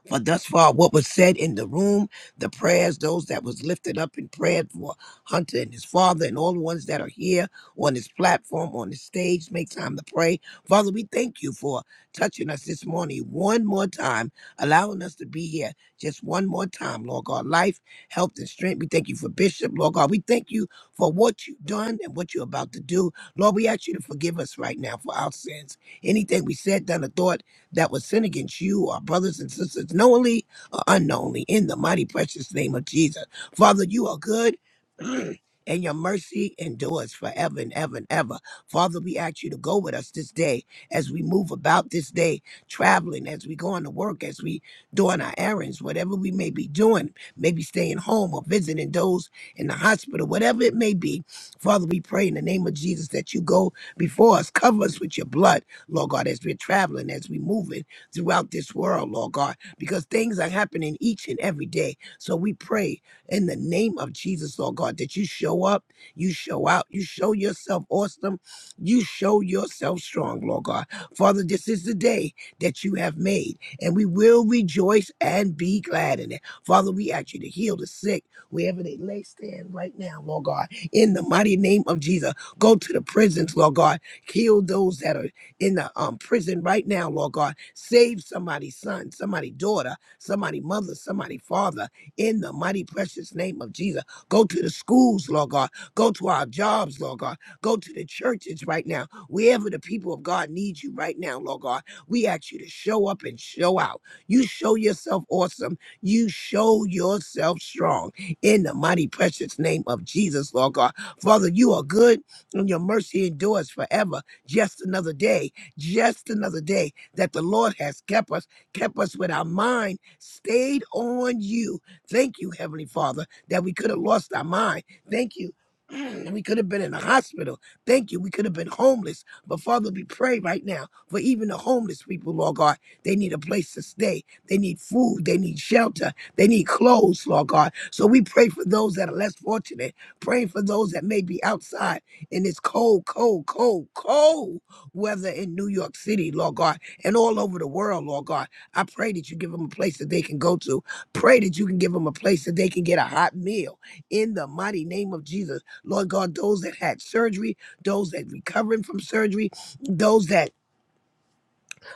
for thus far what was said in the room, the prayers, those that was lifted up in prayer for Hunter and his father and all the ones that are here on this platform, on the stage, make time to pray. Father, we thank you for touching us this morning one more time, allowing us to be here just one more time, Lord God. Life, health, and strength. We thank you for Bishop, Lord God. We thank you for what you've done and what you're about to do. Lord, we ask you to forgive us right now for our sins. Anything we said, done, or thought that would sin against you, our brothers and sisters, knowingly or unknowingly, in the mighty precious name of Jesus. Father, you are good. *clears throat* And your mercy endures forever and ever and ever. Father, we ask you to go with us this day as we move about this day, traveling, as we going to work, as we doing our errands, whatever we may be doing, maybe staying home or visiting those in the hospital, whatever it may be. Father, we pray in the name of Jesus that you go before us, cover us with your blood, Lord God, as we're traveling, as we're moving throughout this world, Lord God, because things are happening each and every day. So we pray in the name of Jesus, Lord God, that you show up, you show out, you show yourself awesome, you show yourself strong, Lord God. Father, this is the day that you have made, and we will rejoice and be glad in it. Father, we ask you to heal the sick wherever they lay stand right now, Lord God, in the mighty name of Jesus. Go to the prisons, Lord God. Heal those that are in the um, prison right now, Lord God. Save somebody's son, somebody daughter, somebody mother, somebody father in the mighty precious name of Jesus. Go to the schools, Lord God. Go to our jobs, Lord God. Go to the churches right now. Wherever the people of God need you right now, Lord God, we ask you to show up and show out. You show yourself awesome. You show yourself strong in the mighty precious name of Jesus, Lord God. Father, you are good and your mercy endures forever. Just another day just another day that the Lord has kept us, kept us with our mind stayed on you. Thank you, Heavenly Father, that we could have lost our mind. Thank you. *clears throat* Mm, We could have been in the hospital. Thank you. We could have been homeless. But Father, we pray right now for even the homeless people, Lord God. They need a place to stay. They need food. They need shelter. They need clothes, Lord God. So we pray for those that are less fortunate, praying for those that may be outside in this cold, cold, cold, cold whether in New York City, Lord God, and all over the world, Lord God. I pray that you give them a place that they can go to. Pray that you can give them a place that they can get a hot meal in the mighty name of Jesus. Lord God, those that had surgery, those that recovering from surgery, those that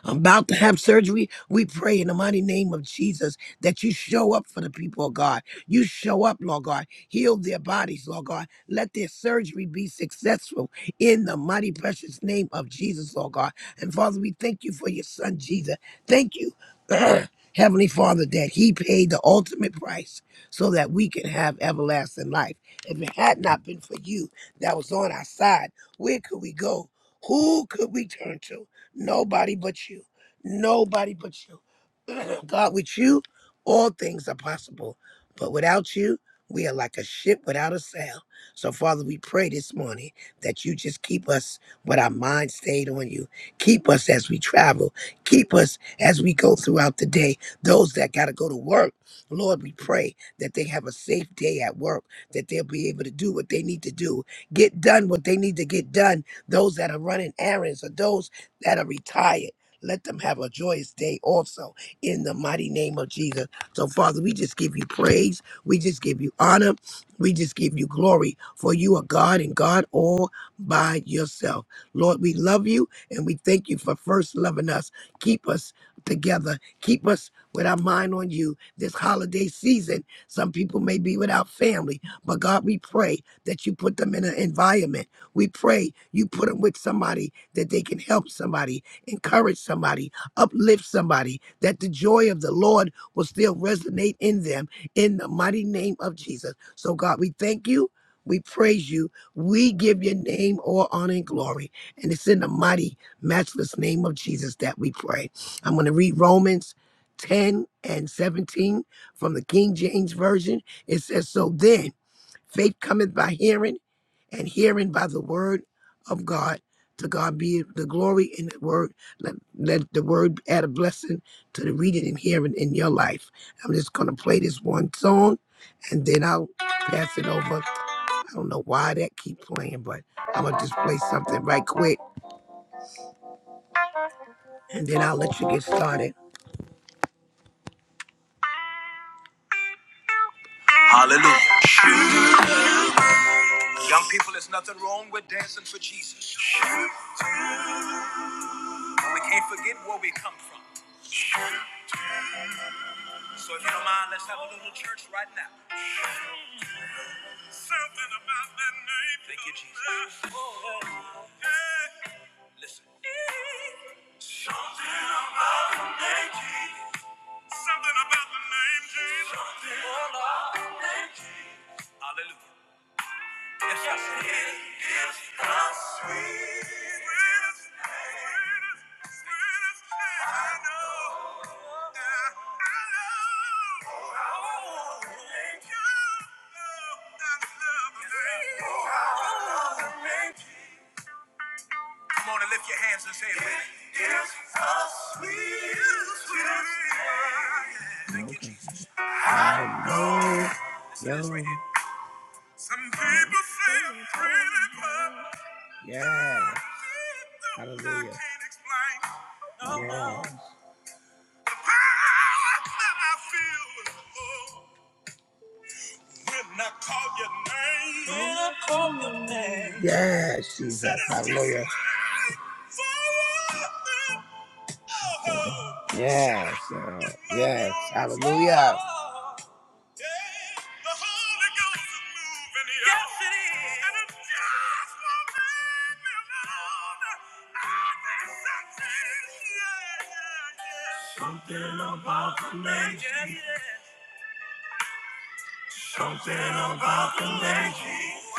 about to have surgery, we pray in the mighty name of Jesus that you show up for the people of God. You show up, Lord God. Heal their bodies, Lord God. Let their surgery be successful in the mighty precious name of Jesus, Lord God. And Father, we thank you for your son, Jesus. Thank you, *clears throat* Heavenly Father, that he paid the ultimate price so that we can have everlasting life. If it had not been for you that was on our side, where could we go? Who could we turn to? Nobody but you. Nobody but you. *clears throat* God, with you, all things are possible. But without you, we are like a ship without a sail. So, Father, we pray this morning that you just keep us with our mind stayed on you. Keep us as we travel. Keep us as we go throughout the day. Those that got to go to work, Lord, we pray that they have a safe day at work, that they'll be able to do what they need to do, get done what they need to get done. Those that are running errands or those that are retired. Let them have a joyous day also in the mighty name of Jesus. So, Father, we just give you praise. We just give you honor. We just give you glory, for you are God and God all by yourself. Lord, we love you and we thank you for first loving us. Keep us together. Keep us with our mind on you this holiday season. Some people may be without family, but God, we pray that you put them in an environment. We pray you put them with somebody that they can help somebody, encourage somebody, uplift somebody, that the joy of the Lord will still resonate in them in the mighty name of Jesus. So, God, we thank you. We praise you. We give your name all honor and glory. And it's in the mighty, matchless name of Jesus that we pray. I'm going to read Romans 10 and 17 from the King James Version. It says, So then, faith cometh by hearing and hearing by the word of God. To God be the glory in the word. Let, let the word add a blessing to the reading and hearing in your life. I'm just going to play this one song and then I'll pass it over. I don't know why that keep playing, but I'm going to just play something right quick and then I'll let you get started. Hallelujah. Young people, there's nothing wrong with dancing for Jesus. But we can't forget where we come from. So if you don't mind, let's have a little church right now. Something about that name. Thank you, Jesus. Oh, Hey. Listen. Something about the name Jesus. Something about the name Jesus. Something about the name Jesus. Hallelujah. Yes, yes, it is the sweetest thing, sweetest thing I know. Yeah, I know. Thank you. Oh, I love the name. Oh, I love the name. Come on and lift your hands and say it with me. It is the sweetest sweetest thing. Thank you, Jesus. I know. Listen to this right here. Some people say I'm pretty, but Yeah. Hallelujah. Yeah. Yes, Jesus. Hallelujah. Yes. uh, yes. Hallelujah. Yes, it is. Yeah, yeah, yeah. Something about the lady. Yeah, yeah. Something about the lady. Oh,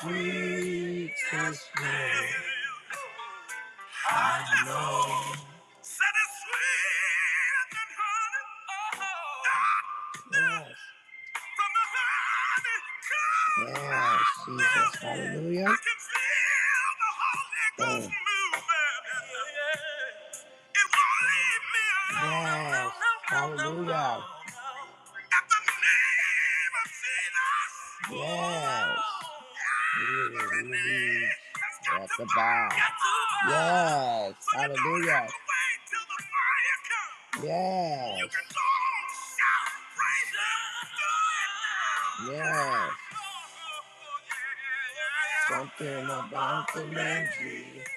Sweetest name I know. Set it sweet and honey. Oh, oh. Yes, Jesus. Hallelujah. Mm. Yes. Hallelujah. At the name of Jesus. Yes. You really have to bow. Yes. Hallelujah. But it doesn't have to wait till the fire comes. Yes. You can go shout, praise God. Yes. Something about the name Jesus.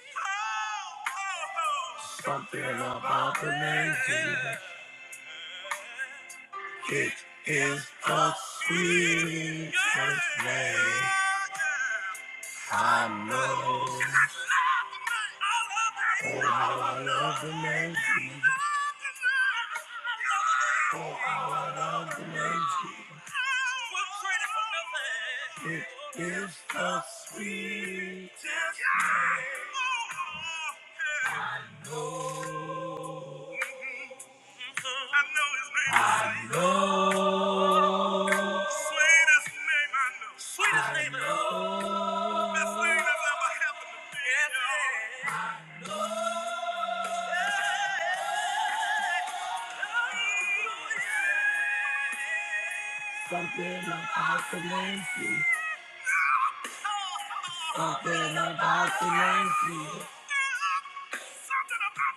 Something about the name Jesus is the sweetest name. It is the sweetest name. I know his name. I know. Sweetest name I know. Sweetest name I know. Best thing that's ever happened to me. Yeah. Something about the Nancy. Something about the Nancy.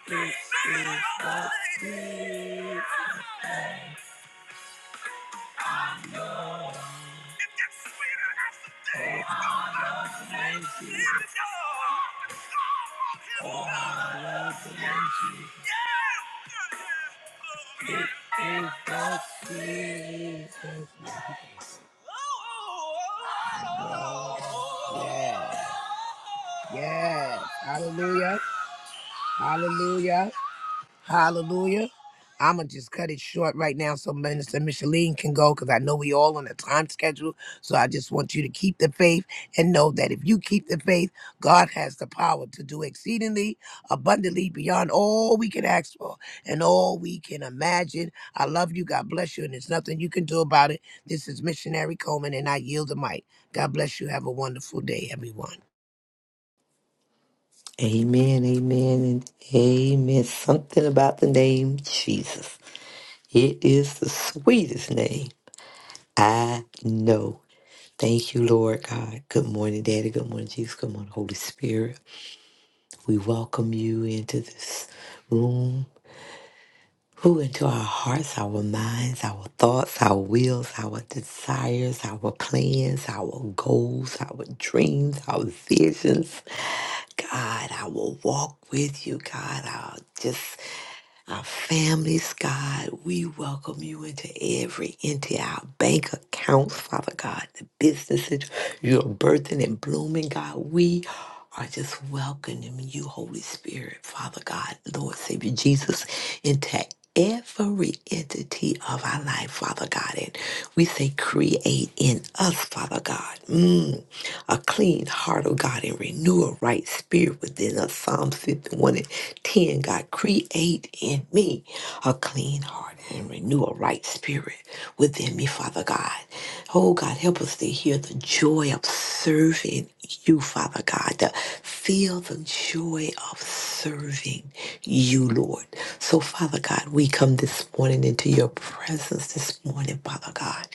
This is what we Oh, I love the Nancy. It is the season. Yes. Yes. Hallelujah. Hallelujah. Hallelujah. I'ma just cut it short right now so Minister Micheline can go because I know we all on a time schedule. So I just want you to keep the faith and know that if you keep the faith, God has the power to do exceedingly abundantly beyond all we can ask for and all we can imagine. I love you. God bless you. And there's nothing you can do about it. This is Missionary Coleman and I yield the mic. God bless you. Have a wonderful day, everyone. Amen, amen, and amen. Something about the name Jesus. It is the sweetest name I know. Thank you, Lord God. Good morning, Daddy. Good morning, Jesus. Good morning, Holy Spirit. We welcome you into this room. Who into our hearts, our minds, our thoughts, our wills, our desires, our plans, our goals, our dreams, our visions. God, I will walk with you, God. I'll just our families, God. We welcome you into every into our bank accounts, Father God, the businesses you're birthing and blooming, God. We are just welcoming you, Holy Spirit, Father God, Lord Savior Jesus, into every entity of our life, Father God. And we say, create in us, Father God, mm, a clean heart, oh God, and renew a right spirit within us. Psalm 51 and 10, God, create in me a clean heart and renew a right spirit within me, Father God. Oh God, help us to hear the joy of serving you, Father God. Feel the joy of serving you, Lord. So, Father God, we come this morning into your presence this morning, Father God,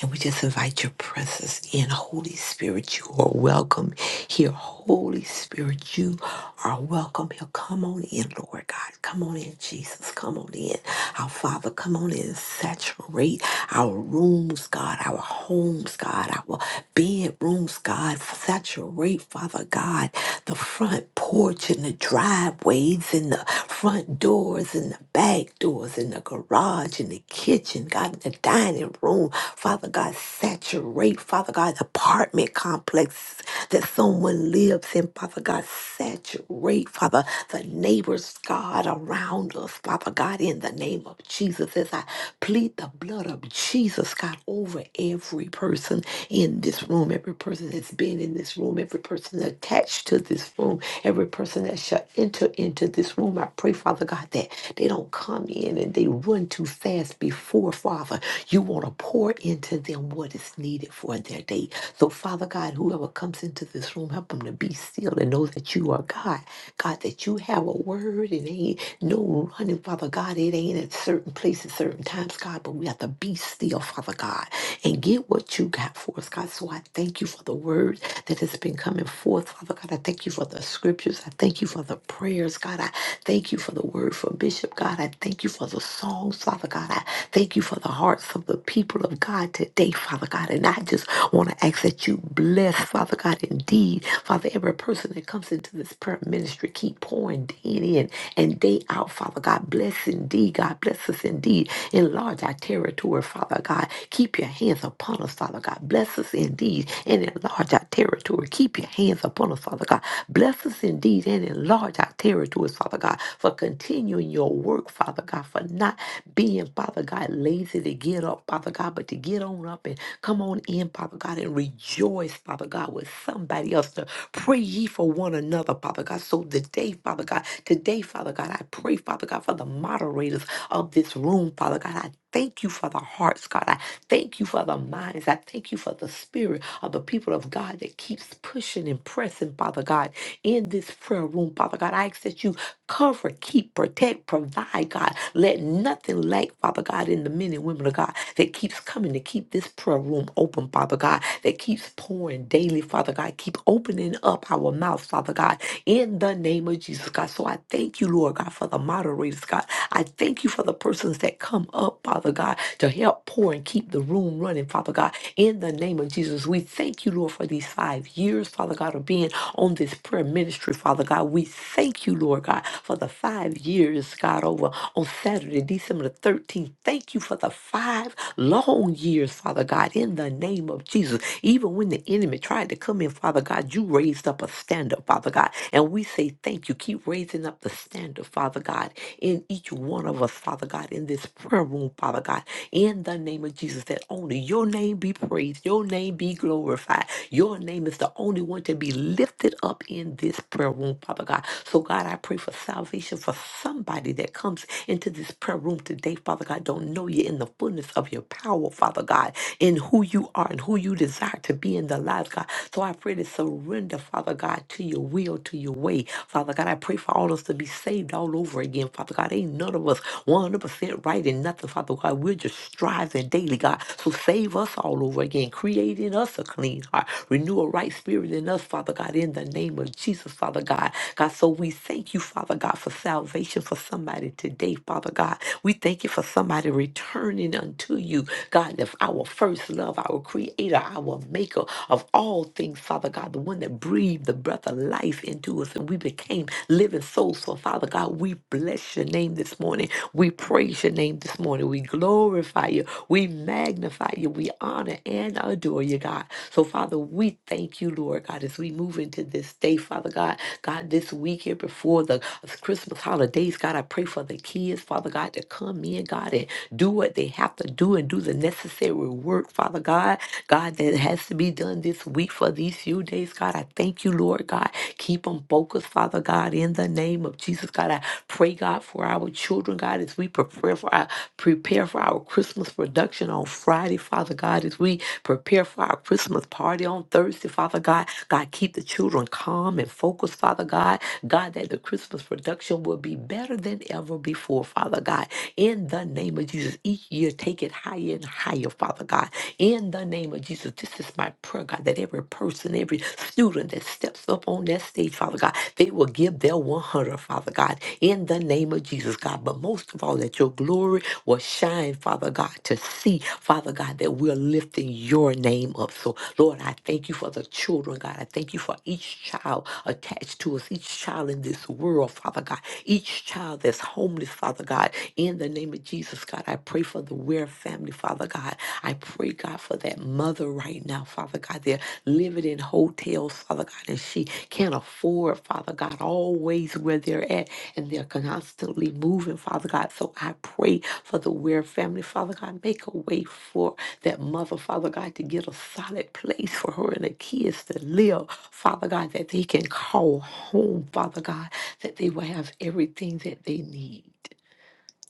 and we just invite your presence in. Holy Spirit, you are welcome here. Holy Spirit, you are welcome here. Come on in, Lord God. Come on in, Jesus. Come on in. Our Father, come on in. Saturate our rooms God, our homes, God, our bedrooms, God. Saturate, Father God, the front porch and the driveways and the front doors and the back doors and the garage and the kitchen, God, and the dining room. Father God, saturate, Father God, the apartment complex that someone lives in, Father God, saturate, Father, the neighbors, God, around us, Father God, in in the name of Jesus as I plead the blood of Jesus, God, over every person in this room, every person that's been in this room, every person attached to this room, every person that shall enter into this room. I pray, Father God, that they don't come in and they run too fast before, Father. You want to pour into them what is needed for their day. So, Father God, whoever comes into this room, help them to be still and know that you are God. God, that you have a word. It ain't no running, Father God. It ain't at certain places, certain times, God, but we have to be still, Father God, and get what you got for us, God. So I thank you for the word that has been coming forth, Father God. I thank you for the scriptures. I thank you for the prayers, God. I thank you for the word from Bishop, God. I thank you for the songs, Father God. I thank you for the hearts of the people of God today, Father God. And I just want to ask that you bless, Father God. God, indeed, Father, every person that comes into this prayer ministry, keep pouring day in and day out, Father God. Bless indeed, God. Bless us indeed. Enlarge our territory, Father God. Keep your hands upon us, Father God. Bless us indeed and enlarge our territory. Keep your hands upon us, Father God. Bless us indeed and enlarge our territories, Father God, for continuing your work, Father God, for not being, Father God, lazy to get up, Father God, but to get on up and Come on in, Father God, and rejoice, Father God, with somebody else to pray ye for one another, Father God. So today, Father God, today, Father God, I pray, Father God, for the moderators of this room, Father God. I thank you for the hearts, God. I thank you for the minds. I thank you for the spirit of the people of God that keeps pushing and pressing, Father God, in this prayer room, Father God. I ask that you Cover, keep, protect, provide, God. Let nothing lack, Father God, in the men and women of God that keeps coming to keep this prayer room open, Father God, that keeps pouring daily, Father God. Keep opening up our mouths, Father God, in the name of Jesus, God. So I thank you, Lord God, for the moderators, God. I thank you for the persons that come up, Father God, to help pour and keep the room running, Father God. In the name of Jesus, we thank you, Lord, for these five years, Father God, of being on this prayer ministry, Father God. We thank you, Lord. Lord God, for the five years, God, over on Saturday, December the 13th. Thank you for the five long years, Father God, in the name of Jesus. Even when the enemy tried to come in, Father God, you raised up a standard, Father God. And we say thank you. Keep raising up the standard, Father God, in each one of us, Father God, in this prayer room, Father God in the name of Jesus that only your name be praised, your name be glorified. Your name is the only one to be lifted up in this prayer room, Father God. So, God, I pray for salvation for somebody that comes into this prayer room today, Father God. Don't know you in the fullness of your power, Father God in who you are and who you desire to be in the lives, God. So I pray to surrender, Father God, to your will, to your way. Father God, I pray for all of us to be saved all over again, Father God. Ain't none of us 100% right in nothing, Father God. We're just striving daily, God. So save us all over again, creating us a clean heart, renew a right spirit in us, Father God, in the name of name of Jesus, Father God. God, so we thank you, Father God, for salvation for somebody today, Father God. We thank you for somebody returning unto you, God, that's our first love, our creator, our maker of all things, Father God, the one that breathed the breath of life into us and we became living souls. So, Father God, we bless your name this morning. We praise your name this morning. We glorify you. We magnify you. We honor and adore you, God. So, Father, we thank you, Lord God, as we move into this day, Father God. God, this weekend before the Christmas holidays, God, I pray for the kids, Father God, to come in, God, and do what they have to do and do the necessary work, Father God. God, that has to be done this week for these few days, God. I thank you, Lord God. Keep them focused, Father God, in the name of Jesus, God. I pray, God, for our children, God, as we prepare for our prepare for our Christmas production on Friday, Father God, as we prepare for our Christmas party on Thursday, Father God. God, keep the children calm and focused, Father God. God, that the Christmas production will be better than ever before, Father God. In the name of Jesus, each year take it higher and higher higher, Father God. In the name of Jesus, this is my prayer, God, that every person, every student that steps up on that stage, Father God, they will give their 100, Father God, in the name of Jesus, God. But most of all, that your glory will shine, Father God, to see, Father God, that we're lifting your name up. So, Lord, I thank you for the children, God. I thank you for each child attached to us, each child in this world, Father God, each child that's homeless, Father God, in the name of Jesus, God. God, I pray for the Weir family, Father God. I pray, God, for that mother right now, Father God. They're living in hotels, Father God, and she can't afford, Father God, always where they're at, and they're constantly moving, Father God. So I pray for the Weir family, Father God. Make a way for that mother, Father God, to get a solid place for her and the kids to live, Father God, that they can call home, Father God, that they will have everything that they need.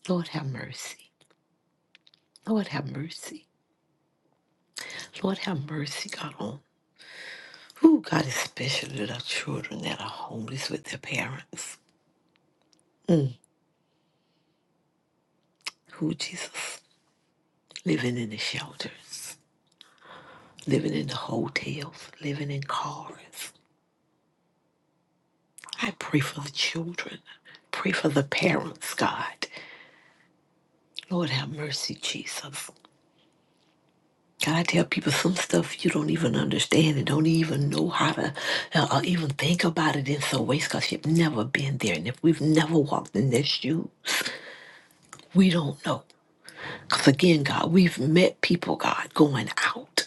Lord, have mercy. Lord have mercy. Lord have mercy, God, on who, God, especially the children that are homeless with their parents. Mm. Who, Jesus, living in the shelters, living in the hotels, living in cars. I pray for the children. Pray for the parents, God. Lord have mercy, Jesus. God, I tell people some stuff you don't even understand and don't even know how to uh, uh, even think about it in some ways because you've never been there. And if we've never walked in their shoes, We don't know. Because again, God, we've met people, God, going out.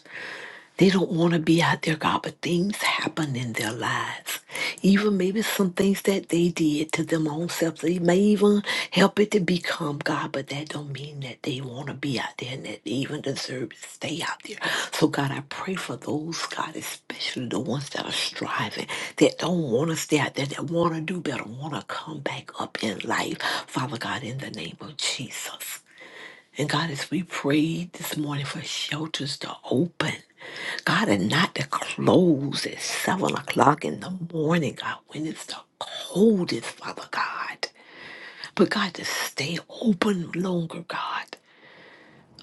They don't want to be out there, God, but things happen in their lives. Even maybe some things that they did to them own selves. They may even help it to become God, but that don't mean that they want to be out there and that they even deserve to stay out there. So God, I pray for those, God, especially the ones that are striving, that don't want to stay out there, that want to do better, want to come back up in life. Father God, in the name of Jesus. And God, as we prayed this morning for shelters to open, God, and not to close at seven o'clock in the morning, God, when it's the coldest, Father God. But God, to stay open longer, God.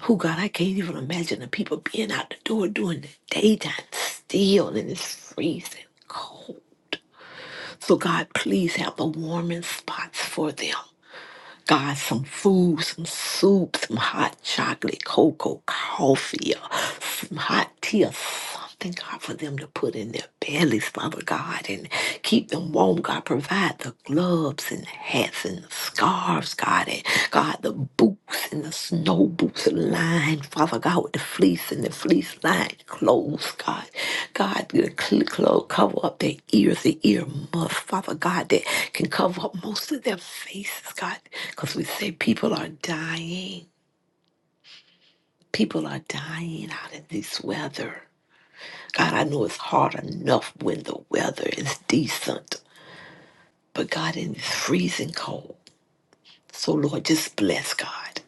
Who God, I can't even imagine the people being out the door during the daytime still and it's freezing cold. So God, please have the warming spots for them. God, some food, some soup, some hot chocolate, cocoa, coffee, or some hot tea, or something, God, for them to put in their bellies, Father God, and keep them warm. God, provide the gloves and the hats and the scarves, God, and God, the boots and the snow boots lined, Father God, with the fleece and the fleece lined clothes, God. God, the cl- clo- cover up their ears, the ear muffs, Father God, that can cover up most of their faces, God, because we say people are dying. People are dying out in this weather. God, I know it's hard enough when the weather is decent, but God, in this freezing cold. So, Lord, just bless God.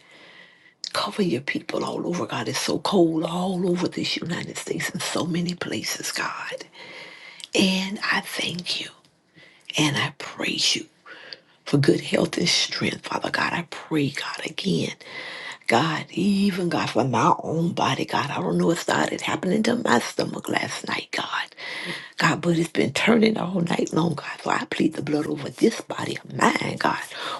Cover your people all over, God. It's so cold all over this United States in so many places, God. And I thank you and I praise you for good health and strength, Father God. I pray, God, again. God, even God, for my own body, God, I don't know what started happening to my stomach last night, God. God, but it's been turning all night long, God. So I plead the blood over this body of mine, God.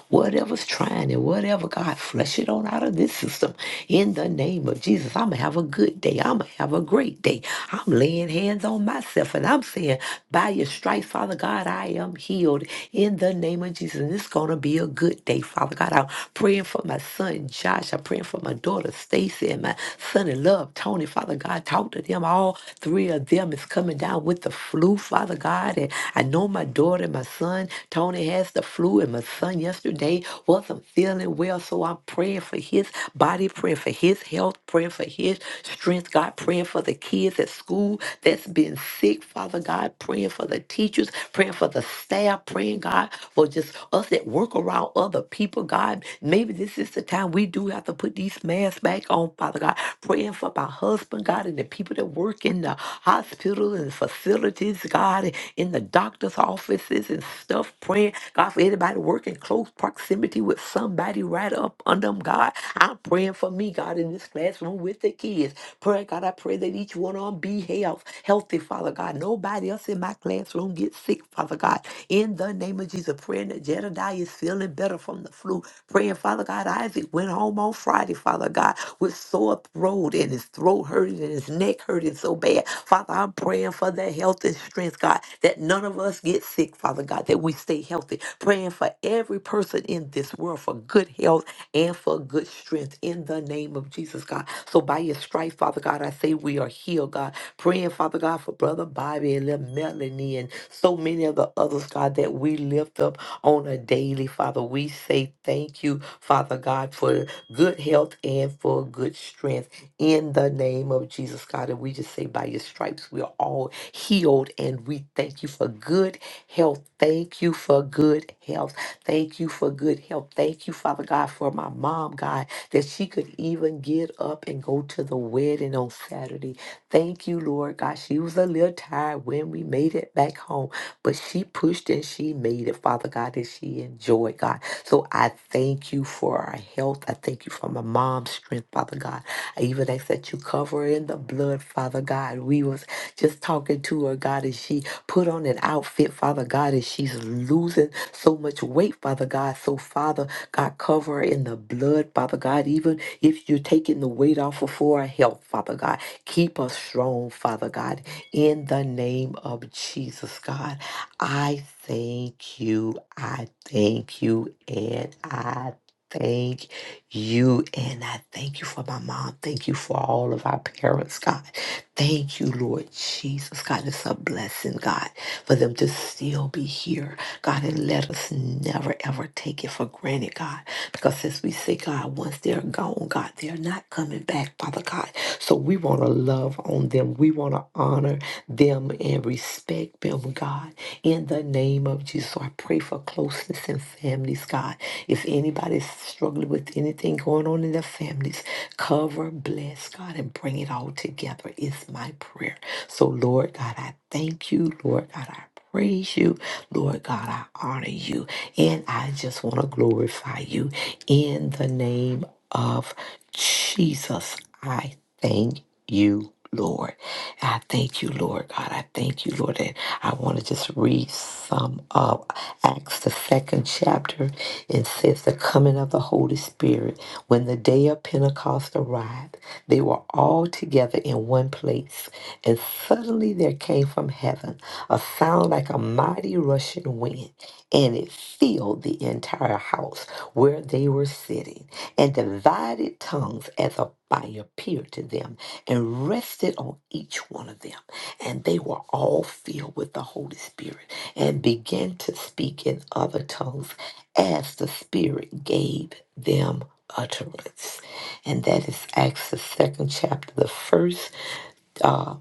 Whatever's trying and whatever, God, flush it on out of this system. In the name of Jesus, I'm going to have a good day. I'm going to have a great day. I'm laying hands on myself and I'm saying, by your stripes, Father God, I am healed. In the name of Jesus. Jesus. And it's going to be a good day, Father God. I'm praying for my son, Josh. I'm praying for my daughter, Stacy, and my son in love, Tony. Father God, talk to them. All three of them is coming down with the flu, Father God. And I know my daughter and my son, Tony, has the flu, and my son yesterday wasn't feeling well. So I'm praying for his body, praying for his health, praying for his strength, God, praying for the kids at school that's been sick, Father God. God, praying for the teachers, praying for the staff, praying, God, for just us that work around other people, God. Maybe this is the time we do have to put these masks back on, Father God. Praying for my husband, God, and the people that work in the hospital and facilities, God, and in the doctor's offices and stuff. Praying, God, for anybody working close proximity with somebody right up under them, God. I'm praying for me, God, in this classroom with the kids. Pray, God, I pray that each one on be health, healthy, Father God. Nobody else in my classroom gets sick, Father God. In the name of Jesus, praying that Jedediah is feeling better from the flu. Praying, Father God, Isaac went home on Friday, Father God, with sore throat and his throat hurting and his neck hurting so bad. Father, I'm praying for their health and strength, God, that none of us get sick, Father God, that we stay healthy. Praying for every person in this world for good health and for good strength in the name of Jesus, God. So by your strife, Father God, I say we are healed, God. Praying, Father God, for Brother Bobby and little Melanie and so many of the others, God, that we lift up on a daily, Father. We say thank you, Father God, for good health and for good strength in the name of Jesus, God. And we just say, by your stripes, we are all healed. And we thank you for good health. Thank you for good health. Thank you for good health. Thank you, Father God, for my mom, God, that she could even get up and go to the wedding on Saturday. Thank you, Lord God. She was a little tired when we made it back home, but she pushed and she made it, Father God, and she enjoyed, God. So I thank you for our health. I thank you for my mom's strength, Father God. I even ask that you cover her in the blood, Father God. We was just talking to her, God, and she put on an outfit, Father God, and she's losing so much weight, Father God. So, Father God, cover her in the blood, Father God. Even if you're taking the weight off of for her health, Father God, Keep us strong, Father God, in the name of Jesus, God. I thank you. I thank you. And I thank you. And I thank you for my mom. Thank you for all of our parents, God. Thank you, Lord Jesus. God, it's a blessing, God, for them to still be here. God, and let us never, ever take it for granted, God. Because as we say, God, once they're gone, God, they're not coming back, Father God. So we want to love on them. We want to honor them and respect them, God. In the name of Jesus, So I pray for closeness in families, God. If anybody's struggling with anything going on in their families, cover, bless, God, and bring it all together is my prayer. So, Lord God, I thank you. Lord God, I praise you. Lord God, I honor you. And I just want to glorify you in the name of Jesus. I thank you. Lord, I thank you, Lord God. I thank you, Lord. And I want to just read some of Acts, the second chapter. It says, The coming of the Holy Spirit. When the day of Pentecost arrived, they were all together in one one place, and suddenly there came from heaven a sound like a mighty rushing wind, and it filled the entire house where they were sitting, and divided tongues as a fire appeared to them and rested on each one of them. And they were all filled with the Holy Spirit and began to speak in other tongues as the Spirit gave them utterance. And that is Acts, the second chapter, the first uh,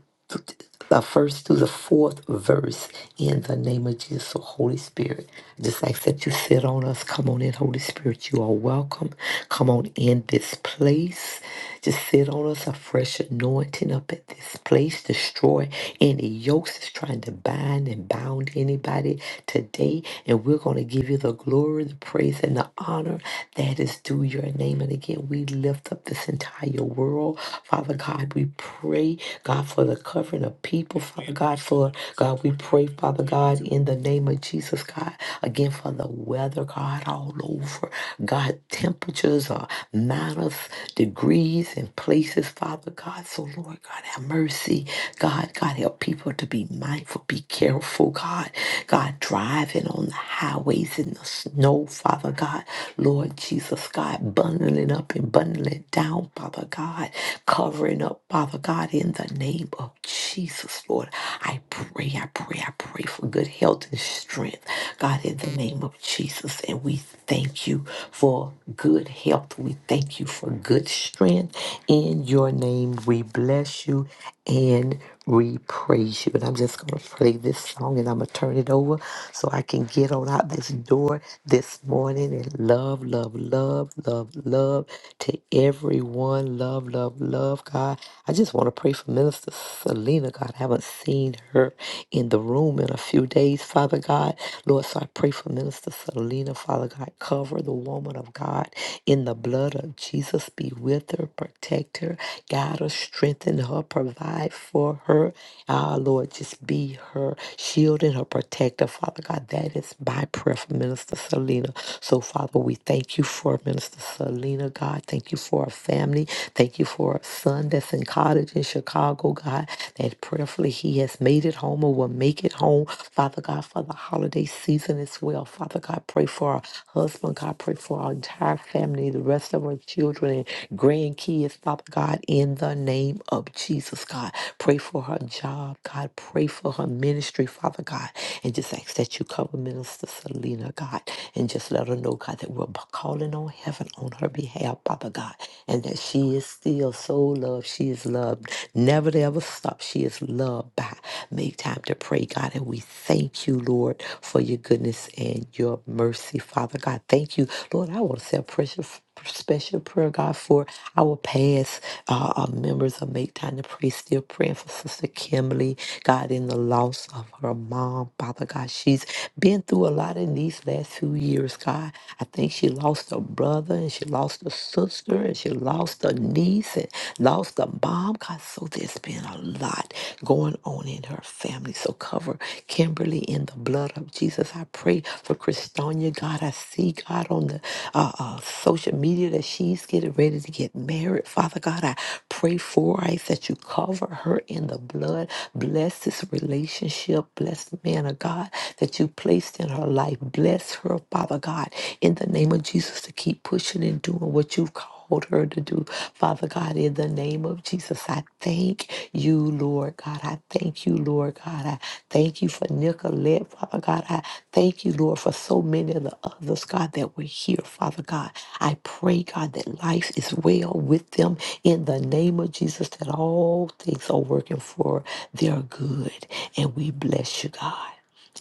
the first through the fourth verse in the name of Jesus. So, Holy Spirit, I just ask that you sit on us. Come on in, Holy Spirit. You are welcome. Come on in this place. Just sit on us, a fresh anointing up at this place. Destroy any yokes that's trying to bind and bound anybody today. And we're going to give you the glory, the praise, and the honor that is due your name. And again, we lift up this entire world. Father God, we pray pray, God, for the covering of people, Father God, for God, we pray, Father God, in the name of Jesus, God, again for the weather, God, all over. God, temperatures are minus degrees in places, Father God. So, Lord God, have mercy. God, God, help people to be mindful, be careful, God. God, driving on the highways in the snow, Father God. Lord Jesus, God, bundling up and bundling down, Father God that covering up, Father God, in the name of Jesus, Lord. I pray, I pray, I pray for good health and strength, God, in the name of Jesus. And we thank you for good health. We thank you for good strength. In your name, we bless you and we praise you. And I'm just going to play this song and I'm going to turn it over so I can get on out this door this morning and love, love, love, love, love to everyone everyone. Love, love, love, God. I just want to pray for Minister Selena, God. I haven't seen her in the room in a few days, Father God. Lord, so I pray for Minister Selena, Father God. Cover the woman of God in the blood of Jesus. Be with her, protect her, guide her, strengthen her, provide for her. Ah, Lord, just be her shield and her protector, Father God. That is my prayer for Minister Selena. So, Father, we thank you for Minister for Lena, God. Thank you for a family. Thank you for a son that's in college in Chicago, God, that prayerfully he has made it home or will make it home. Father God, for the holiday season as well. Father God, pray for our husband. God, pray for our entire family, the rest of our children and grandkids. Father God, in the name of Jesus, God, pray for her job. God, pray for her ministry, Father God, and just ask that you cover Minister Selena, God, and just let her know, God, that we're we're b- calling on heaven on her behalf, Father God, and that she is still so loved. She is loved. Never to ever stop. She is loved by. Make time to pray, God, and we thank you, Lord, for your goodness and your mercy, Father God. Thank you, Lord. I want to say a precious special prayer, God, for our past uh, uh, members of Make Time to Pray. Still praying for Sister Kimberly, God, in the loss of her mom, Father God. She's been through a lot in these last few years, God. I think she lost a brother and she lost a sister and she lost a niece and lost a mom, God. So there's been a lot going on in her family. So cover Kimberly in the blood of Jesus. I pray for Christonia, God. I see, God, on the uh, uh, social media that she's getting ready to get married. Father God, I pray for us that you cover her in the blood. Bless this relationship. Bless the man of God that you placed in her life. Bless her, Father God, in the name of Jesus to keep pushing and doing what you've called called her to do. Father God, in the name of Jesus, I thank you, Lord God. I thank you, Lord God. I thank you for Nicolette, Father God. I thank you, Lord, for so many of the others, God, that were here, Father God. I pray, God, that life is well with them in the name of Jesus, that all things are working for their good. And we bless you, God.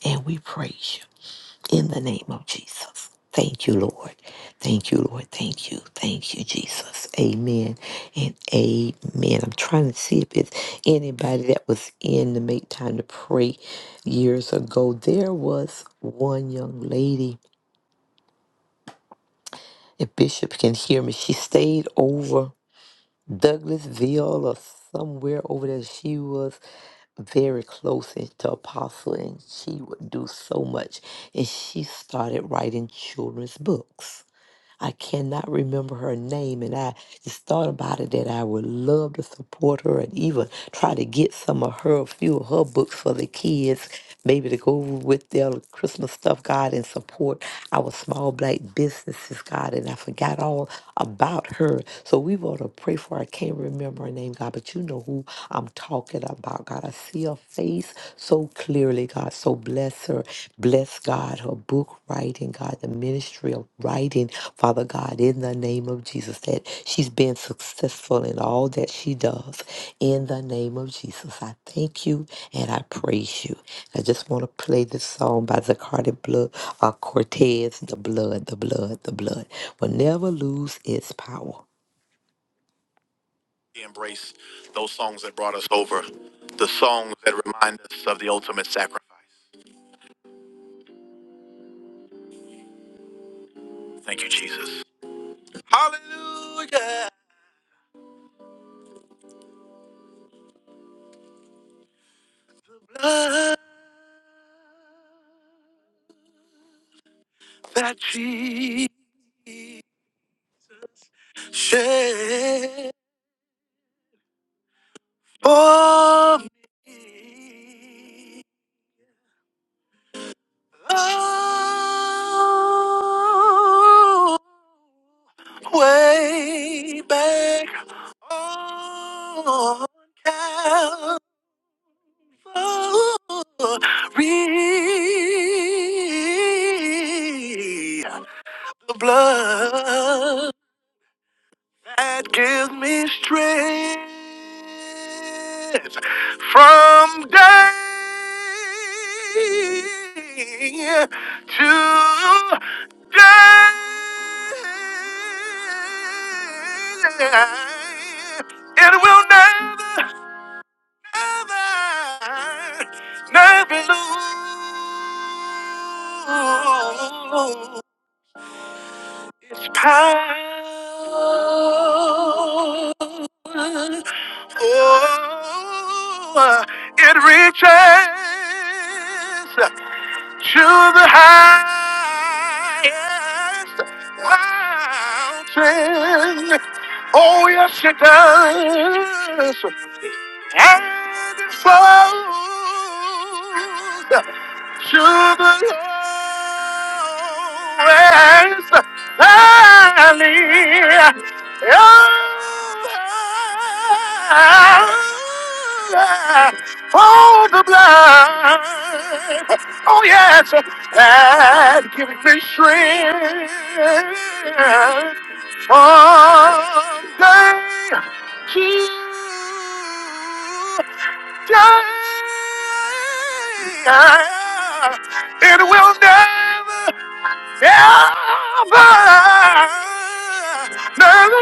And we praise you in the name of Jesus. Thank you, Lord. Thank you, Lord. Thank you. Thank you, Jesus. Amen and amen. I'm trying to see if it's anybody that was in the Make Time to Pray years ago. There was one young lady, if Bishop can hear me, she stayed over Douglasville or somewhere over there. She was very close to Apostle, and she would do so much. And she started writing children's books I cannot remember her name, and I just thought about it that I would love to support her and even try to get some of her, a few of her books for the kids, maybe to go with their Christmas stuff, God, and support our small black businesses, God. And I forgot all about her. So we want to pray for her. I can't remember her name, God, but you know who I'm talking about, God. I see her face so clearly, God. So bless her. Bless God, her book writing, God, the ministry of writing, Father God, in the name of Jesus, that she's been successful in all that she does. In the name of Jesus, I thank you and I praise you. I just want to play this song by Zacardi Blood, uh, Cortez, The Blood, The Blood, The Blood will never lose its power. Embrace those songs that brought us over, the songs that remind us of the ultimate sacrifice. Thank you, Jesus. Hallelujah. Blood that Jesus shed for me. Oh, way back on Glory. The blood that gives me strength from day to day. It will never never lose its power. Oh, it reaches to the highest mountain. Oh, yes, it does. And it flows to the lowest valley. Oh, for the blind. Oh yes, and give me strength from day to day. It will never, ever, never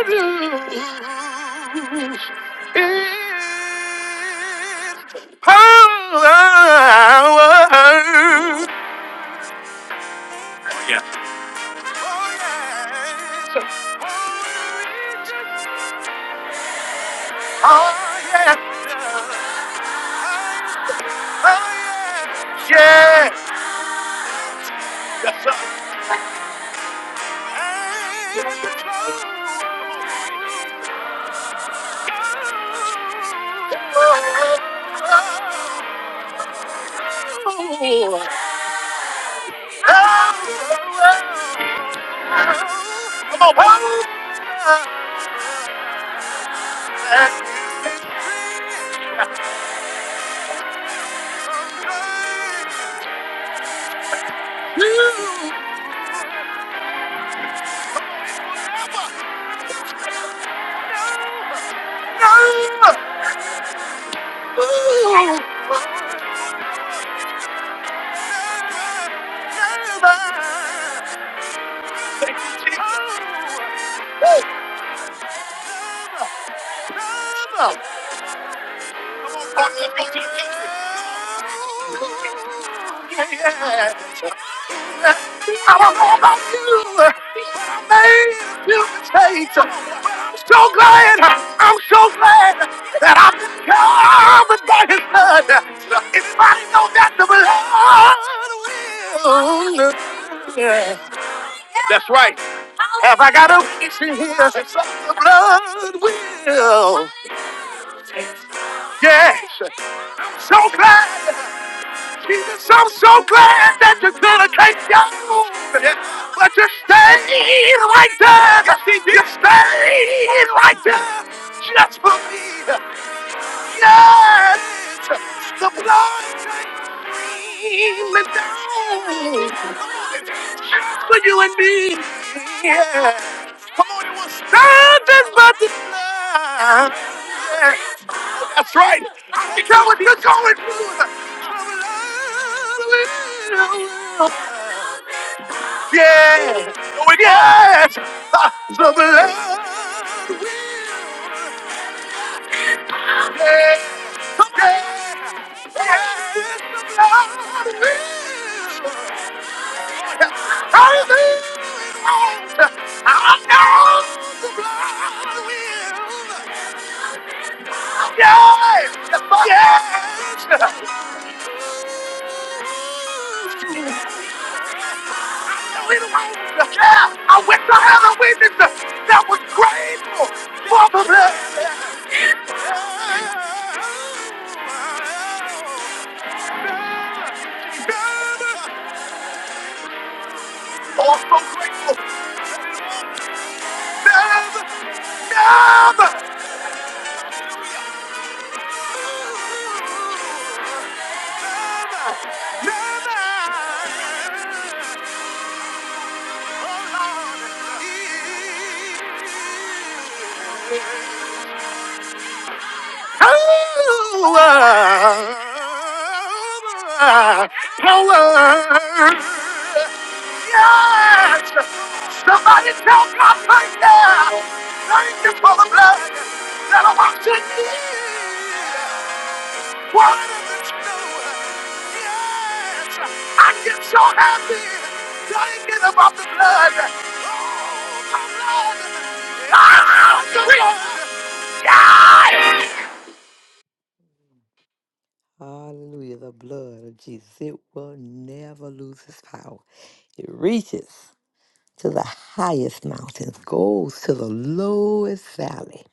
do. Yeah. Oh, yeah. Oh Yeah. Yes, sir. Come on, Pop. You know, you never. I don't about you, made a few I'm so glad, I'm so glad that I've been covered by his blood. Anybody know that the blood will? Yeah. That's right. Have I got a witness in here? The blood will. Yes. So glad. Jesus, I'm so glad that you're gonna take your move. But you stayed right there. You stayed right there just for me. Yes! The blood came and down for you and me. Yeah. Come on, it was not just the blood. Yeah. That's right. I think I what you're going through. Yeah. Oh, and yes. The blood. I went to heaven with it. That was grateful for the blood. Oh, I'm so grateful. Never, never, never. Power, power. Yes. Somebody tell God right now. Thank you for the blood that washes me. What is Yes, I get so happy thinking about the blood. Oh, the blood. Ah, the blood. Yes. Hallelujah, the blood of Jesus. It will never lose its power. It reaches to the highest mountains, goes to the lowest valley.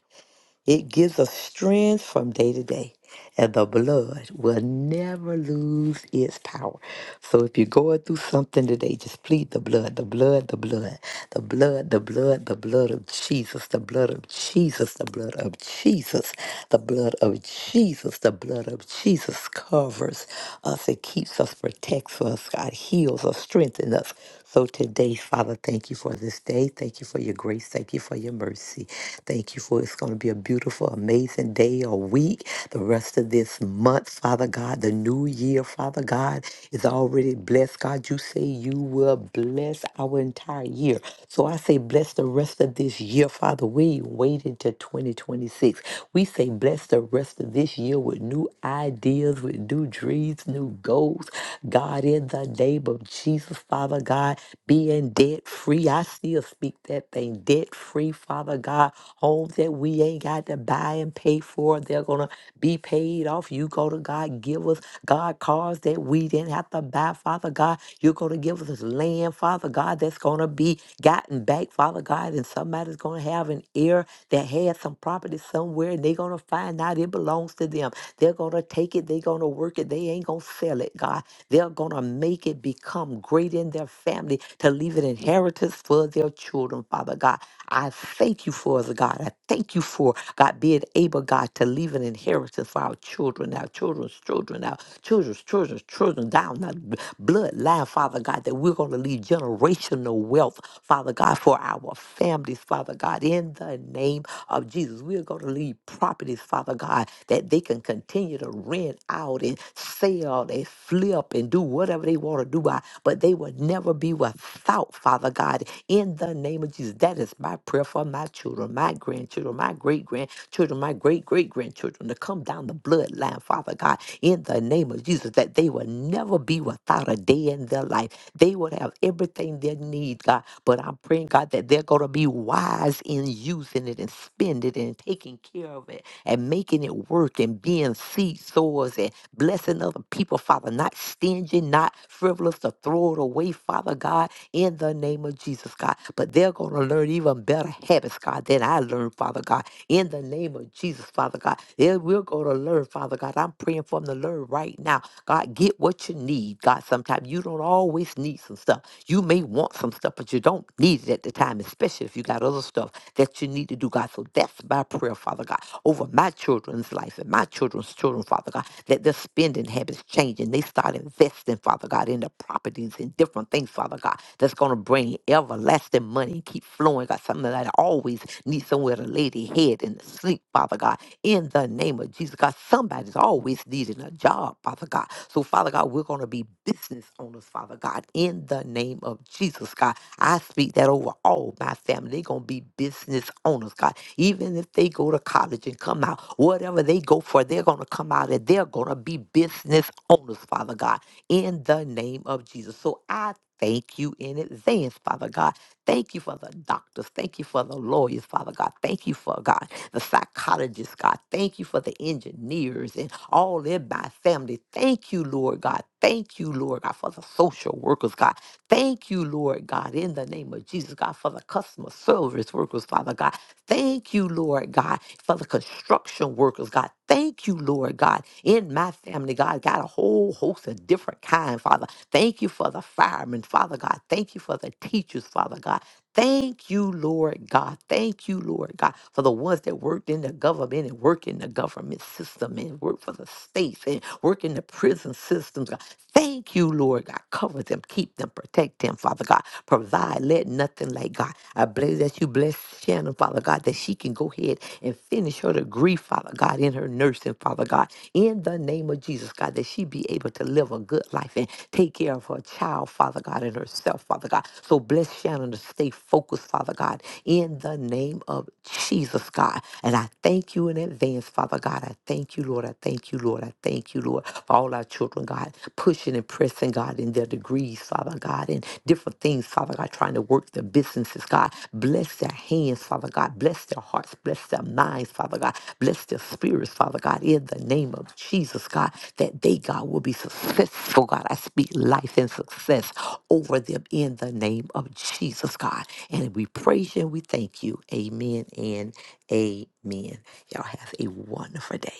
It gives us strength from day to day, and the blood will never lose its power. So if you're going through something today, just plead the blood, the blood, the blood, the blood, the blood, the blood of Jesus, the blood of Jesus, the blood of Jesus, the blood of Jesus, the blood of Jesus covers us. It keeps us, protects us. God heals us, strengthens us. So today, Father, thank you for this day. Thank you for your grace. Thank you for your mercy. Thank you for it's going to be a beautiful, amazing day or week. The rest of this month, Father God, the new year, Father God, is already blessed. God, you say you will bless our entire year. So I say, bless the rest of this year, Father. We wait until 2026. We say, bless the rest of this year with new ideas, with new dreams, new goals. God, in the name of Jesus, Father. Father God, being debt free. I still speak that thing debt free, Father God. Homes that we ain't got to buy and pay for, they're going to be paid off. You go to God, give us, God, cars that we didn't have to buy, Father God. You're going to give us land, Father God, that's going to be gotten back, Father God, and somebody's going to have an heir that had some property somewhere and they're going to find out it belongs to them. They're going to take it, they're going to work it, they ain't going to sell it, God. They're going to make it become great great in their family, to leave an inheritance for their children, Father God. I thank you for the God. I thank you for God being able, God, to leave an inheritance for our children, our children's children, our children's children's children, down the b- bloodline, Father God, that we're going to leave generational wealth, Father God, for our families, Father God, in the name of Jesus. We're going to leave properties, Father God, that they can continue to rent out and sell and flip and do whatever they want to do why, but they will never be without, Father God, in the name of Jesus. That is my prayer for my children, my grandchildren, my great grandchildren, my great great grandchildren to come down the bloodline, Father God, in the name of Jesus, that they will never be without a day in their life. They will have everything they need, God. But I'm praying, God, that they're going to be wise in using it and spending it and taking care of it and making it work and being seed sowers and blessing other people, Father, not stingy, not frivolous, to throw it away, Father God, in the name of Jesus, God. But they're going to learn even better habits, God, than I learned, Father God, in the name of Jesus, Father God. They we're going to learn, Father God. I'm praying for them to learn right now. God, get what you need, God. Sometimes you don't always need some stuff. You may want some stuff, but you don't need it at the time, especially if you got other stuff that you need to do, God. So that's my prayer, Father God, over my children's life and my children's children, Father God, that their spending habits change and they start investing, investments, Father God, in the properties and different things, Father God, that's going to bring everlasting money and keep flowing, God, something that I always need somewhere to lay their head and to sleep, Father God, in the name of Jesus, God. Somebody's always needing a job, Father God. So, Father God, we're going to be business owners, Father God, in the name of Jesus, God. I speak that over all my family. They're going to be business owners, God. Even if they go to college and come out, whatever they go for, they're going to come out and they're going to be business owners, Father God in the name of Jesus. So I thank you in advance, Father God. Thank you for the doctors. Thank you for the lawyers, Father God. Thank you for God, the psychologists, God. Thank you for the engineers and all in my family. Thank you, Lord God. Thank you, Lord God, for the social workers, God. Thank you, Lord God, in the name of Jesus, God, for the customer service workers, Father God. Thank you, Lord God, for the construction workers, God. Thank you, Lord God, in my family, God, got a whole host of different kind, Father. Thank you for the firemen, Father God. Thank you for the teachers, Father God. Thank you, Lord God. Thank you, Lord God, for the ones that worked in the government and work in the government system and work for the states and work in the prison systems. God. Thank you, Lord God. Cover them, keep them, protect them, Father God provide. Let nothing like God. I bless that you bless Shannon, Father God, that she can go ahead and finish her degree, Father God, in her nursing, Father God, in the name of Jesus, God, that she be able to live a good life and take care of her child, Father God, and herself, Father God. So bless Shannon to stay focused, Father God, in the name of Jesus, God. And I thank you in advance, Father God. I thank you, Lord. I thank you, Lord. I thank you, Lord, for all our children, God pushing and pressing, God, in their degrees, Father God, and different things, Father God, trying to work their businesses, God. Bless their hands, Father God. Bless their hearts. Bless their minds, Father God. Bless their spirits, Father God, in the name of Jesus, God, that they, God, will be successful, God. I speak life and success over them in the name of Jesus, God. And we praise you and we thank you. Amen and amen. Y'all have a wonderful day.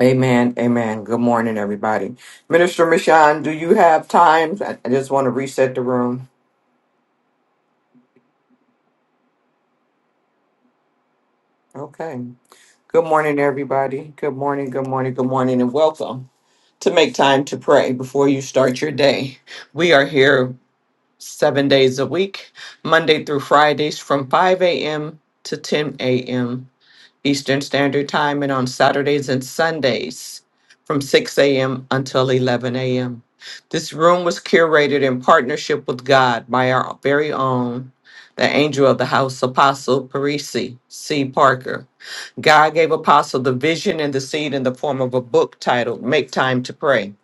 Amen. Amen. Good morning, everybody. Minister Michon, do you have time? I I just want to reset the room. Okay. Good morning, everybody. Good morning. Good morning. Good morning, and welcome to Make Time to Pray before you start your day. We are here seven days a week, Monday through Fridays from 5 a.m. to 10 a.m. Eastern Standard Time and on Saturdays and Sundays from 6 a.m. until 11 a.m. This room was curated in partnership with God by our very own, the angel of the house, Apostle Parisi C. Parker. God gave Apostle the vision and the seed in the form of a book titled Make Time to Pray.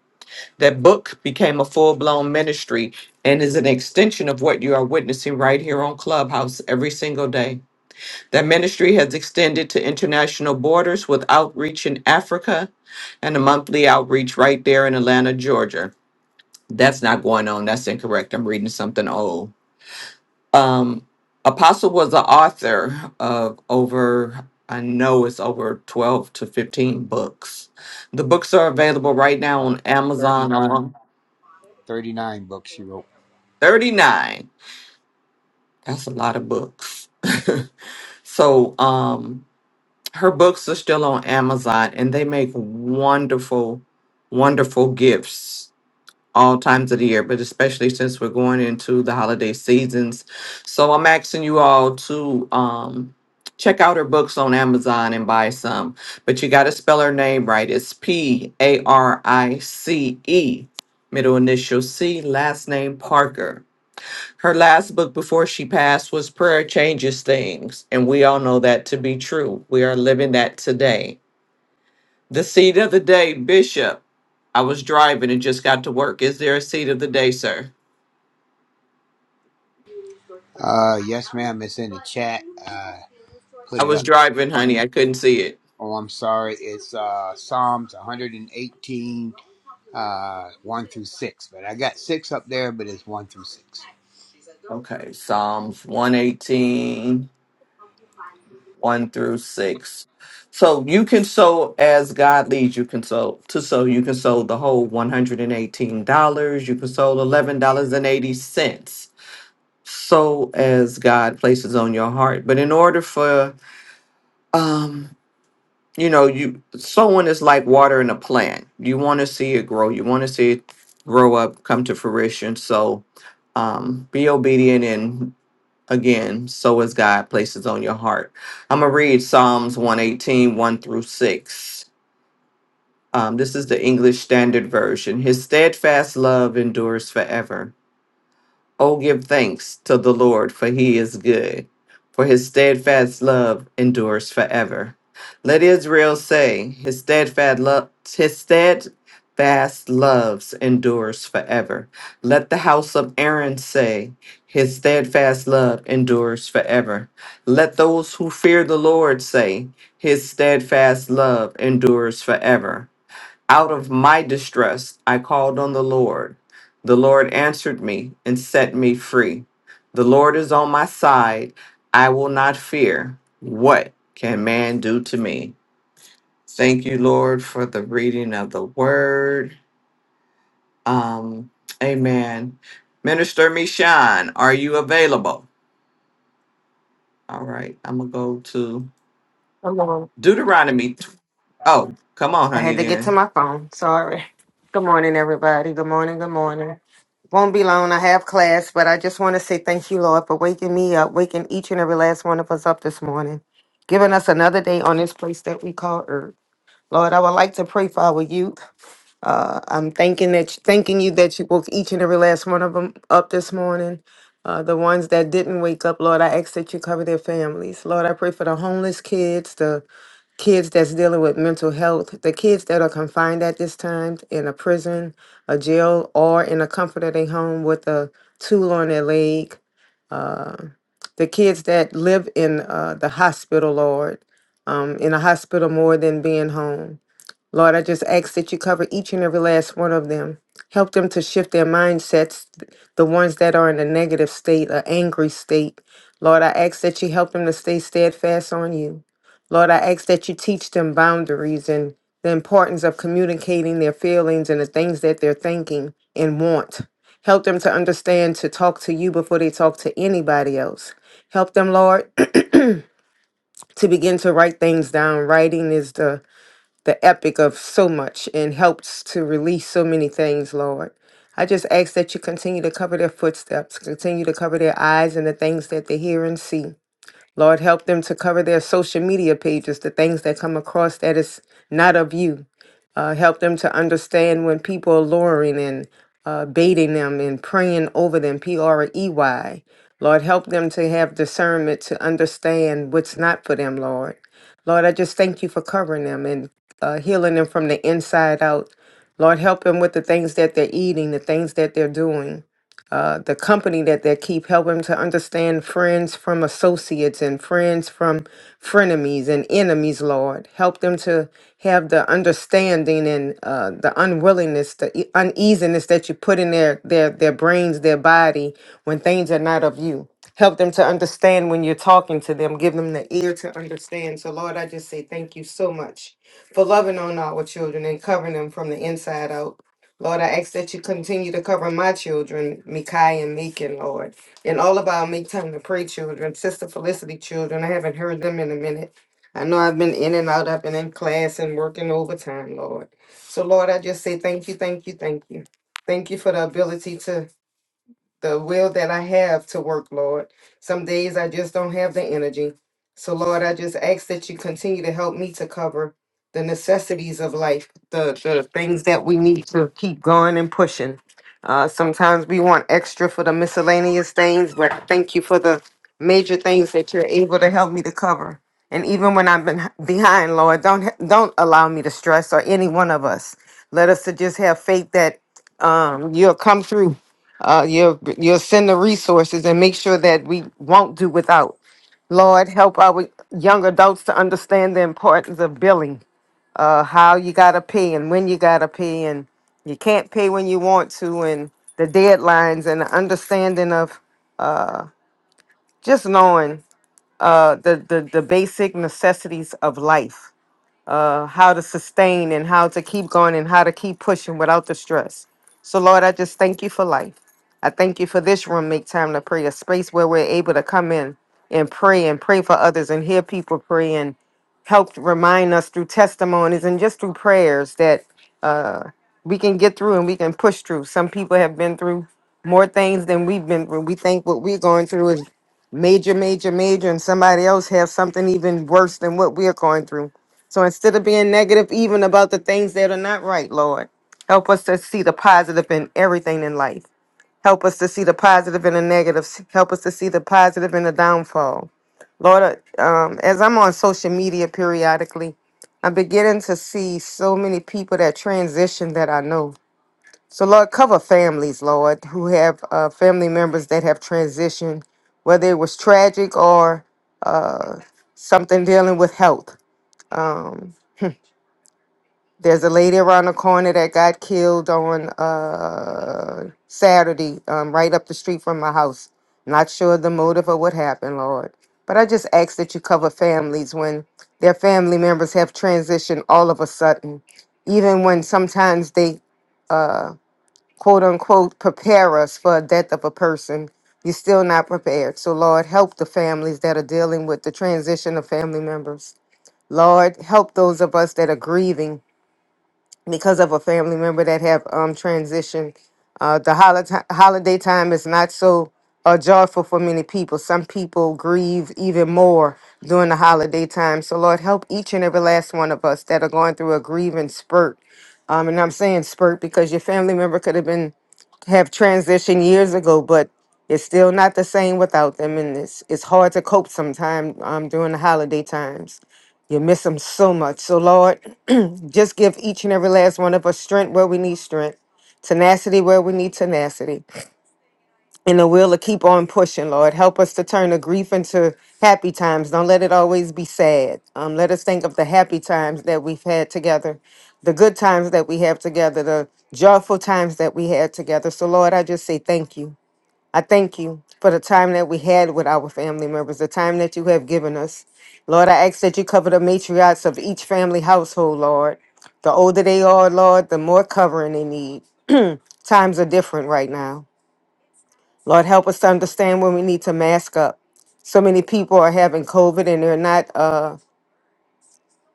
That book became a full blown ministry and is an extension of what you are witnessing right here on Clubhouse every single day. That ministry has extended to international borders with outreach in Africa and a monthly outreach right there in Atlanta, Georgia. That's not going on. That's incorrect. I'm reading something old. Um, Apostle was the author of over, I know it's over 12 to 15 books. The books are available right now on Amazon 39. alone. 39. That's a lot of books. *laughs* so, um, her books are still on Amazon and they make wonderful, wonderful gifts all times of the year, but especially since we're going into the holiday seasons. So I'm asking you all to um check out her books on Amazon and buy some. But you gotta spell her name right. It's P A R I C E, middle initial C, last name Parker. Her last book before she passed was Prayer Changes Things, and we all know that to be true. We are living that today. The seed of the day, Bishop. I was driving and just got to work. Is there a seed of the day, sir? Uh, yes, ma'am. It's in chat. I put it was up. driving, honey. I couldn't see it. Oh, I'm sorry. It's uh, Psalms 118, uh, 1 through 6. But I got 6 up there, but it's 1 through 6. Okay, Psalms one eighteen, one through 6. So you can sow as God leads you can sow to sow. You can sow the whole $118. You can sow $11.80 so as God places on your heart. But in order for um you know, you sowing is like watering a plant. You want to see it grow. You want to see it grow up, come to fruition. So um be obedient and again, so as God places on your heart. I'm gonna read Psalms 118, 1 through 6. Um, this is the English Standard Version. His steadfast love endures forever. Oh, give thanks to the Lord, for he is good, for his steadfast love endures forever. Let Israel say, his steadfast love, his steadfast loves endures forever. Let the house of Aaron say, his steadfast love endures forever. Let those who fear the Lord say, his steadfast love endures forever. Out of my distress, I called on the Lord. The Lord answered me and set me free. The Lord is on my side. I will not fear. What can man do to me? Thank you, Lord, for the reading of the word. Um, amen. Minister Mishan, are you available? All right, I'm going to go to Good morning. Deuteronomy. tw- Oh, come on, I honey, had to get to then. my phone. Sorry. Good morning, everybody. Good morning. Good morning. Won't be long. I have class, but I just want to say thank you, Lord, for waking me up, waking each and every last one of us up this morning, giving us another day on this place that we call Earth. Lord, I would like to pray for our youth. Uh, I'm thanking that, thanking you that you woke each and every last one of them up this morning. Uh, the ones that didn't wake up, Lord, I ask that you cover their families. Lord, I pray for the homeless kids, the kids that's dealing with mental health, the kids that are confined at this time in a prison, a jail, or in a comforting home with a tool on their leg, uh, the kids that live in uh, the hospital, Lord, um, in a hospital more than being home. Lord, I just ask that you cover each and every last one of them. Help them to shift their mindsets, th- the ones that are in a negative state, an angry state. Lord, I ask that you help them to stay steadfast on you. Lord, I ask that you teach them boundaries and the importance of communicating their feelings and the things that they're thinking and want. Help them to understand to talk to you before they talk to anybody else. Help them, Lord, *clears throat* to begin to write things down. Writing is the the epic of so much and helps to release so many things, Lord. I just ask that you continue to cover their footsteps, continue to cover their eyes and the things that they hear and see. Lord, help them to cover their social media pages, the things that come across that is not of you, uh, help them to understand when people are luring and uh, baiting them and praying over them, P R E Y. Lord, help them to have discernment to understand what's not for them, Lord. Lord, I just thank you for covering them and uh, healing them from the inside out. Lord, help them with the things that they're eating, the things that they're doing uh, the company that they keep help helping to understand friends from associates and friends from frenemies and enemies lord help them to have the understanding and uh, the unwillingness the e- uneasiness that you put in their their their brains their body when things are not of you help them to understand when you're talking to them give them the ear to understand so lord i just say thank you so much for loving on our children and covering them from the inside out Lord, I ask that you continue to cover my children, Mikai and Meekin, Lord, and all of our Make Time to Pray children, Sister Felicity children. I haven't heard them in a minute. I know I've been in and out. I've been in class and working overtime, Lord. So, Lord, I just say thank you, thank you, thank you. Thank you for the ability to the will that I have to work, Lord. Some days I just don't have the energy. So, Lord, I just ask that you continue to help me to cover the necessities of life, the, the things that we need to keep going and pushing. Uh, sometimes we want extra for the miscellaneous things, but I thank you for the major things that you're able to help me to cover. And even when I've been behind, Lord, don't don't allow me to stress or any one of us. Let us to just have faith that um, you'll come through uh, you'll you'll send the resources and make sure that we won't do without. Lord, help our young adults to understand the importance of billing, uh, how you gotta pay and when you gotta pay, and you can't pay when you want to, and the deadlines and the understanding of just knowing uh, the, the the basic necessities of life uh, how to sustain and how to keep going and how to keep pushing without the stress. So, Lord, I just thank you for life. I thank you for this room, Make Time to Pray, a space where we're able to come in and pray and pray for others and hear people pray and help remind us through testimonies and just through prayers that uh, we can get through and we can push through. Some people have been through more things than we've been through. We think what we're going through is major, major, major, and somebody else has something even worse than what we're going through. So instead of being negative, even about the things that are not right, Lord, help us to see the positive in everything in life. Help us to see the positive in the negatives. Help us to see the positive in the downfall. Lord, uh, um, as I'm on social media periodically, I'm beginning to see so many people that transition that I know. So, Lord, cover families, Lord, who have uh, family members that have transitioned, whether it was tragic or uh, something dealing with health. Um, there's a lady around the corner that got killed on uh, Saturday, um, right up the street from my house. Not sure the motive or what happened, Lord. But I just ask that you cover families when their family members have transitioned all of a sudden. Even when sometimes they uh, quote unquote prepare us for a death of a person, you're still not prepared. So, Lord, help the families that are dealing with the transition of family members. Lord, help those of us that are grieving because of a family member that have um transitioned. Uh, the holiday holiday time is not so uh, joyful for many people. Some people grieve even more during the holiday time. So Lord, help each and every last one of us that are going through a grieving spurt. Um, and I'm saying spurt because your family member could have been have transitioned years ago, but it's still not the same without them, and it's it's hard to cope sometimes um, during the holiday times. You miss them so much. So Lord. Just give each and every last one of us strength where we need strength, tenacity where we need tenacity, and the will to keep on pushing, Lord. Help us to turn the grief into happy times. Don't let it always be sad. Um, let us think of the happy times that we've had together, the good times that we have together, the joyful times that we had together. So, Lord, I just say thank you. I thank you for the time that we had with our family members, the time that you have given us. Lord, I ask that you cover the matriarchs of each family household, Lord. The older they are, Lord, the more covering they need. Times are different right now. Lord, help us to understand when we need to mask up. So many people are having COVID and they're not uh,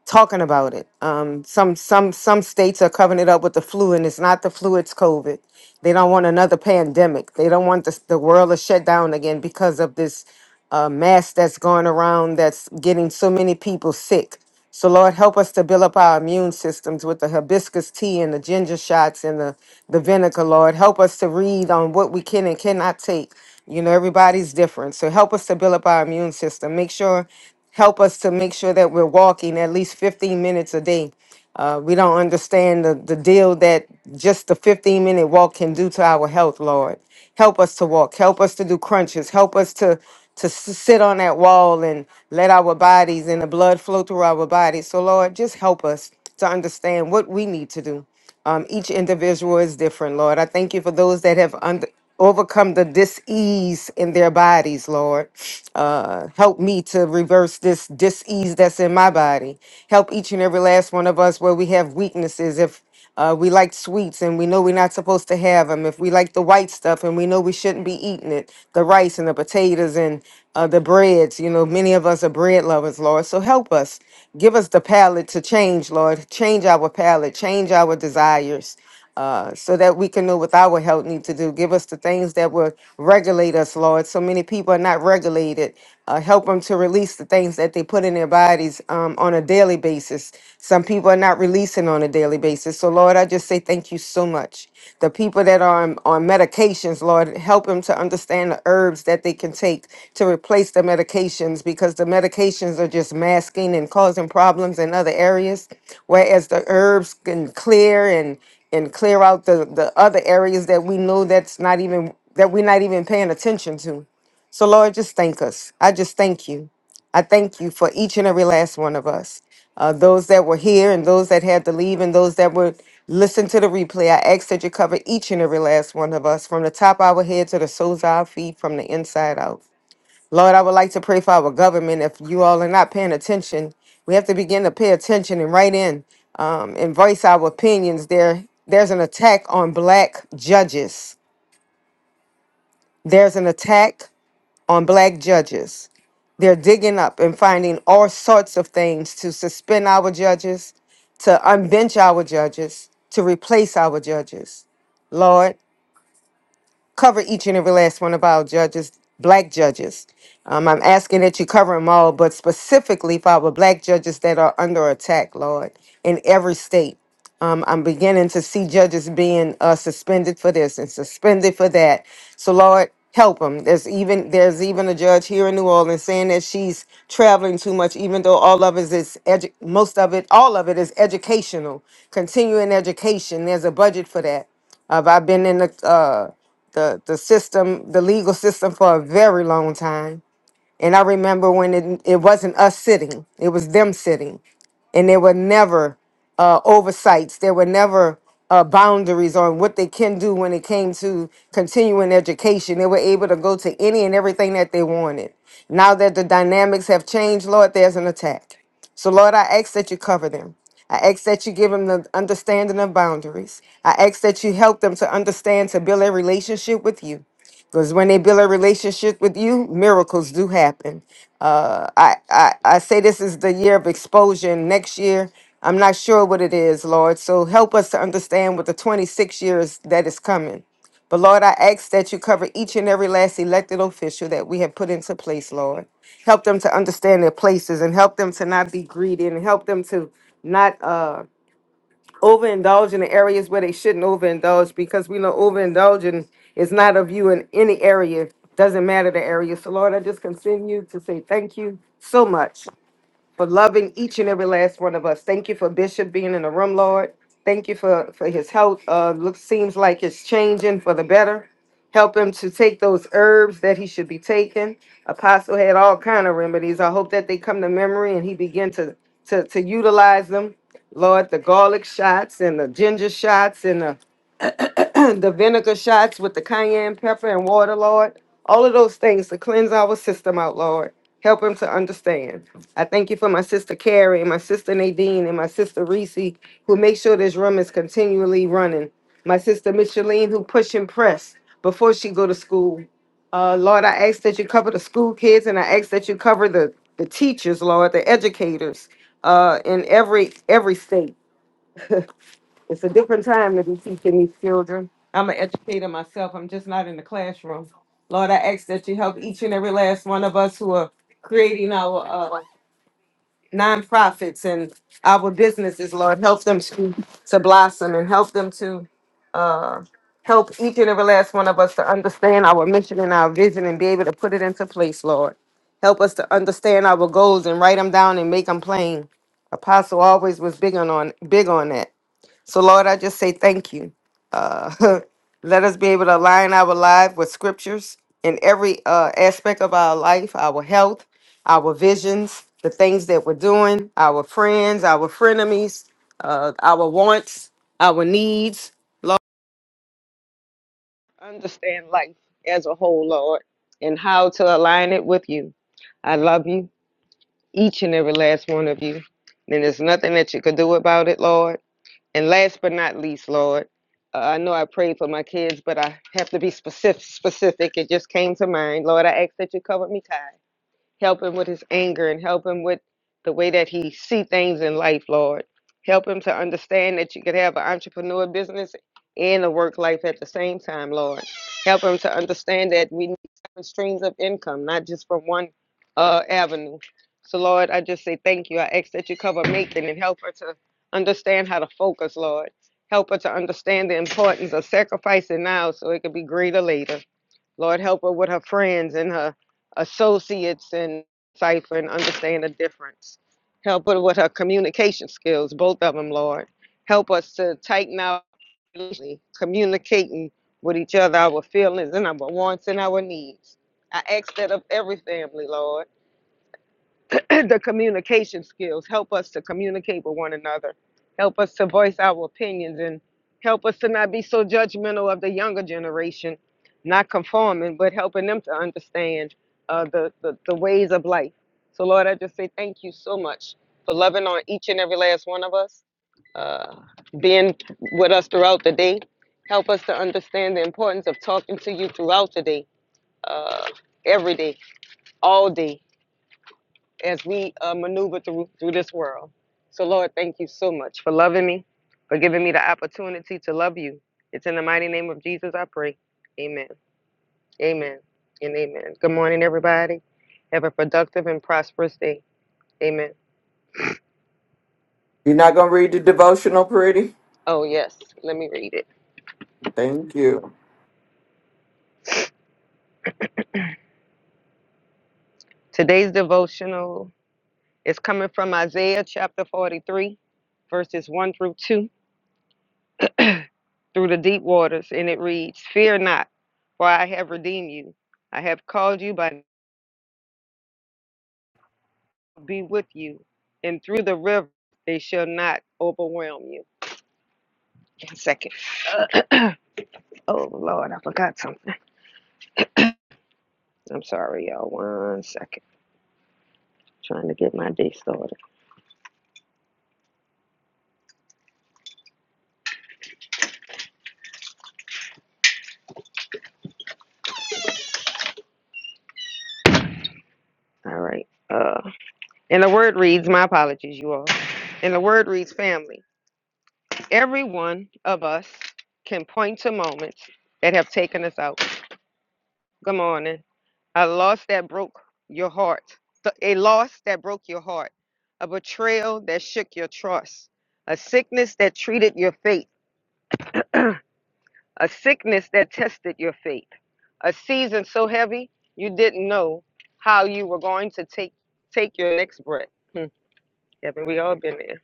talking about it. Um, some some some states are covering it up with the flu, and it's not the flu; it's COVID. They don't want another pandemic. They don't want the the world to shut down again because of this uh, mass that's going around that's getting so many people sick. So Lord, help us to build up our immune systems with the hibiscus tea and the ginger shots and the the vinegar. Lord, help us to read on what we can and cannot take. You know, everybody's different. So help us to build up our immune system. Make sure help us to make sure that we're walking at least 15 minutes a day. Uh, we don't understand the, the deal that just the 15 minute walk can do to our health, Lord. Help us to walk. Help us to do crunches. Help us to to s- sit on that wall and let our bodies and the blood flow through our bodies. So, Lord, just help us to understand what we need to do. Um, each individual is different, Lord. I thank you for those that have under, overcome the dis-ease in their bodies, Lord. Uh, help me to reverse this dis-ease that's in my body. Help each and every last one of us where we have weaknesses. If uh, we like sweets and we know we're not supposed to have them. If we like the white stuff and we know we shouldn't be eating it, the rice and the potatoes and uh, the breads. You know, many of us are bread lovers, Lord. So help us. Give us the palate to change, Lord. Change our palate, change our desires. Uh, so that we can know what our health need to do. Give us the things that will regulate us, Lord. So many people are not regulated. Uh, help them to release the things that they put in their bodies um, on a daily basis. Some people are not releasing on a daily daily basis. So, Lord, I just say thank you so much. The people that are on, on medications, Lord, help them to understand the herbs that they can take to replace the medications because the medications are just masking and causing problems in other areas, whereas the herbs can clear and and clear out the, the other areas that we know that's not even that we're not even paying attention to. So Lord, just thank us. I just thank you. I thank you for each and every last one of us, uh, those that were here and those that had to leave and those that would listen to the replay. I ask that you cover each and every last one of us from the top of our head to the soles of our feet, from the inside out. Lord, I would like to pray for our government. If you all are not paying attention, we have to begin to pay attention and write in um, and voice our opinions. There, there's an attack on black judges. There's an attack on black judges. They're digging up and finding all sorts of things to suspend our judges, to unbench our judges, to replace our judges. Lord, cover each and every last one of our judges, black judges. Um, I'm asking that you cover them all, but specifically for our black judges that are under attack, Lord, in every state. Um, I'm beginning to see judges being uh, suspended for this and suspended for that. So, Lord, help them. There's even there's even a judge here in New Orleans saying that she's traveling too much, even though all of it is edu- most of it, all of it is educational, continuing education. There's a budget for that. I've, I've been in the uh, the the system, the legal system, for a very long time. And I remember when it it wasn't us sitting; it was them sitting, and there were never uh, oversights. There were never uh, boundaries on what they can do when it came to continuing education. They were able to go to any and everything that they wanted. Now that the dynamics have changed, Lord, there's an attack. So, Lord, I ask that you cover them. I ask that you give them the understanding of boundaries. I ask that you help them to understand to build a relationship with you. Because when they build a relationship with you, miracles do happen. Uh, I, I, I say this is the year of exposure. and Next year, I'm not sure what it is, Lord. So help us to understand what the 26 years that is coming. But Lord, I ask that you cover each and every last elected official that we have put into place, Lord. Help them to understand their places and help them to not be greedy and help them to not uh overindulge in the areas where they shouldn't overindulge because we know overindulging is not of you in any area. Doesn't matter the area. So Lord, I just continue to say thank you so much for loving each and every last one of us. Thank you for Bishop being in the room, Lord. Thank you for, for his health. Uh, looks seems like it's changing for the better. Help him to take those herbs that he should be taking. Apostle had all kind of remedies. I hope that they come to memory and he begin to to to utilize them. Lord, the garlic shots and the ginger shots and the *clears throat* the vinegar shots with the cayenne pepper and water, Lord. All of those things to cleanse our system out, Lord. Help him to understand. I thank you for my sister Carrie and my sister Nadine and my sister Reese, who make sure this room is continually running. My sister Micheline, who push and press before she go to school. Uh, Lord, I ask that you cover the school kids and I ask that you cover the, the teachers, Lord, the educators uh, in every every state. It's a different time to be teaching these children. I'm an educator myself. I'm just not in the classroom. Lord, I ask that you help each and every last one of us who are creating our uh, nonprofits and our businesses. Lord, help them to, to blossom and help them to uh, help each and every last one of us to understand our mission and our vision and be able to put it into place, Lord. Help us to understand our goals and write them down and make them plain. Apostle always was big on, on big on that. So, Lord, I just say thank you. Uh, *laughs* let us be able to align our life with scriptures in every uh, aspect of our life, our health, our visions, the things that we're doing, our friends, our frenemies, uh, our wants, our needs. Understand life as a whole, Lord, and how to align it with you. I love you, each and every last one of you. And there's nothing that you could do about it, Lord. And last but not least, Lord, uh, I know I prayed for my kids, but I have to be specific. Specific, it just came to mind. Lord, I ask that you cover me, tight. Help him with his anger and help him with the way that he see things in life, Lord. Help him to understand that you could have an entrepreneur business and a work life at the same time, Lord. Help him to understand that we need different streams of income, not just from one uh, avenue. So, Lord, I just say thank you. I ask that you cover making and help her to understand how to focus, Lord. Help her to understand the importance of sacrificing now so it could be greater later. Lord, help her with her friends and her associates and cipher and understand the difference. Help her with her communication skills, both of them, Lord. Help us to tighten our communicating with each other, our feelings and our wants and our needs. I ask that of every family, Lord. *clears throat* the communication skills. Help us to communicate with one another. Help us to voice our opinions and help us to not be so judgmental of the younger generation, not conforming, but helping them to understand uh, the, the, the ways of life. So, Lord, I just say thank you so much for loving on each and every last one of us, uh, being with us throughout the day. Help us to understand the importance of talking to you throughout the day, uh, every day, all day as we uh, maneuver through through this world. So, Lord, thank you so much for loving me, for giving me the opportunity to love you. It's in the mighty name of Jesus I pray. Amen. Amen. And amen. Good morning, everybody. Have a productive and prosperous day. Amen. You're not going to read the devotional, pretty? Oh, yes. Let me read it. Thank you. Today's devotional is coming from Isaiah chapter 43, verses 1 through 2, through the deep waters. And it reads Fear not, for I have redeemed you. I have called you by be with you, and through the river they shall not overwhelm you. One second. *clears throat* oh Lord, I forgot something. I'm sorry, y'all. One second. Trying to get my day started. All right. Uh, and the word reads, my apologies, you all. And the word reads, family. Every one of us can point to moments that have taken us out. Good morning A loss that broke your heart. Th- A loss that broke your heart. A betrayal that shook your trust. A sickness that treated your faith. A sickness that tested your faith. A season so heavy you didn't know how you were going to take take your next breath. Hmm. Haven't we all been there?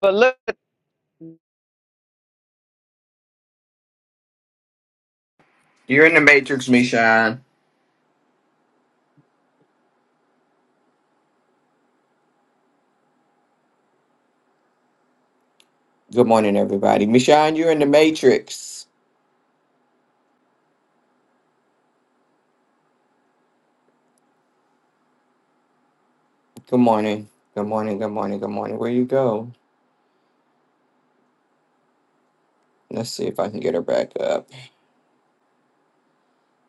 But look. You're in the Matrix, Mishan. Good morning, everybody. Mishan, you're in the Matrix. Good morning. Good morning. Good morning. Good morning. Where you go? Let's see if I can get her back up.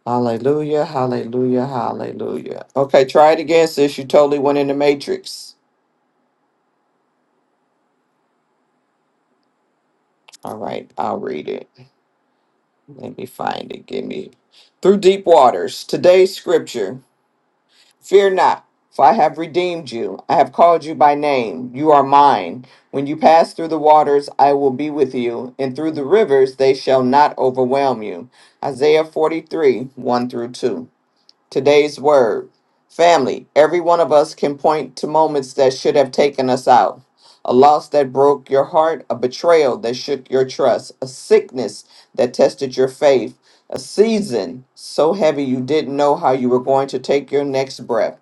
Hallelujah. Hallelujah. Hallelujah. Okay, try it again, sis. You totally went in the Matrix. All right, I'll read it. Let me find it. Give me through deep waters. Today's scripture. Fear not, for I have redeemed you. I have called you by name. You are mine. When you pass through the waters, I will be with you, and through the rivers, they shall not overwhelm you. Isaiah 43 1 through 2. Today's word Family, every one of us can point to moments that should have taken us out. A loss that broke your heart, a betrayal that shook your trust, a sickness that tested your faith, a season so heavy you didn't know how you were going to take your next breath.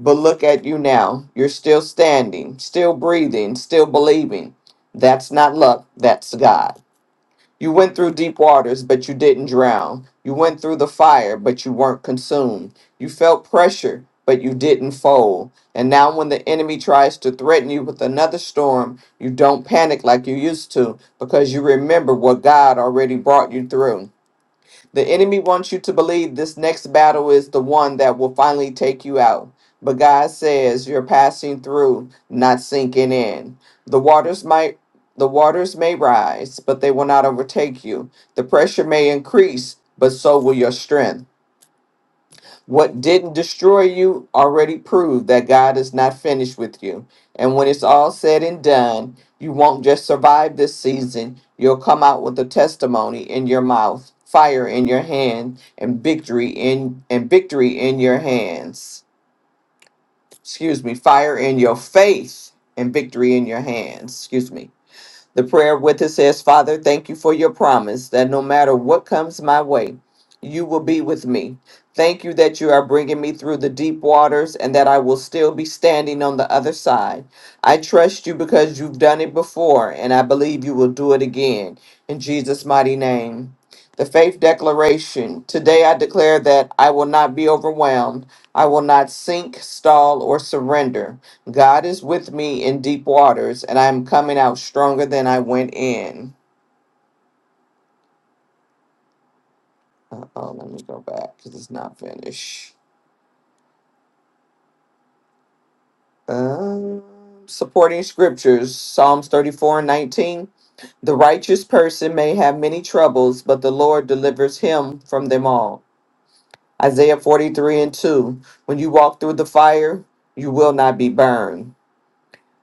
But look at you now. You're still standing, still breathing, still believing. That's not luck, that's God. You went through deep waters, but you didn't drown. You went through the fire, but you weren't consumed. You felt pressure, but you didn't fold. And now, when the enemy tries to threaten you with another storm, you don't panic like you used to because you remember what God already brought you through. The enemy wants you to believe this next battle is the one that will finally take you out. But God says you're passing through, not sinking in. The waters might the waters may rise, but they will not overtake you. The pressure may increase, but so will your strength. What didn't destroy you already proved that God is not finished with you. And when it's all said and done, you won't just survive this season, you'll come out with a testimony in your mouth, fire in your hand, and victory in and victory in your hands. Excuse me, fire in your faith and victory in your hands. Excuse me. The prayer with it says, Father, thank you for your promise that no matter what comes my way, you will be with me. Thank you that you are bringing me through the deep waters and that I will still be standing on the other side. I trust you because you've done it before and I believe you will do it again. In Jesus' mighty name. The faith declaration. Today I declare that I will not be overwhelmed. I will not sink, stall, or surrender. God is with me in deep waters, and I am coming out stronger than I went in. Oh, let me go back because it's not finished. Um, supporting scriptures Psalms 34 and 19. The righteous person may have many troubles, but the Lord delivers him from them all. Isaiah 43 and 2. When you walk through the fire, you will not be burned.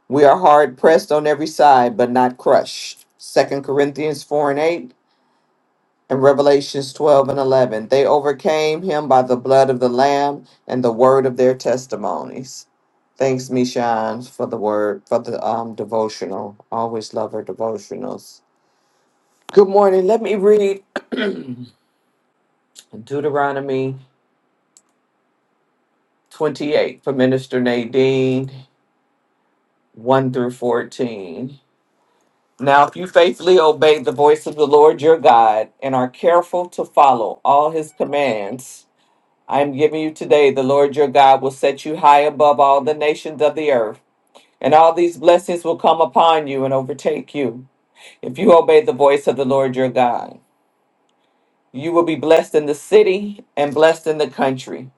We are hard pressed on every side, but not crushed. Second Corinthians 4 and 8. in Revelations 12 and 11. They overcame him by the blood of the Lamb and the word of their testimonies. Thanks, Mishan, for the word, for the um, devotional. Always love her devotionals. Good morning. Let me read Deuteronomy 28 for Minister Nadine 1 through 14. Now, if you faithfully obey the voice of the Lord your God and are careful to follow all his commands, I am giving you today, the Lord your God will set you high above all the nations of the earth, and all these blessings will come upon you and overtake you if you obey the voice of the Lord your God. You will be blessed in the city and blessed in the country.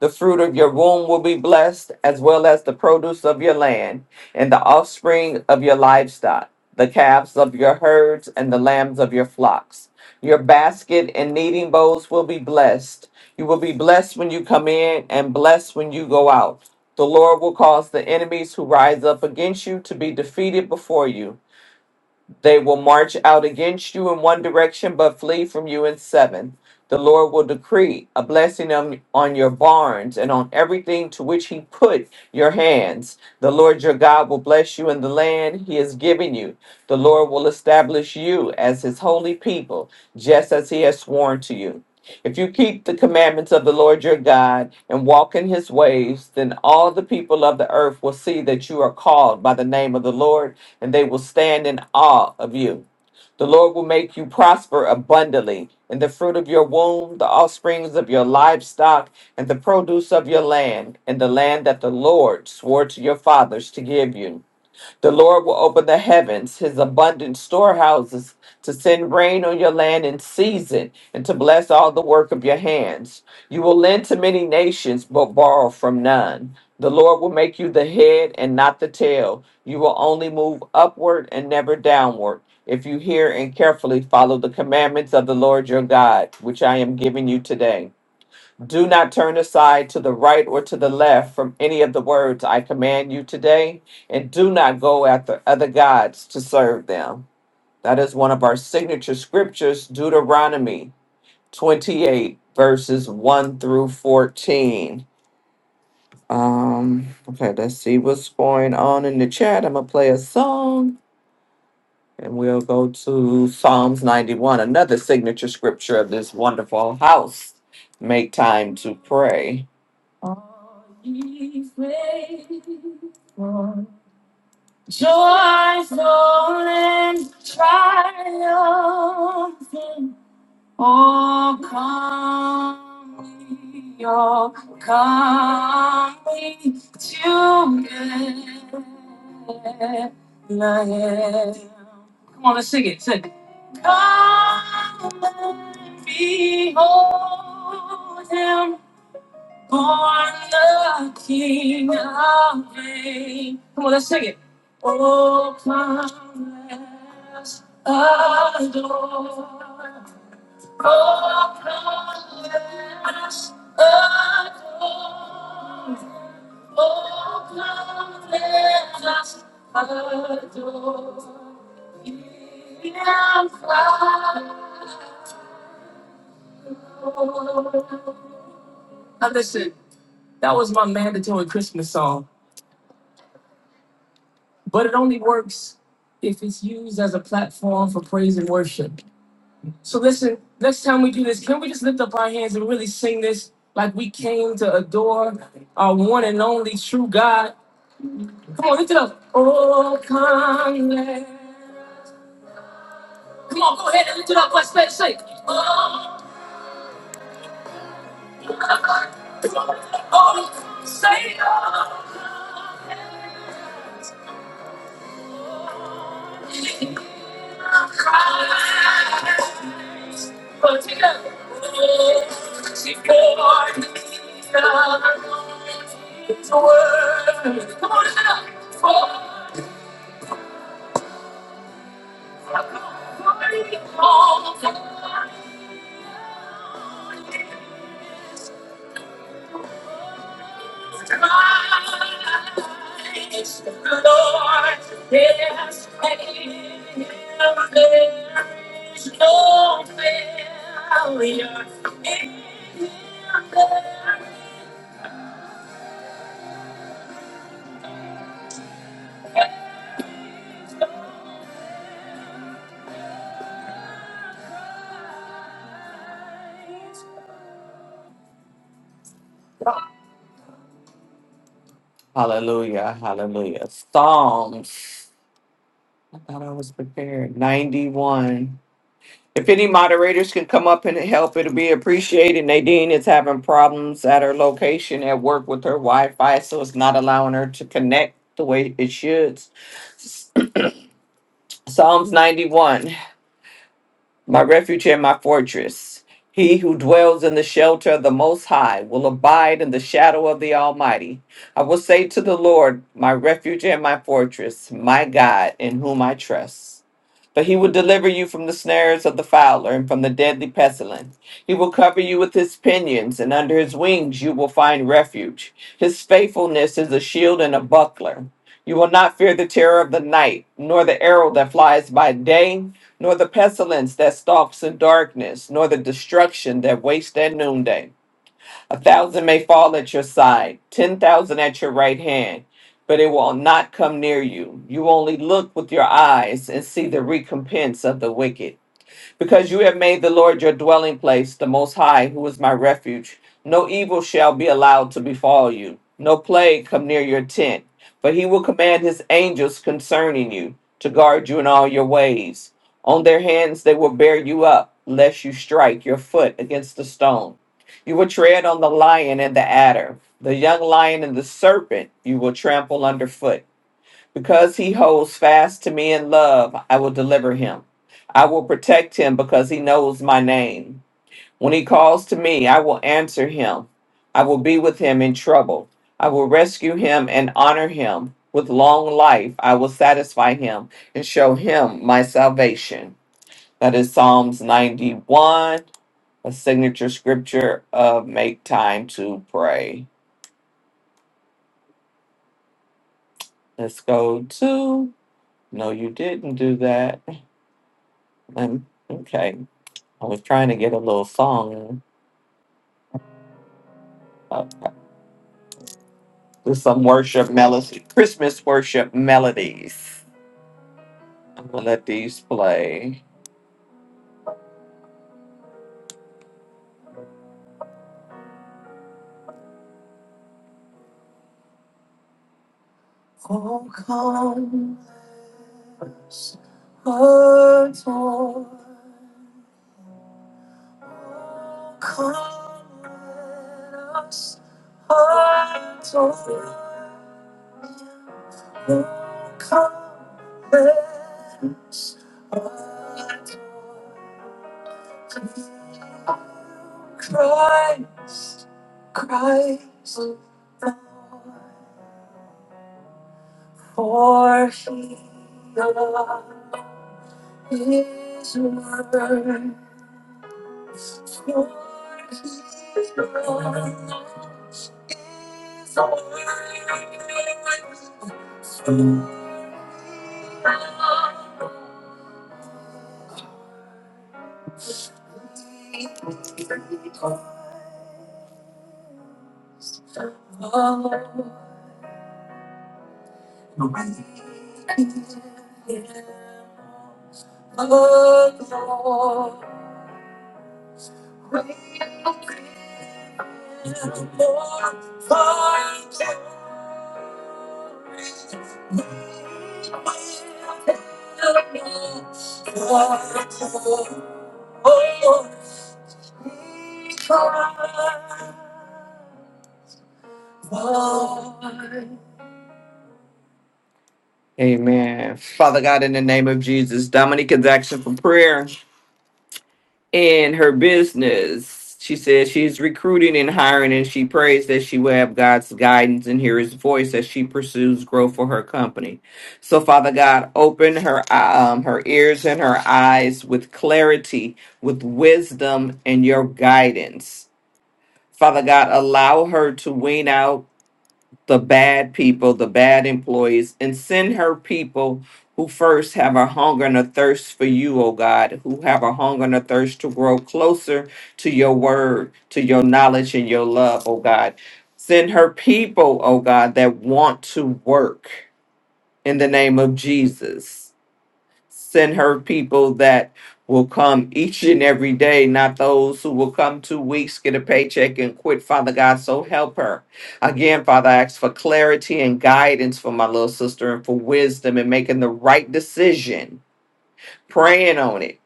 The fruit of your womb will be blessed, as well as the produce of your land, and the offspring of your livestock, the calves of your herds, and the lambs of your flocks. Your basket and kneading bowls will be blessed. You will be blessed when you come in, and blessed when you go out. The Lord will cause the enemies who rise up against you to be defeated before you. They will march out against you in one direction, but flee from you in seven. The Lord will decree a blessing on, on your barns and on everything to which He put your hands. The Lord your God will bless you in the land He has given you. The Lord will establish you as His holy people, just as He has sworn to you. If you keep the commandments of the Lord your God and walk in his ways, then all the people of the earth will see that you are called by the name of the Lord, and they will stand in awe of you. The Lord will make you prosper abundantly in the fruit of your womb, the offsprings of your livestock, and the produce of your land, in the land that the Lord swore to your fathers to give you. The Lord will open the heavens, his abundant storehouses, to send rain on your land in season and to bless all the work of your hands. You will lend to many nations, but borrow from none. The Lord will make you the head and not the tail. You will only move upward and never downward. If you hear and carefully follow the commandments of the Lord your God, which I am giving you today. Do not turn aside to the right or to the left from any of the words I command you today, and do not go after other gods to serve them. That is one of our signature scriptures, Deuteronomy 28, verses 1 through 14. Um, okay, let's see what's going on in the chat. I'm gonna play a song and we'll go to Psalms 91, another signature scripture of this wonderful house. Make time to pray. He's faithful, joyful and triumphant. Oh, come, ye, oh, come ye together. Come on, let's sing it. Sing. Come and behold him born the King of Reigns. Come on, let's sing it. Oh, come, let's adore. Oh, come, let's adore. Oh, come, let us adore. Him Christ. Now listen, that was my mandatory Christmas song. but it only works if it's used as a platform for praise and worship. So listen, next time we do this, can we just lift up our hands and really sing this like we came to adore our one and only true God? Come on, lift it up. Oh, come let- Come on, go ahead and lift it up. Let's say, say. Oh, come, oh, say, oh. Thank you. Christ, the Lord, yes, and there is no failure in Him. There is no Christ. Hallelujah, hallelujah. Psalms. I thought I was prepared. 91. If any moderators can come up and help, it'll be appreciated. Nadine is having problems at her location at work with her Wi-Fi, so it's not allowing her to connect the way it should. Psalms 91, my refuge and my fortress. He who dwells in the shelter of the Most High will abide in the shadow of the Almighty. I will say to the Lord, my refuge and my fortress, my God, in whom I trust. But he will deliver you from the snares of the fowler and from the deadly pestilence. He will cover you with his pinions, and under his wings you will find refuge. His faithfulness is a shield and a buckler. You will not fear the terror of the night, nor the arrow that flies by day, nor the pestilence that stalks in darkness, nor the destruction that wastes at noonday. A thousand may fall at your side, ten thousand at your right hand, but it will not come near you. You only look with your eyes and see the recompense of the wicked because you have made the Lord your dwelling place, the Most High, who is my refuge, no evil shall be allowed to befall you, no plague come near your tent. For he will command his angels concerning you to guard you in all your ways. On their hands they will bear you up, lest you strike your foot against the stone. You will tread on the lion and the adder, the young lion and the serpent you will trample underfoot because he holds fast to me in love, I will deliver him. I will protect him because he knows my name. When he calls to me, I will answer him. I will be with him in trouble. I will rescue him and honor him. With long life, I will satisfy him and show him my salvation. That is Psalms 91, a signature scripture of Make Time to Pray. Let's go to. No, you didn't do that. *laughs* Um, okay. I was trying to get a little song up with some worship melody, Christmas worship melodies. I'm gonna let these play. Oh, come, adore. Come, let us adore. Oh, come, let us adore. Christ, Christ, for he loved his word, for he loves his word. Oh, Amen. Father God, in the name of Jesus, Dominic is asking for prayer. in her business. She says she's recruiting and hiring, and she prays that she will have God's guidance and hear His voice as she pursues growth for her company. So, Father God, open her um, her ears and her eyes with clarity, with wisdom, and Your guidance. Father God, allow her to wean out the bad people, the bad employees, and send her people who first have a hunger and a thirst for you, O God, who have a hunger and a thirst to grow closer to your word, to your knowledge and your love, O God. Send her people, O God, that want to work in the name of Jesus send her people that will come each and every day, not those who will come two weeks, get a paycheck, and quit. Father God, so help her. Again, Father, I ask for clarity and guidance for my little sister and for wisdom in making the right decision, praying on it,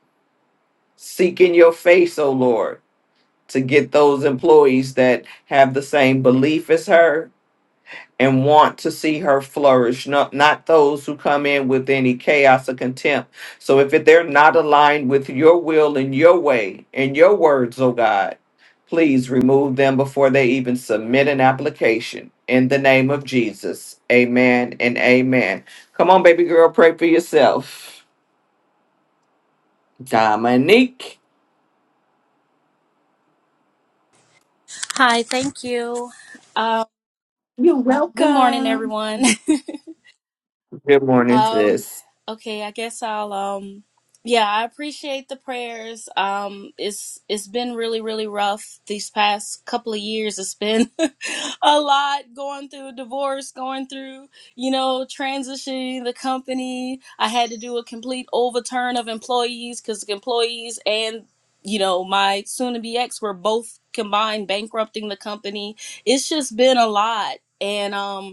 seeking your face, oh Lord, to get those employees that have the same belief as her and want to see her flourish, not, not those who come in with any chaos or contempt. So if they're not aligned with your will and your way and your words, oh God, please remove them before they even submit an application. In the name of Jesus, amen and amen. Come on, baby girl, pray for yourself. Dominique, Hi, thank you. Um, you're good morning, welcome. everyone. Good *laughs* morning, um, sis. okay, I guess I'll. Um, yeah, I appreciate the prayers. Um, it's it's been really really rough these past couple of years. It's been *laughs* *laughs* a lot going through a divorce, going through, you know, transitioning the company. I had to do a complete overturn of employees because employees and, you know, my soon to be ex were both combined bankrupting the company. It's just been a lot. And, um,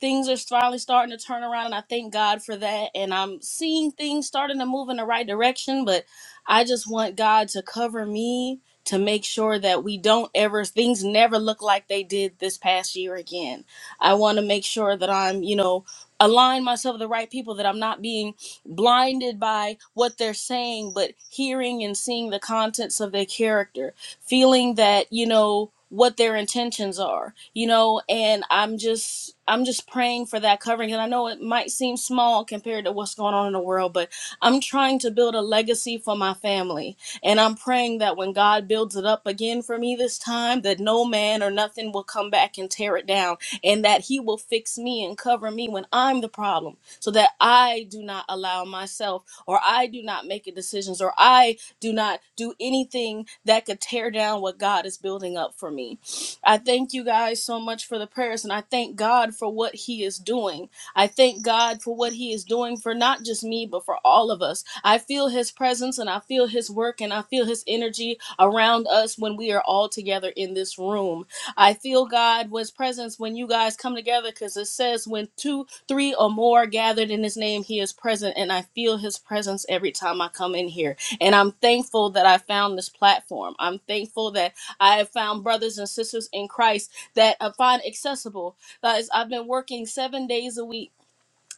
things are finally starting to turn around and I thank God for that and I'm seeing things starting to move in the right direction but I just want God to cover me to make sure that we don't ever things never look like they did this past year again. I want to make sure that I'm, you know, align myself with the right people that I'm not being blinded by what they're saying but hearing and seeing the contents of their character feeling that you know what their intentions are you know and i'm just i'm just praying for that covering and i know it might seem small compared to what's going on in the world but i'm trying to build a legacy for my family and i'm praying that when god builds it up again for me this time that no man or nothing will come back and tear it down and that he will fix me and cover me when i'm the problem so that i do not allow myself or i do not make decisions or i do not do anything that could tear down what God is building up for me. I thank you guys so much for the prayers and I thank God for what He is doing. I thank God for what He is doing for not just me, but for all of us. I feel His presence and I feel His work and I feel His energy around us when we are all together in this room. I feel God was presence when you guys come together because it says when two, three, or more gathered in His name, He is present. And I feel His presence every time I come in here. And I'm thankful that I found this platform. I'm thankful that I have found brothers and sisters in Christ that I find accessible. Guys, I've been working seven days a week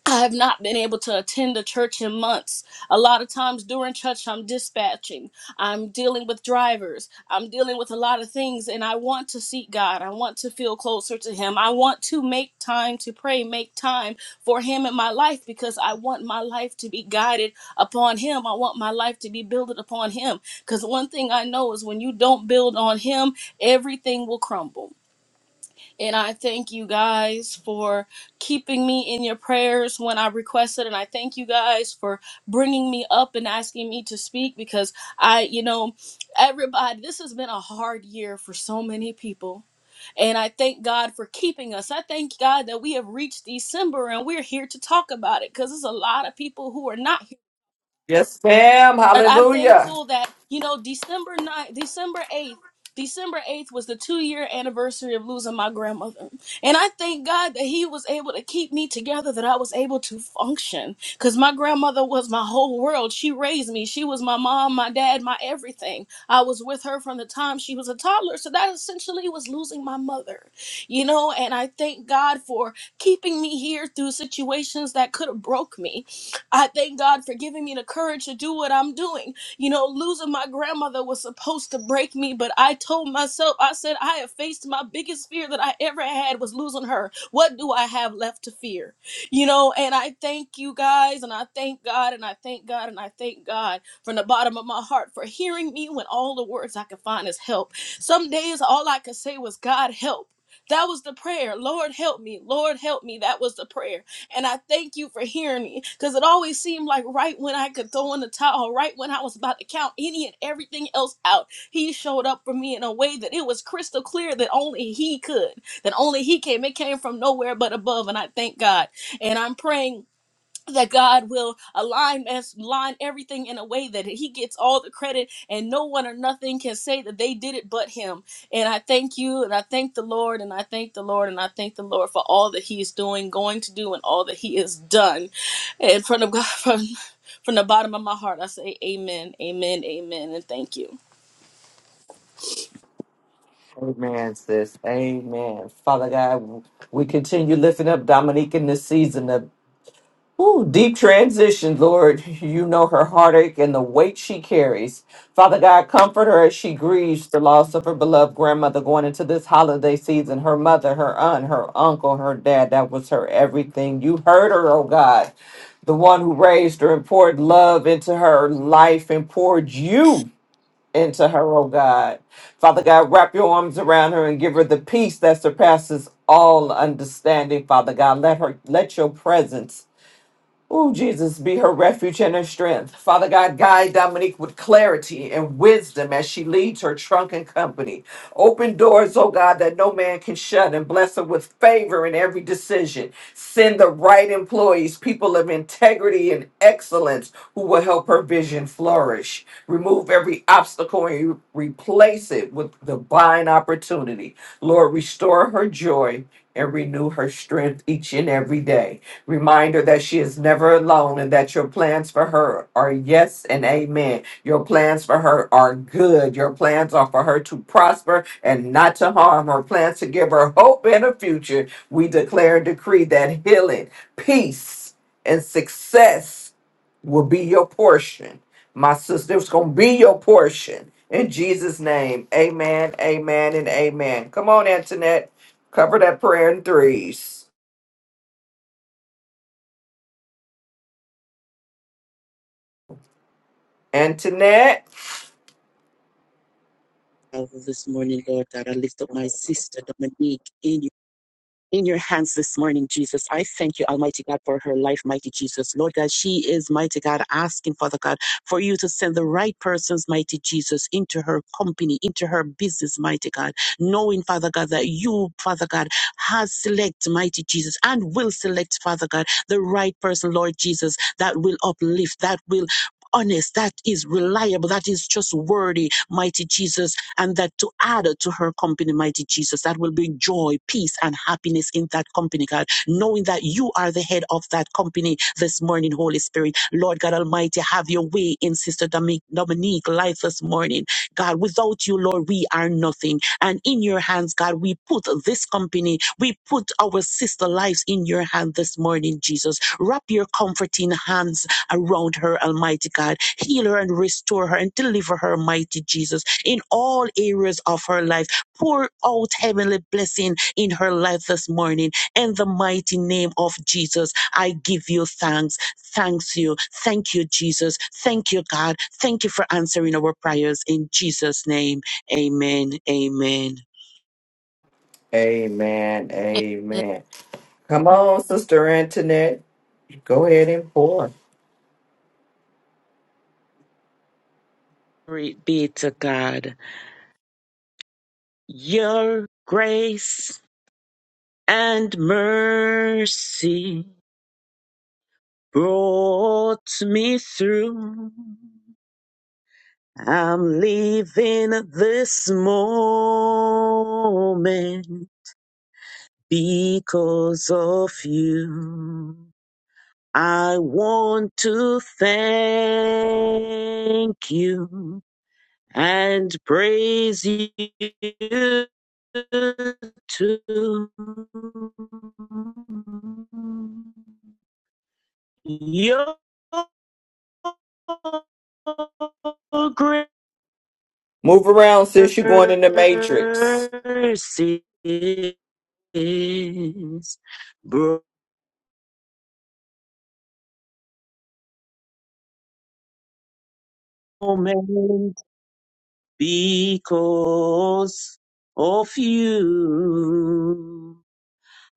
I have not been able to attend a church in months. A lot of times during church, I'm dispatching. I'm dealing with drivers. I'm dealing with a lot of things, and I want to seek God. I want to feel closer to Him. I want to make time to pray, make time for Him in my life because I want my life to be guided upon Him. I want my life to be builded upon Him. Because one thing I know is when you don't build on Him, everything will crumble. And I thank you guys for keeping me in your prayers when I requested. And I thank you guys for bringing me up and asking me to speak because I, you know, everybody, this has been a hard year for so many people. And I thank God for keeping us. I thank God that we have reached December and we're here to talk about it because there's a lot of people who are not here Yes, ma'am. and I'm Hallelujah. thankful that, you know, December ninth, December 8th, December 8th was the two year anniversary of losing my grandmother. And I thank God that He was able to keep me together, that I was able to function. Because my grandmother was my whole world. She raised me. She was my mom, my dad, my everything. I was with her from the time she was a toddler. So that essentially was losing my mother, you know. And I thank God for keeping me here through situations that could have broke me I thank God for giving me the courage to do what I'm doing. You know, losing my grandmother was supposed to break me, but I told myself, I said, I have faced my biggest fear that I ever had was losing her. What do I have left to fear? You know, and I thank you guys, and I thank God, and I thank God, and I thank God from the bottom of my heart for hearing me when all the words I could find is help. Some days all I could say was, God help. That was the prayer. Lord help me. Lord help me. That was the prayer. And I thank you for hearing me because it always seemed like right when I could throw in the towel, right when I was about to count any and everything else out, he showed up for me in a way that it was crystal clear that only he could, that only he came. It came from nowhere but above. And I thank God. And I'm praying that God will align us, align everything in a way that He gets all the credit, and no one or nothing can say that they did it but Him. And I thank you, and I thank the Lord, and I thank the Lord, and I thank the Lord for all that He is doing, going to do, and all that He has done. And from the *laughs* from, from the bottom of my heart, I say, Amen, Amen, Amen, and thank you. Amen, sis. Amen. Father God, we continue lifting up Dominique in this season of ooh, deep transition, Lord. You know her heartache and the weight she carries. Father God, comfort her as she grieves the loss of her beloved grandmother going into this holiday season. Her mother, her aunt, her uncle, her dad, that was her everything. You heard her, oh God. The one who raised her and poured love into her life and poured you into her, oh God. Father God, wrap your arms around her and give her the peace that surpasses all understanding, Father God. Let her let your presence Oh, Jesus, be her refuge and her strength. Father God, guide Dominique with clarity and wisdom as she leads her drunken company. Open doors, oh God, that no man can shut, and bless her with favor in every decision. Send the right employees, people of integrity and excellence, who will help her vision flourish. Remove every obstacle and re- replace it with divine opportunity. Lord, restore her joy and renew her strength each and every day. Remind her that she is never alone and that your plans for her are yes and amen. Your plans for her are good. Your plans are for her to prosper and not to harm. Her plans to give her hope and a future. We declare and decree that healing, peace, and success will be your portion. My sister, it's going to be your portion. In Jesus' name, amen, amen, and amen. Come on, Antoinette. Cover that prayer in threes. Antoinette. Father, this morning, Lord God. I lift up my sister Dominique in you. In your hands this morning, Jesus. I thank you, Almighty God, for her life, mighty Jesus. Lord God, she is, mighty God, asking, Father God, for you to send the right persons, mighty Jesus, into her company, into her business, mighty God, knowing, Father God, that you, Father God, has select, mighty Jesus, and will select, Father God, the right person, Lord Jesus, that will uplift, that will honest, that is reliable, that is trustworthy, mighty Jesus and that to add to her company, mighty Jesus, that will bring joy, peace, and happiness in that company, God, knowing that you are the head of that company this morning, Holy Spirit. Lord God Almighty, have your way in Sister Domi- Dominique life this morning. God, without you, Lord, we are nothing. And in your hands, God, we put this company, we put our sister lives in your hand this morning, Jesus. Wrap your comforting hands around her, Almighty God. Heal her and restore her and deliver her, mighty Jesus, in all areas of her life. Pour out heavenly blessing in her life this morning. In the mighty name of Jesus, I give you thanks. Thanks you. Thank you, Jesus. Thank you, God. Thank you for answering our prayers in Jesus' name. Amen. Amen. Amen, amen. Come on, Sister Antoinette. Go ahead and pour. Glory be to God. Your grace and mercy. brought me through. I'm leaving this moment because of you. I want to thank you and praise you too. You're graces Move around, sis. You're going in the matrix. moment because of you.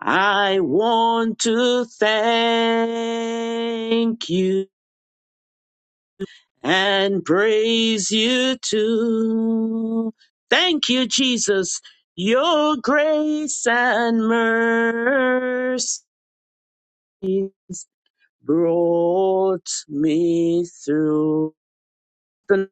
I want to thank you and praise you too. Thank you, Jesus. Your grace and mercy brought me through. the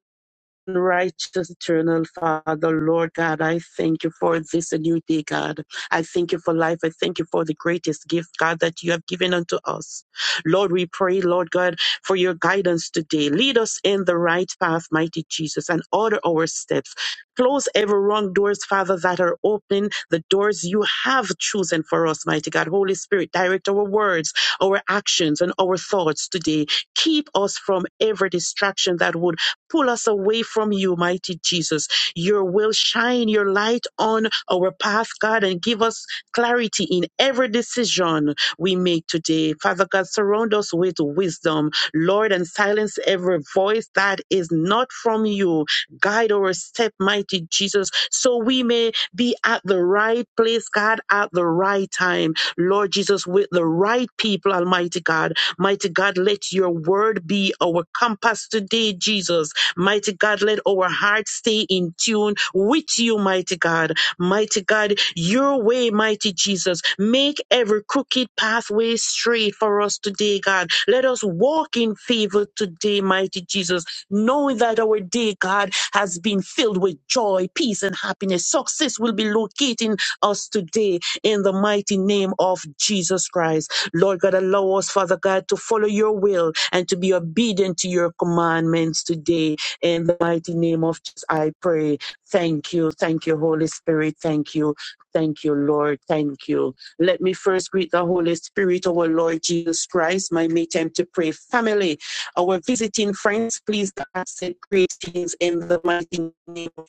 Righteous eternal Father, Lord God, I thank you for this new day, God. I thank you for life. I thank you for the greatest gift, God, that you have given unto us. Lord, we pray, Lord God, for your guidance today. Lead us in the right path, mighty Jesus, and order our steps. Close every wrong doors, Father, that are open, the doors you have chosen for us, mighty God. Holy Spirit, direct our words, our actions, and our thoughts today. Keep us from every distraction that would Pull us away from you, mighty Jesus. Your will shine your light on our path, God, and give us clarity in every decision we make today. Father God, surround us with wisdom, Lord, and silence every voice that is not from you. Guide our step, mighty Jesus, so we may be at the right place, God, at the right time. Lord Jesus, with the right people, Almighty God. Mighty God, let your word be our compass today, Jesus. Mighty God, let our hearts stay in tune with you, mighty God. Mighty God, your way, mighty Jesus. Make every crooked pathway straight for us today, God. Let us walk in favor today, mighty Jesus, knowing that our day, God, has been filled with joy, peace, and happiness. Success will be locating us today in the mighty name of Jesus Christ. Lord God, allow us, Father God, to follow your will and to be obedient to your commandments today in the mighty name of Jesus, I pray. Thank you. Thank you, Holy Spirit. Thank you. Thank you, Lord. Thank you. Let me first greet the Holy Spirit, our Lord Jesus Christ, my mate time to pray. Family, our visiting friends, please accept greetings in the mighty name of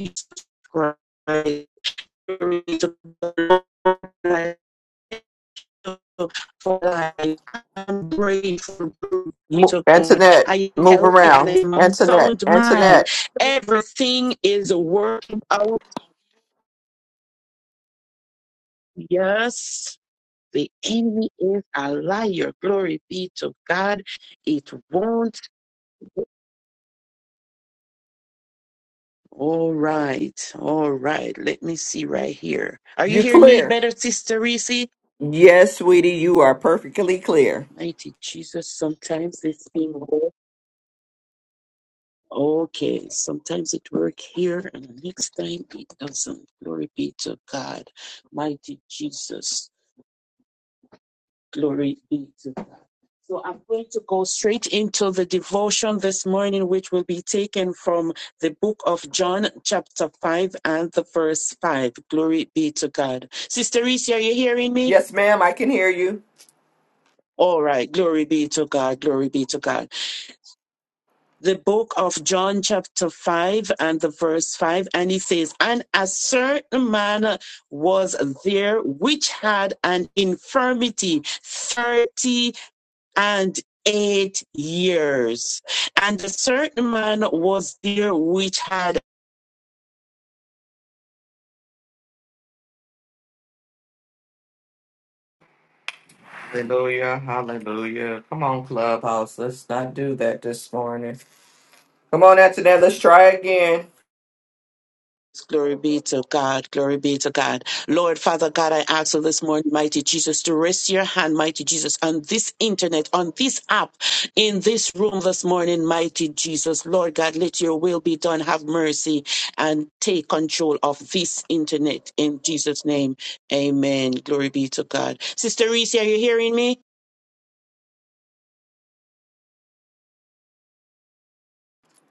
Jesus Christ for life. I'm grateful Mo- to God. Antoinette, I am move healthy and I around. am of Antoinette, sound mind. Antoinette. Everything is working out. Yes. The enemy is a liar. Glory be to God. It won't. All right. All right. Let me see right here. Are you You hearing me clear. better, Sister Reese? Yes, sweetie, you are perfectly clear. Mighty Jesus, sometimes this thing works. Okay, sometimes it works here and the next time it doesn't. Glory be to God. Mighty Jesus. Glory be to God. So I'm going to go straight into the devotion this morning, which will be taken from the book of John, chapter 5 and the verse 5. Glory be to God. Sister Reese, are you hearing me? Yes, ma'am, I can hear you. All right. Glory be to God. Glory be to God. the book of John, chapter 5, and the verse 5, and he says, And a certain man was there which had an infirmity 30 and eight years. And a certain man was there which had Hallelujah, hallelujah. Come on, Clubhouse. Let's not do that this morning. Come on, after that, let's try again. Glory be to God. Glory be to God. Lord, Father God, I ask you this morning, mighty Jesus, to rest your hand, mighty Jesus, on this internet, on this app, in this room this morning, mighty Jesus. Lord God, let your will be done. Have mercy and take control of this internet in Jesus' name. Amen. Glory be to God. Sister Reese, are you hearing me?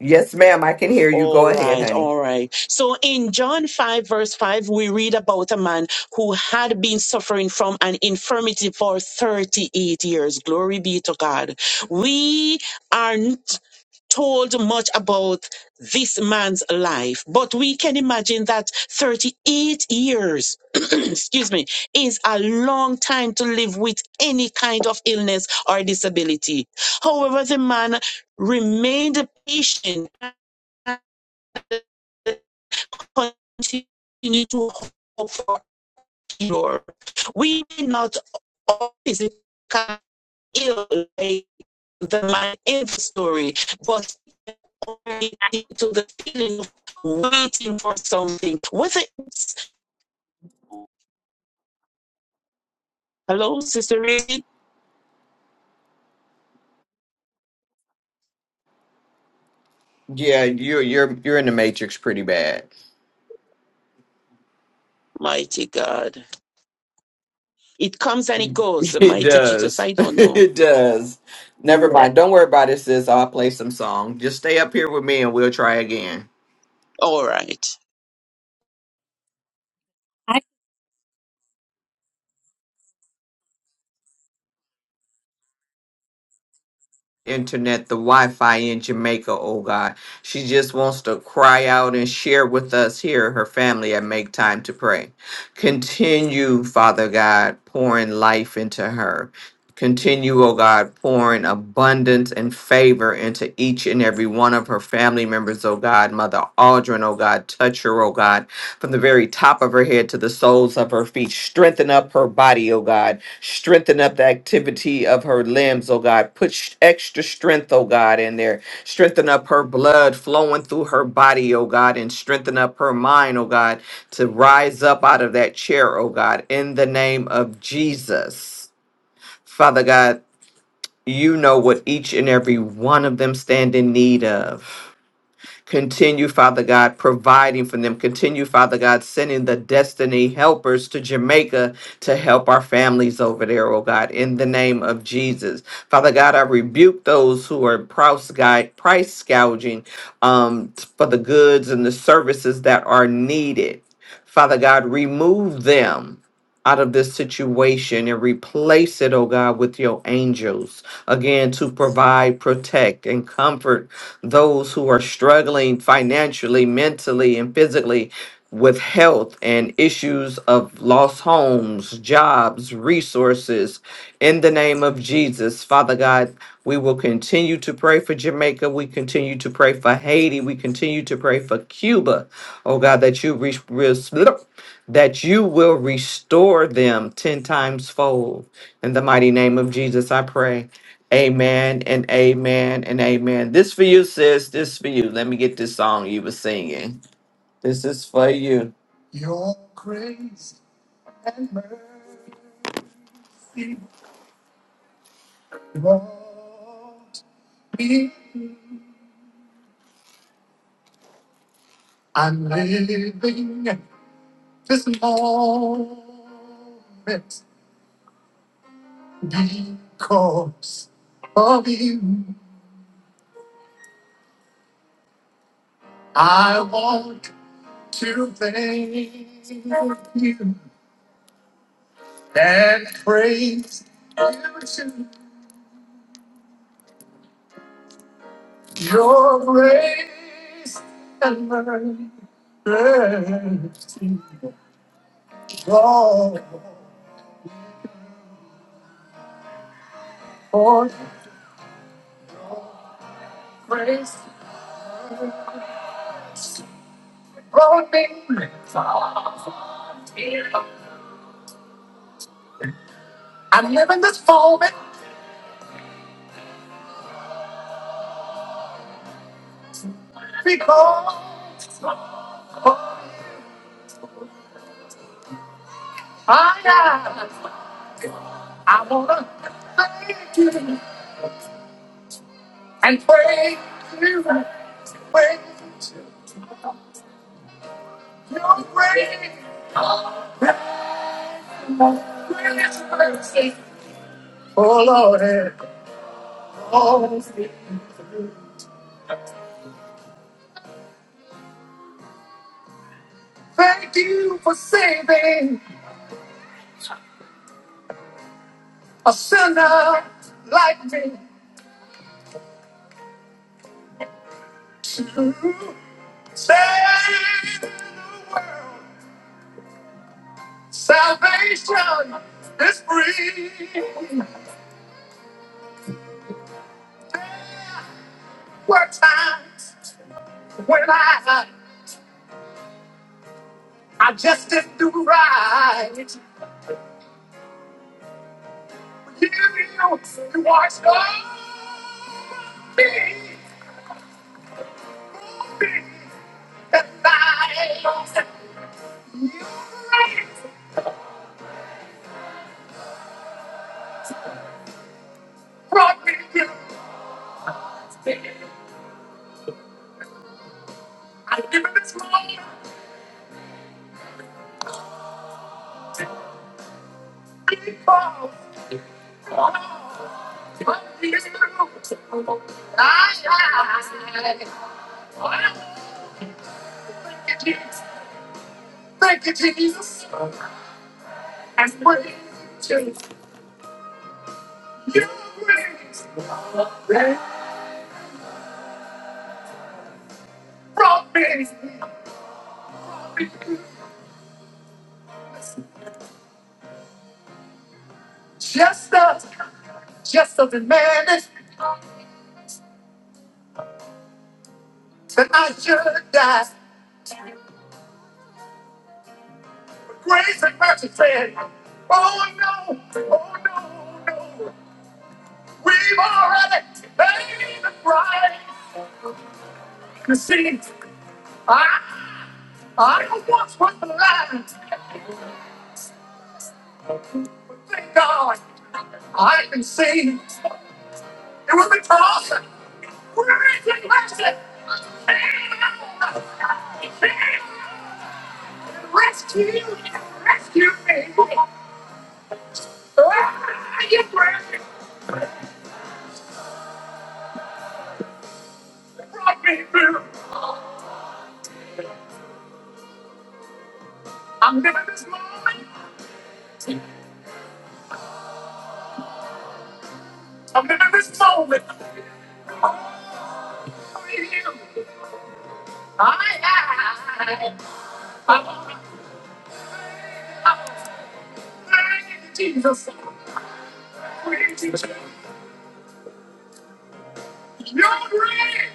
Yes, ma'am, I can hear you. All Go ahead, right, honey. all right. So in John 5, verse 5, we read about a man who had been suffering from an infirmity for 38 years. Glory be to God. We aren't told much about this man's life, but we can imagine that 38 years, *clears throat* excuse me, is a long time to live with any kind of illness or disability. However, the man remained patient continue to hope for cure. We may not always become ill like the man in the story, but already to the feeling of waiting for something. Whether it? hello, Sister Reed, Yeah, you're you're you're in the matrix pretty bad. *laughs* mighty God, it comes and it goes. It Mighty Jesus, does. I *laughs* don't know. it does. Never Yeah. mind. Don't worry about it, sis. I'll play some song. Just stay up here with me and we'll try again. All right. internet, the Wi Fi in Jamaica, oh God. She just wants to cry out and share with us here, her family, and make time to pray. Continue, Father God, pouring life into her. Continue, oh God, pouring abundance and favor into each and every one of her family members, oh God. Mother Aldrin, oh God, touch her, oh God from the very top of her head to the soles of her feet. Strengthen up her body, oh God. Strengthen up the activity of her limbs, oh God. Put sh- extra strength, oh God, in there. Strengthen up her blood flowing through her body, oh God, and strengthen up her mind, oh God, to rise up out of that chair, oh God, in the name of Jesus. Father God, you know what each and every one of them stand in need of. Continue, Father God, providing for them. Continue, Father God, sending the destiny helpers to Jamaica to help our families over there, oh God, in the name of Jesus. Father God, I rebuke those who are price guide, price gouging um, for the goods and the services that are needed. Father God, remove them out of this situation and replace it, oh God, with your angels. Again, to provide, protect, and comfort those who are struggling financially, mentally, and physically with health and issues of lost homes, jobs, resources. In the name of Jesus, Father God, we will continue to pray for Jamaica. We continue to pray for Haiti. We continue to pray for Cuba. Oh God, that you re- res- that you will restore them 10 times fold. In the mighty name of Jesus, I pray. Amen and amen and amen. This for you, sis. This for you. Let me get this song you were singing. This is for you. Your grace and mercy, Lord, be I'm living this moment because of you. I want to thank you and praise you to your grace and mercy. Lord, for your grace brought me far. I'm living this moment because I am. I wanna thank you and praise you, praise you. Your great, greatest mercy, oh Lord, it always be. Thank you for saving a sinner like me to save the world. Salvation is free. There were times. When I, I just didn't do right. You, you, watched over me, for me, and I, you brought me to I give it this moment because of you. I, I, I, Thank you, Jesus. Thank you, Jesus. Just a, just as a man is that I should die. Grace and mercy said, Oh no, oh no, no. We've already paid the price. You see, I, I once was blind, but thank God I can see. It would be awesome. Where is it rested? Rescue, rescued me. Ah, you brought me through. I'm living this moment. I'm living this moment. With you. I, I, I, I, Jesus. Thank you, Jesus. You're great.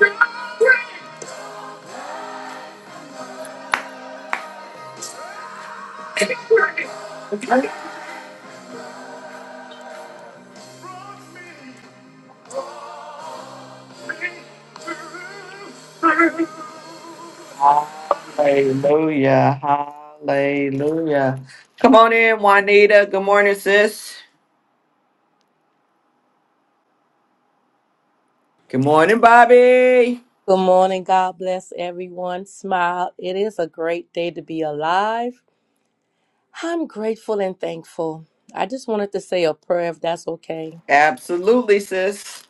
You're great. Come on in, Juanita. Good morning, sis. Good morning, Bobby. Good morning. God bless everyone. Smile. It is a great day to be alive. I'm grateful and thankful. I just wanted to say a prayer if that's okay. Absolutely, sis.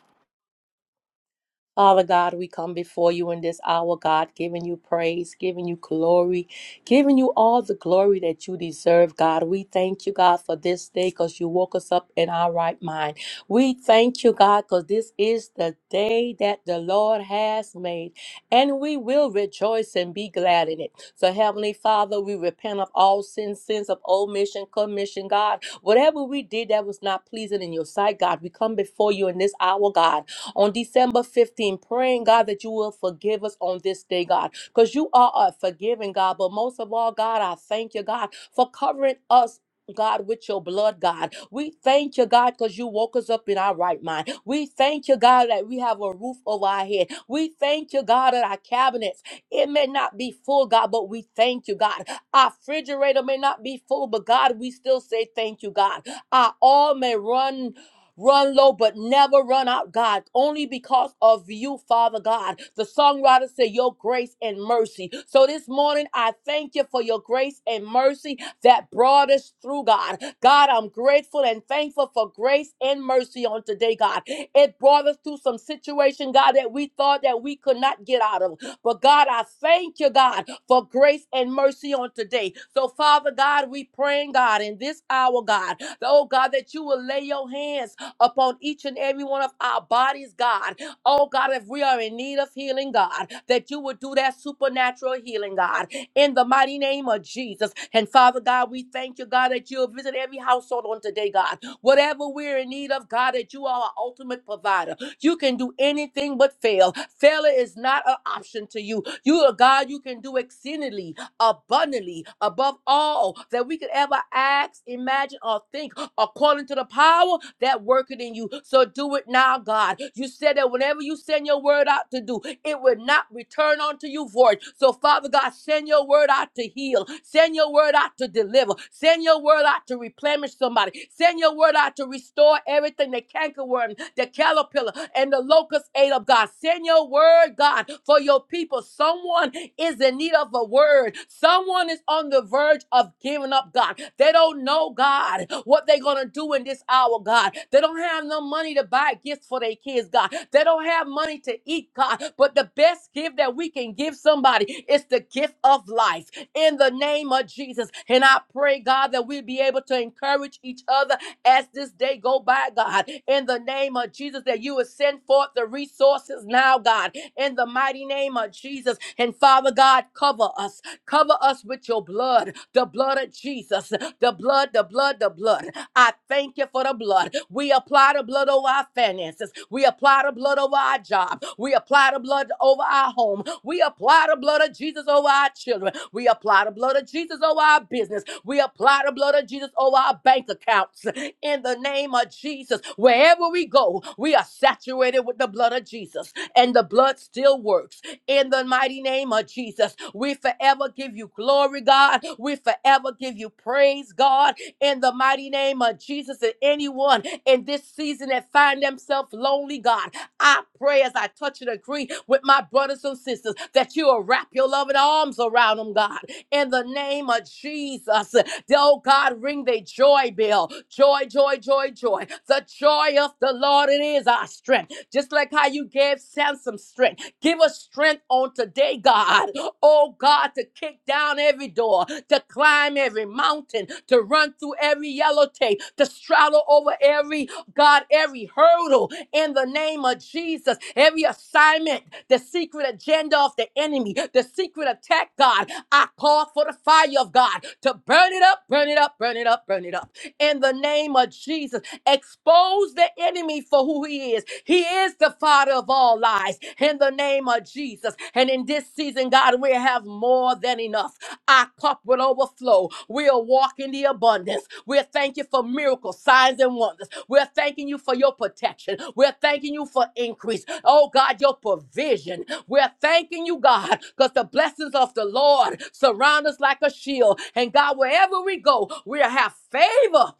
Father God, we come before you in this hour, God, giving you praise, giving you glory, giving you all the glory that you deserve, God. We thank you, God, for this day because you woke us up in our right mind. We thank you, God, because this is the day that the Lord has made, and we will rejoice and be glad in it. So, Heavenly Father, we repent of all sins, sins of omission, commission, God. Whatever we did that was not pleasing in your sight, God, we come before you in this hour, God on December fifteenth, praying, God, that you will forgive us on this day, God, because you are a forgiving God. But most of all, God, I thank you, God, for covering us. God, with your blood, God. We thank you, God, because you woke us up in our right mind. We thank you, God, that we have a roof over our head. We thank you, God, that our cabinets, it may not be full, God, but we thank you, God. Our refrigerator may not be full, but God, we still say thank you, God. Our all may run run low but never run out, God, only because of you, Father God. The songwriter said, Your grace and mercy. So this morning, I thank you for your grace and mercy that brought us through, God. God, I'm grateful and thankful for grace and mercy on today, God. It brought us through some situation, God, that we thought that we could not get out of. But God, I thank you, God, for grace and mercy on today. So, Father God, we praying, God, in this hour, God, oh God, that you will lay your hands upon each and every one of our bodies, God. Oh, God, if we are in need of healing, God, that you would do that supernatural healing, God, in the mighty name of Jesus. And Father God, we thank you, God, that you'll visit every household on today, God. Whatever we're in need of, God, that you are our ultimate provider. You can do anything but fail. Failure is not an option to you. You are God, you can do exceedingly abundantly above all that we could ever ask, imagine, or think, according to the power that worketh in you. So do it now, God. You said that whenever you send your word out to do, it would not return unto you void. So, Father God, send your word out to heal, send your word out to deliver, send your word out to replenish somebody, send your word out to restore everything that cankerworm palmerworm, the caterpillar, and the locust ate up, God. Send your word, God, for your people. Someone is in need of a word. Someone is on the verge of giving up, God. They don't know, God, what they're going to do in this hour, God. They don't have no money to buy gifts for their kids, God. They don't have money to eat, God. But the best gift that we can give somebody is the gift of life in the name of Jesus. And I pray, God, that we'll be able to encourage each other as this day go by, God, in the name of Jesus, that you would send forth the resources now, God, in the mighty name of Jesus. And Father God, cover us. Cover us with your blood, the blood of Jesus, the blood, the blood, the blood. I thank you for the blood. We apply the blood over our finances. We apply the blood over our job. We apply the blood over our home. We apply the blood of Jesus over our children. We apply the blood of Jesus over our business. We apply the blood of Jesus over our bank accounts in the name of Jesus. Wherever we go, we are saturated with the blood of Jesus, and the blood still works. In the mighty name of Jesus, we forever give you glory, God. We forever give you praise, God. In the mighty name of Jesus, and anyone in this season that find themselves lonely, God, I pray as I touch and agree with my brothers and sisters that you will wrap your loving arms around them, God. In the name of Jesus, Oh God, ring the joy bell. Joy, joy, joy, joy. The joy of the Lord, it is our strength. Just like how you gave Samson strength. Give us strength on today, God. Oh God, to kick down every door, to climb every mountain, to run through every yellow tape, to straddle over every God, every hurdle in the name of Jesus, every assignment, the secret agenda of the enemy, the secret attack, God, I call for the fire of God to burn it up, burn it up, burn it up, burn it up. In the name of Jesus, expose the enemy for who he is. He is the father of all lies in the name of Jesus. And in this season, God, we have more than enough. Our cup will overflow. We'll walk in the abundance. We'll thank you thank you for miracles, signs, and wonders. We're thanking you for your protection. We're thanking you for increase. Oh God, your provision. We're thanking you, God, because the blessings of the Lord surround us like a shield. And God, wherever we go, we'll have favor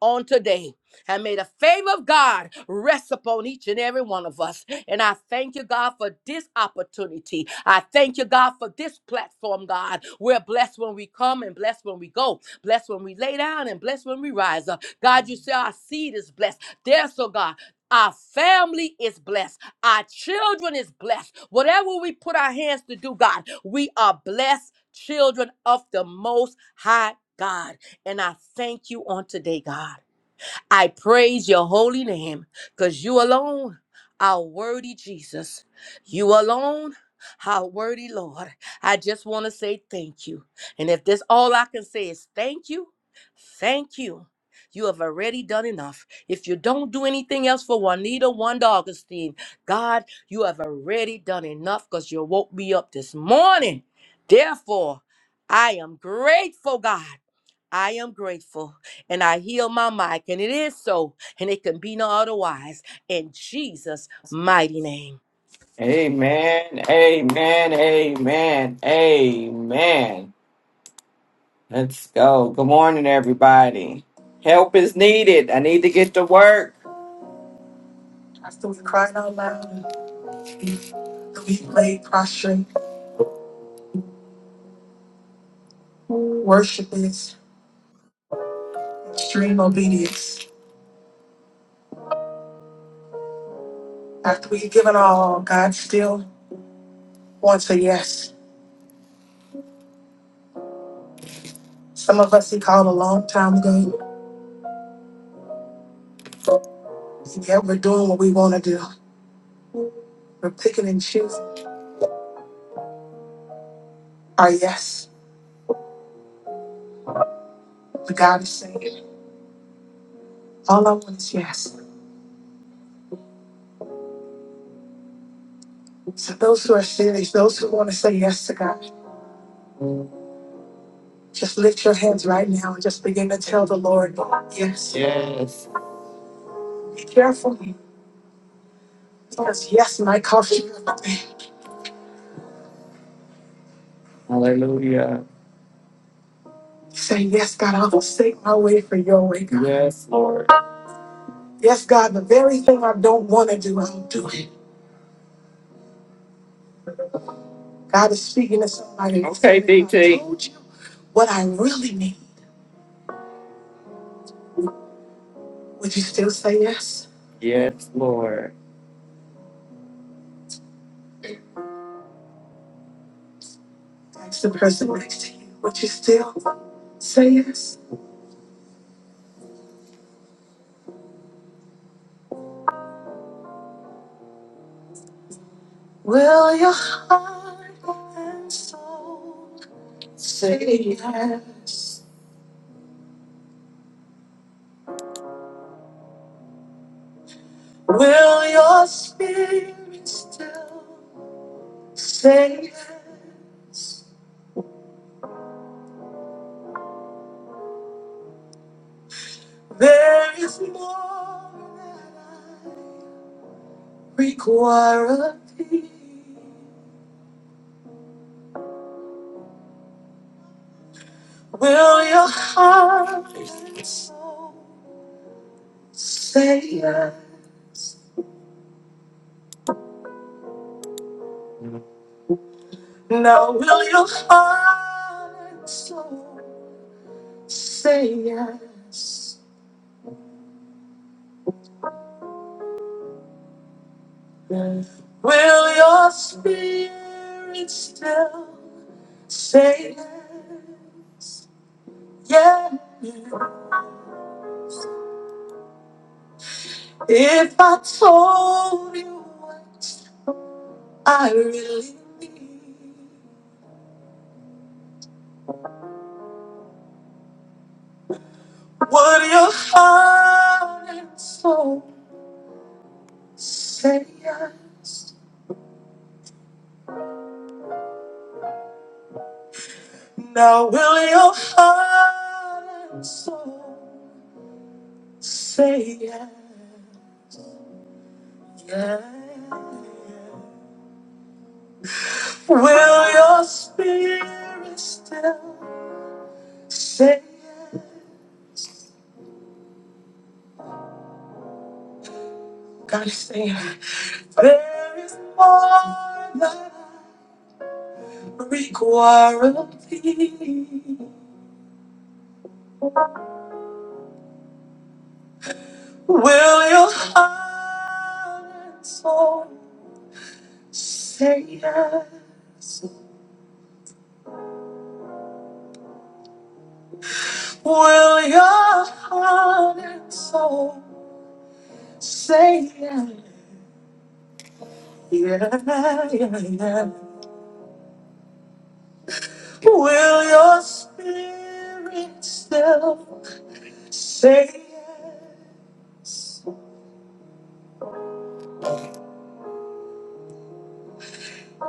on today. And may the favor of God rest upon each and every one of us. And I thank you, God, for this opportunity. I thank you, God, for this platform, God. We're blessed when we come and blessed when we go, blessed when we lay down and blessed when we rise up. God, you say our seed is blessed. There, so God. Our family is blessed. Our children is blessed. Whatever we put our hands to do, God, we are blessed children of the Most High God. And I thank you on today, God. I praise your holy name because you alone are worthy, Jesus. You alone are worthy, Lord. I just want to say thank you. And if this all I can say is thank you, thank you. You have already done enough. If you don't do anything else for Juanita Wanda Augustine, God, you have already done enough because you woke me up this morning. Therefore, I am grateful, God. I am grateful and I heal my mic, and it is so, and it can be no otherwise in Jesus' mighty name. Amen. Amen. Amen. Amen. Let's go. Good morning, everybody. Help is needed. I need to get to work. I still crying out loud. We lay prostrate, worship is extreme obedience. After we give it all, God still wants a yes. Some of us He called a long time ago. and Yet we're doing what we want to do. We're picking and choosing our yes. But God is saying, all I want is yes. So those who are serious, those who want to say yes to God, just lift your hands right now and just begin to tell the Lord, yes. Yes. Be careful because yes might cost you everything. Say, yes, God, I'll forsake my way for your way, God. Yes, yes God, the very thing I don't want to do, I'll do it. God is speaking to somebody. and Okay, saying, If I D T. told you what I really need, would you still say yes? Yes, Lord. Ask the person next to you, would you still say yes? Will your heart and soul say yes? Will your spirit still say yes? There is more that I require of thee. Will your heart and soul say yes? Now, will your heart and soul say yes? Will your spirit still say yes? If I told you what I really need, would your heart and soul? Say yes. Now will your heart and soul say yes? yes. Will your spirit still say yes? God is saying, there is more that I require of thee. Will your heart and soul say yes? Will your heart and soul say yeah, yeah, yeah, yeah? Will your spirit still say yes?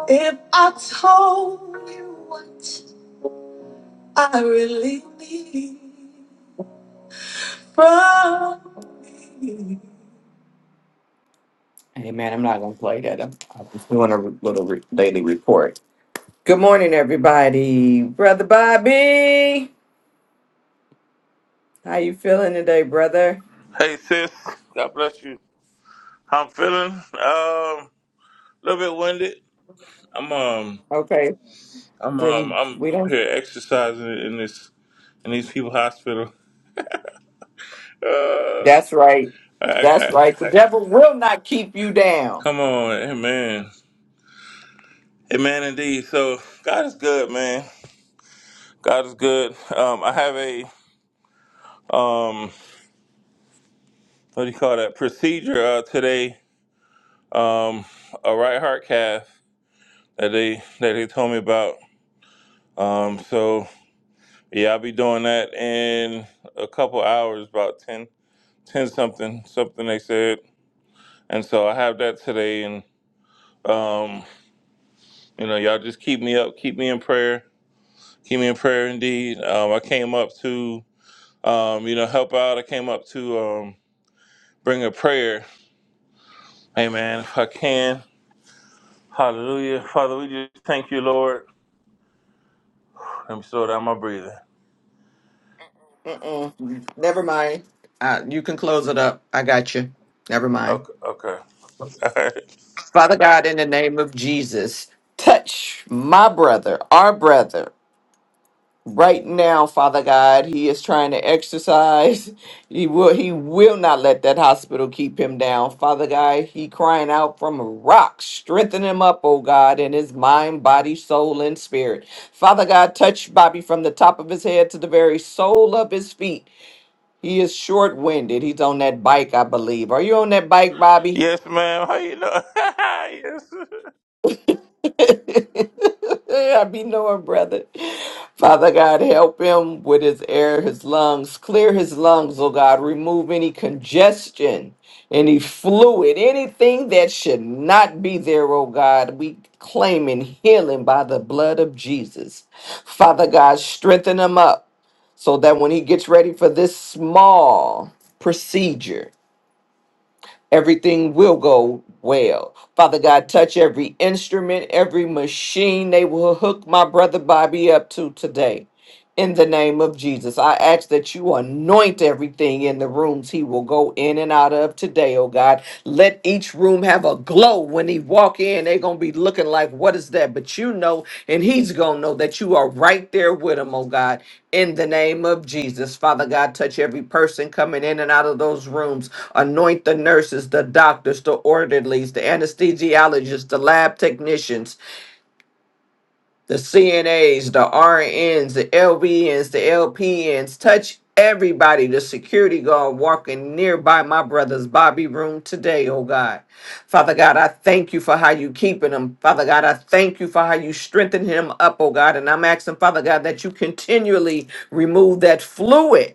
If I told you what you need. Hey man, I'm not gonna play that. I'm, I'm just doing a re- little re- daily report. Good morning, everybody. Brother Bobby, how you feeling today, brother? Hey sis, God bless you. How I'm feeling? Um, a little bit winded. I'm um, Okay, I'm um, then I'm we up don't. here exercising in this in these people hospital. Uh, That's right. I, I, That's right. The I, devil will not keep you down. come on, amen, amen, indeed. So God is good, man. God is good. Um, I have a um, what do you call that procedure uh, today? Um, a right heart cath that they that they told me about. Um, so. Yeah, I'll be doing that in a couple hours, about 10, 10 something, something they said. And so I have that today. And, um, you know, y'all just keep me up, keep me in prayer, keep me in prayer indeed. Um, I came up to, um, you know, help out. I came up to um, bring a prayer. Amen. If I can. Hallelujah. Father, we just thank you, Lord. Let me slow down my breathing. Mm-mm. Never mind. Uh, you can close it up. I got you. Never mind. Okay. okay. *laughs* All right. Father God, in the name of Jesus, touch my brother, our brother, Right now, Father God, he is trying to exercise. *laughs* He will he will not let that hospital keep him down. Father God, he crying out from a rock. Strengthen him up, oh God, in his mind, body, soul, and spirit. Father God, touch Bobby from the top of his head to the very sole of his feet. He is short-winded. He's on that bike, I believe. Are you on that bike, Bobby? Yes, ma'am. How you doing? *laughs* yes. I be knowing, brother. Father God, help him with his air, his lungs. Clear his lungs, oh God. Remove any congestion, any fluid, anything that should not be there, oh God. We claim claiming healing by the blood of Jesus. Father God, strengthen him up so that when he gets ready for this small procedure, everything will go well. Father God, touch every instrument, every machine they will hook my brother Bobby up to today in the name of Jesus. I ask that you anoint everything in the rooms he will go in and out of today, oh God. Let each room have a glow when he walk in. They're going to be looking like, what is that? But you know, and he's going to know that you are right there with him, oh God. In the name of Jesus, Father God, touch every person coming in and out of those rooms. Anoint the nurses, the doctors, the orderlies, the anesthesiologists, the lab technicians, the CNAs, the RNs, the LVNs, the LPNs, touch everybody. The security guard walking nearby my brother's Bobby room today, oh God. Father God, I thank you for how you keeping him. Father God, I thank you for how you strengthen him up, oh God. And I'm asking, Father God, that you continually remove that fluid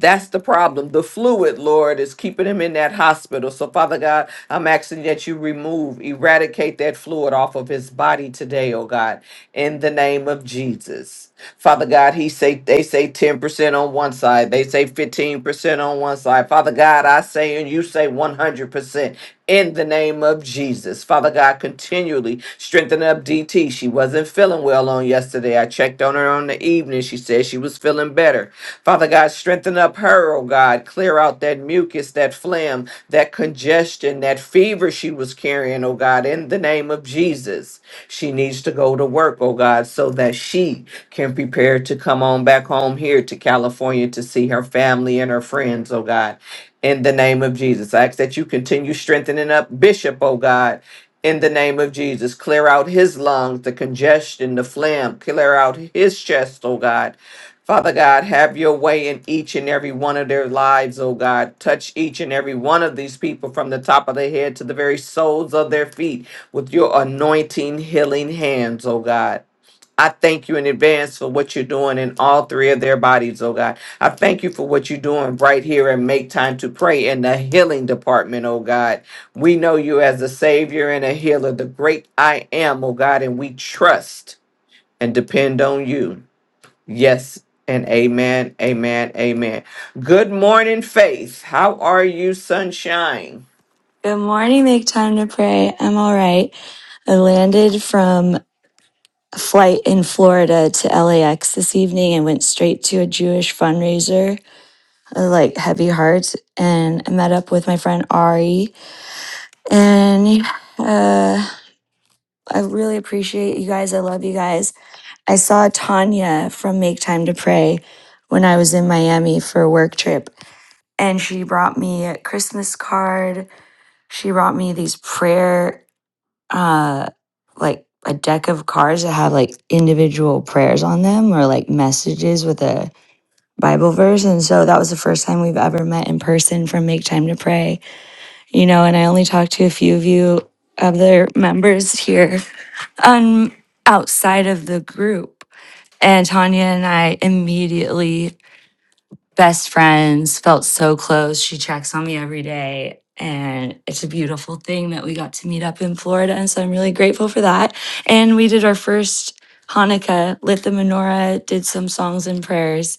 that's the problem. The fluid, Lord, is keeping him in that hospital. So, Father God, I'm asking that you remove, eradicate that fluid off of his body today, oh God, in the name of Jesus. Father God, he say they say 10% on one side, they say 15% on one side. Father God, I say and you say 100% in the name of Jesus. Father God, continually strengthen up up DT. She wasn't feeling well on yesterday. I checked on her on the evening. She said she was feeling better. Father God, strengthen up her, oh God. Clear out that mucus, that phlegm, that congestion, that fever she was carrying, oh God, in the name of Jesus. She needs to go to work, oh God, so that she can prepare to come on back home here to California to see her family and her friends, oh God in the name of Jesus. I ask that you continue strengthening up Bishop, oh God in the name of Jesus. Clear out his lungs, the congestion, the phlegm. Clear out his chest, oh God. Father God, have your way in each and every one of their lives, oh God. Touch each and every one of these people from the top of their head to the very soles of their feet with your anointing, healing hands, oh God. I thank you in advance for what you're doing in all three of their bodies, oh God. I thank you for what you're doing right here and make time to pray in the healing department, oh God. We know you as a savior and a healer, the great I am, oh God, and we trust and depend on you. Yes. And amen, amen, amen. Good morning, Faith. How are you, sunshine? Good morning, make time to pray. I'm all right. I landed from a flight in Florida to LAX this evening and went straight to a Jewish fundraiser, uh, like Heavy Hearts, and I met up with my friend Ari. And uh, I really appreciate you guys. I love you guys. I saw Tanya from Make Time to Pray when I was in Miami for a work trip, and she brought me a Christmas card. She brought me these prayer uh like a deck of cards that have like individual prayers on them or like messages with a Bible verse. And so that was the first time we've ever met in person from Make Time to Pray. You know, and I only talked to a few of you other members here um outside of the group. And Tanya and I immediately best friends, felt so close. She checks on me every day. And it's a beautiful thing that we got to meet up in Florida. And so I'm really grateful for that. And we did our first Hanukkah, lit the menorah, did some songs and prayers.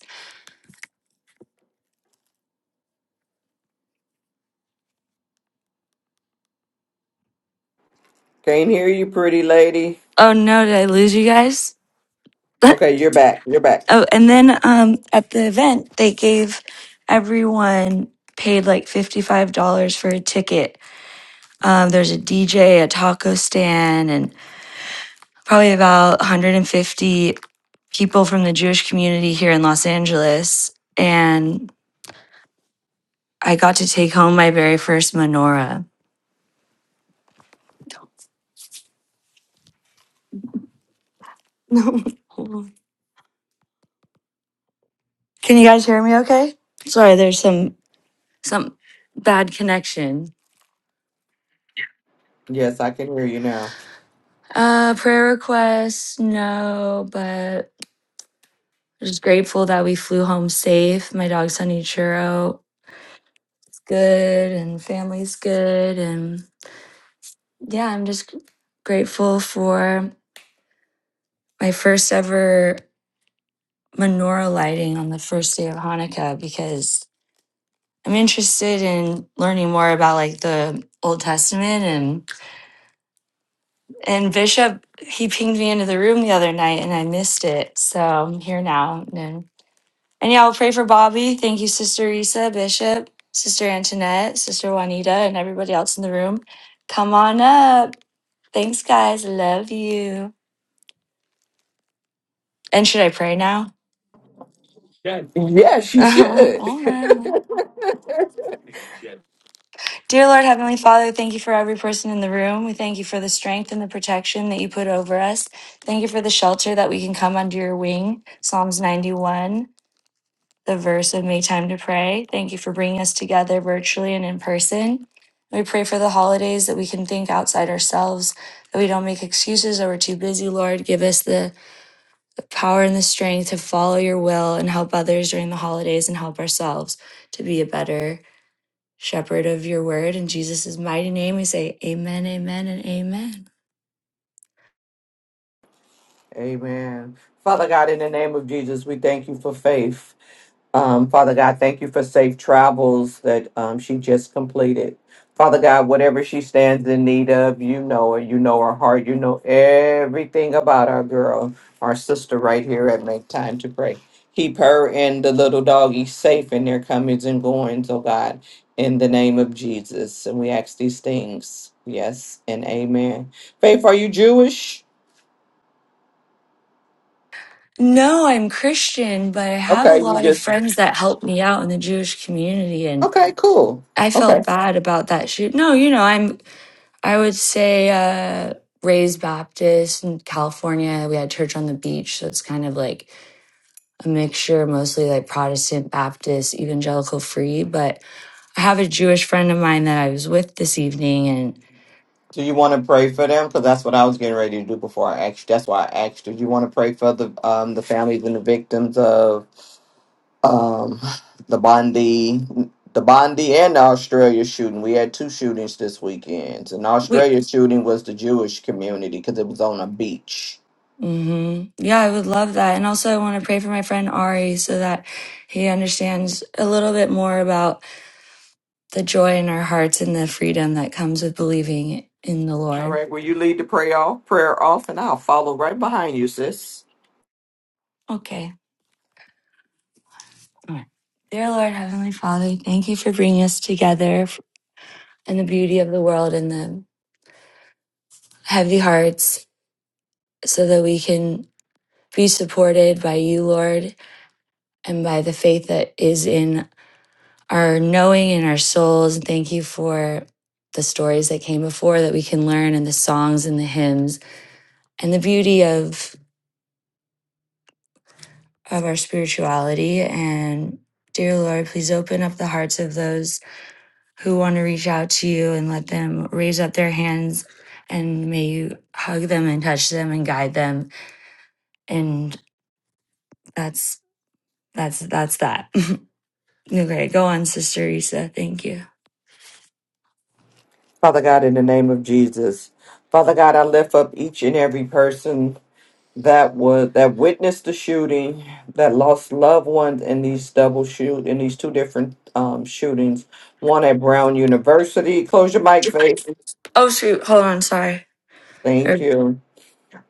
Can't hear you, pretty lady. Oh no, did I lose you guys? *laughs* Okay, oh, you're back. You're back. and then um, at the event, they gave everyone paid like $55 for a ticket. Um, there's a DJ, a taco stand, and probably about 150 people from the Jewish community here in Los Angeles. And I got to take home my very first menorah. *laughs* Can you guys hear me okay? Sorry, there's some some bad connection. Yes, I can hear you now. Uh prayer requests, no, but I'm just grateful that we flew home safe. My dog Sunny Churro is good and family's good and yeah, I'm just grateful for my first ever menorah lighting on the first day of Hanukkah because I'm interested in learning more about like the Old Testament and and Bishop he pinged me into the room the other night and I missed it. So I'm here now. And, and yeah, I'll pray for Bobby. Thank you, Sister Risa, Bishop, Sister Antoinette, Sister Juanita, and everybody else in the room. Come on up. Thanks, guys. Love you. And should I pray now? Yes, *laughs* you should. All right. Dear Lord Heavenly Father, thank you for every person in the room. We thank you for the strength and the protection that you put over us. Thank you for the shelter that we can come under your wing. Psalms 91, the verse of make Time to Pray. Thank you for bringing us together virtually and in person. We pray for the holidays that we can think outside ourselves, that we don't make excuses or we're too busy, Lord. Give us the power and the strength to follow your will and help others during the holidays and help ourselves to be a better shepherd of your word. In Jesus' mighty name, we say amen, amen, and amen. Amen. Father God, in the name of Jesus, we thank you for faith. Um, Father God, thank you for safe travels that um, she just completed. Father God, whatever she stands in need of, you know her. You know her heart. You know everything about our girl, our sister right here at Make Time to Pray. Keep her and the little doggy safe in their comings and goings, oh God, in the name of Jesus. And we ask these things. Yes and amen. Faith, are you Jewish? No, I'm Christian, but I have a Okay, you lot of just friends that help me out in the Jewish community, and Okay, cool. I Okay. felt bad about that shoot. No, you know, I'm, I would say, uh, raised Baptist in California. We had church on the beach, so it's kind of like a mixture, mostly like Protestant, Baptist, evangelical free. But I have a Jewish friend of mine that I was with this evening, and. Do you want to pray for them? Because that's what I was getting ready to do before I asked. That's why I asked. Do you want to pray for the um the families and the victims of um the Bondi, the Bondi and the Australia shooting? We had two shootings this weekend, and the we. Australia shooting was the Jewish community because it was on a beach. hmm Yeah, I would love that. And also, I want to pray for my friend Ari so that he understands a little bit more about the joy in our hearts and the freedom that comes with believing in the All Lord. right. Will you lead the prayer off? Prayer off, and I'll follow right behind you, sis. Okay. All right. Dear Lord, Heavenly Father, thank you for bringing us together and the beauty of the world and the heavy hearts so that we can be supported by you, Lord, and by the faith that is in our knowing and our souls. And thank you for the stories that came before that we can learn and the songs and the hymns and the beauty of of our spirituality. And dear Lord, please open up the hearts of those who want to reach out to you and let them raise up their hands and may you hug them and touch them and guide them. And that's that's that's that. *laughs* okay, go on, Sister Risa. Thank you. Father God, in the name of Jesus, Father God, I lift up each and every person that was that witnessed the shooting, that lost loved ones in these double shoot in these two different um, shootings, one at Brown University. Close your mic, Faith. Oh shoot, hold on, sorry. Thank you.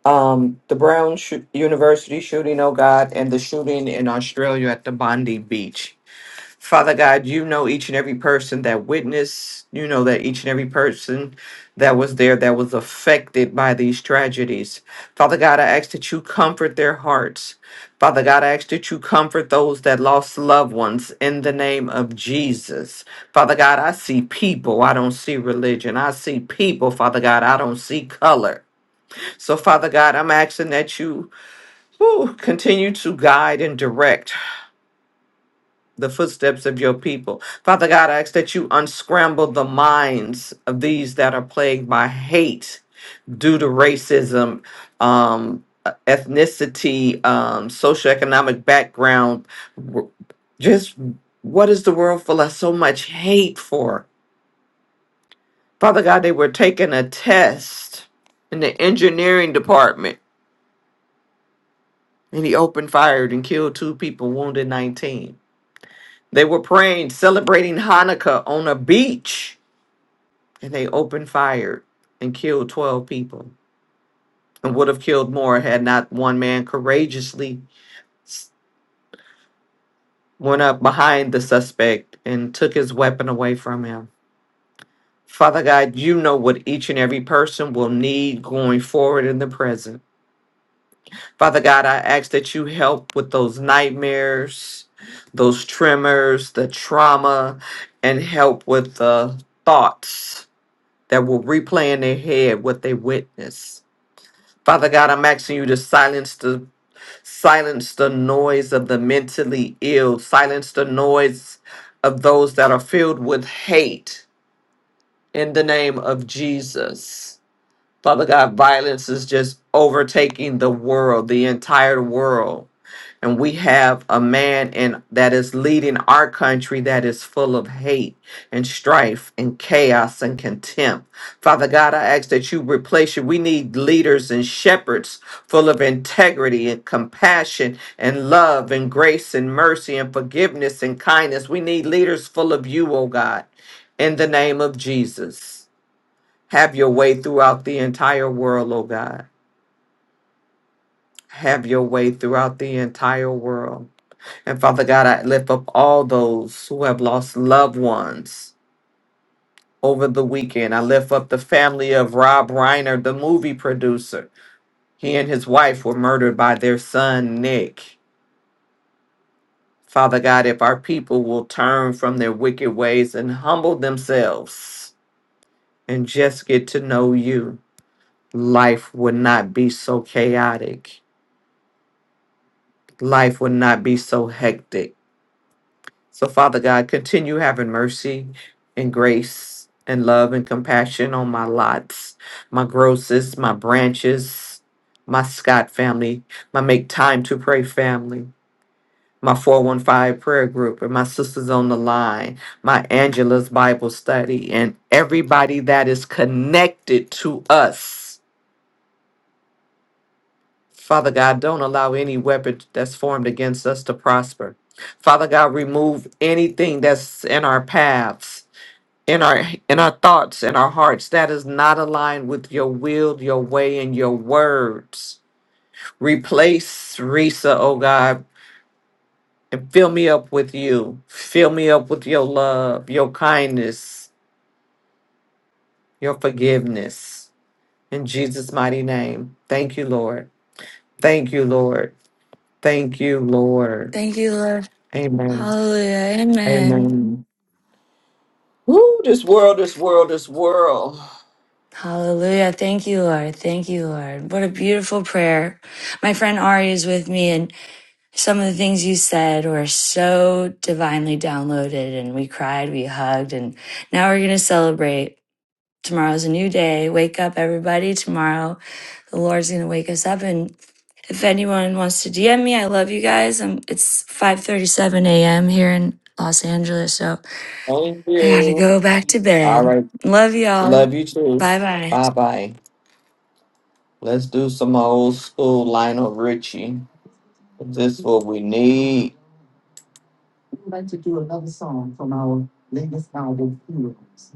Um, the Brown sh- University shooting, oh God, and the shooting in Australia at the Bondi Beach. Father God, you know each and every person that witnessed, you know that each and every person that was there that was affected by these tragedies. Father God, I ask that you comfort their hearts. Father God, I ask that you comfort those that lost loved ones in the name of Jesus. Father God, I see people, I don't see religion. I see people, Father God, I don't see color. So, Father God, I'm asking that you whew, continue to guide and direct the footsteps of your people. Father God, I ask that you unscramble the minds of these that are plagued by hate due to racism, um, ethnicity, um, socioeconomic background. w- Just what is the world full of so much hate for? Father God, they were taking a test in the engineering department and he opened fired and killed two people, wounded 19. They were praying, celebrating Hanukkah on a beach and they opened fire and killed 12 people and would have killed more had not one man courageously s- went up behind the suspect and took his weapon away from him. Father God, you know what each and every person will need going forward in the present. Father God, I ask that you help with those nightmares, those tremors, the trauma, and help with the thoughts that will replay in their head what they witnessed. Father God, I'm asking you to silence the silence the noise of the mentally ill, silence the noise of those that are filled with hate in the name of Jesus. Father God, violence is just overtaking the world, the entire world. And we have a man in, that is leading our country that is full of hate and strife and chaos and contempt. Father God, I ask that you replace you. We need leaders and shepherds full of integrity and compassion and love and grace and mercy and forgiveness and kindness. We need leaders full of you, oh God, in the name of Jesus. Have your way throughout the entire world, oh God. Have your way throughout the entire world. And Father God, I lift up all those who have lost loved ones over the weekend. I lift up the family of Rob Reiner, the movie producer. He and his wife were murdered by their son, Nick. Father God, if our people will turn from their wicked ways and humble themselves and just get to know you, life would not be so chaotic life will not be so hectic. So, Father God, continue having mercy and grace and love and compassion on my lots, my grosses, my branches, my Scott family, my Make Time to Pray family, my 415 prayer group, and my sisters on the line, my Angela's Bible study, and everybody that is connected to us. Father God, don't allow any weapon that's formed against us to prosper. Father God, remove anything that's in our paths, in our in our thoughts, in our hearts that is not aligned with your will, your way, and your words. Replace Risa, oh God, and fill me up with you. Fill me up with your love, your kindness, your forgiveness. In Jesus' mighty name. Thank you, Lord. Thank you, Lord. Thank you, Lord. Thank you, Lord. Amen. Hallelujah. Amen. Amen. Woo, this world, this world, this world. Hallelujah. Thank you, Lord. Thank you, Lord. What a beautiful prayer. My friend Ari is with me, and some of the things you said were so divinely downloaded. And we cried, we hugged, and now we're going to celebrate. Tomorrow's a new day. Wake up, everybody. Tomorrow, the Lord's going to wake us up. And if anyone wants to DM me, I love you guys. i it's 5:37 a.m. here in Los Angeles. So Thank I gotta you. go back to All bed. right. Love y'all. Love you too. Bye bye. Bye bye. Let's do some old school Lionel Richie. This is what we need. I'd like to do another song from our latest album, Heroes.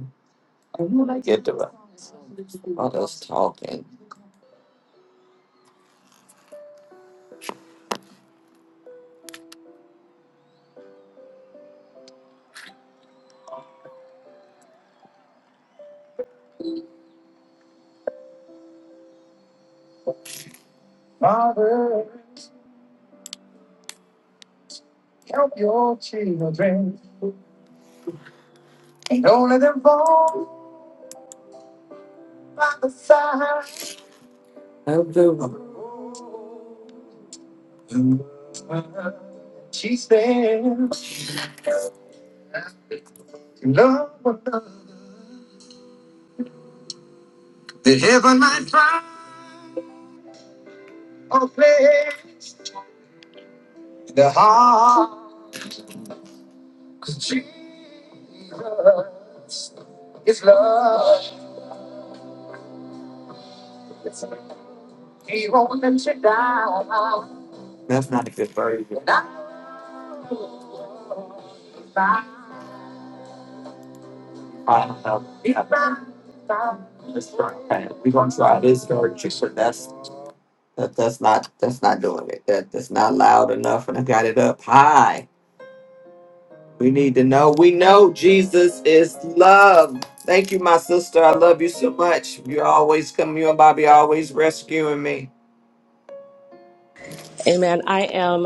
I get the all us talking. Father, help your children. Don't let them fall by the side of the road. She stands. Love Cause Jesus is love. He won't let you down. That's not a good version. I don't know. Yeah. That's right. We're gonna try this version, but that's that, that's not that's not doing it. That that's not loud enough and I got it up high. We need to know. We know Jesus is love. Thank you, my sister. I love you so much. You always come. You and Bobby always rescuing me. Amen. I am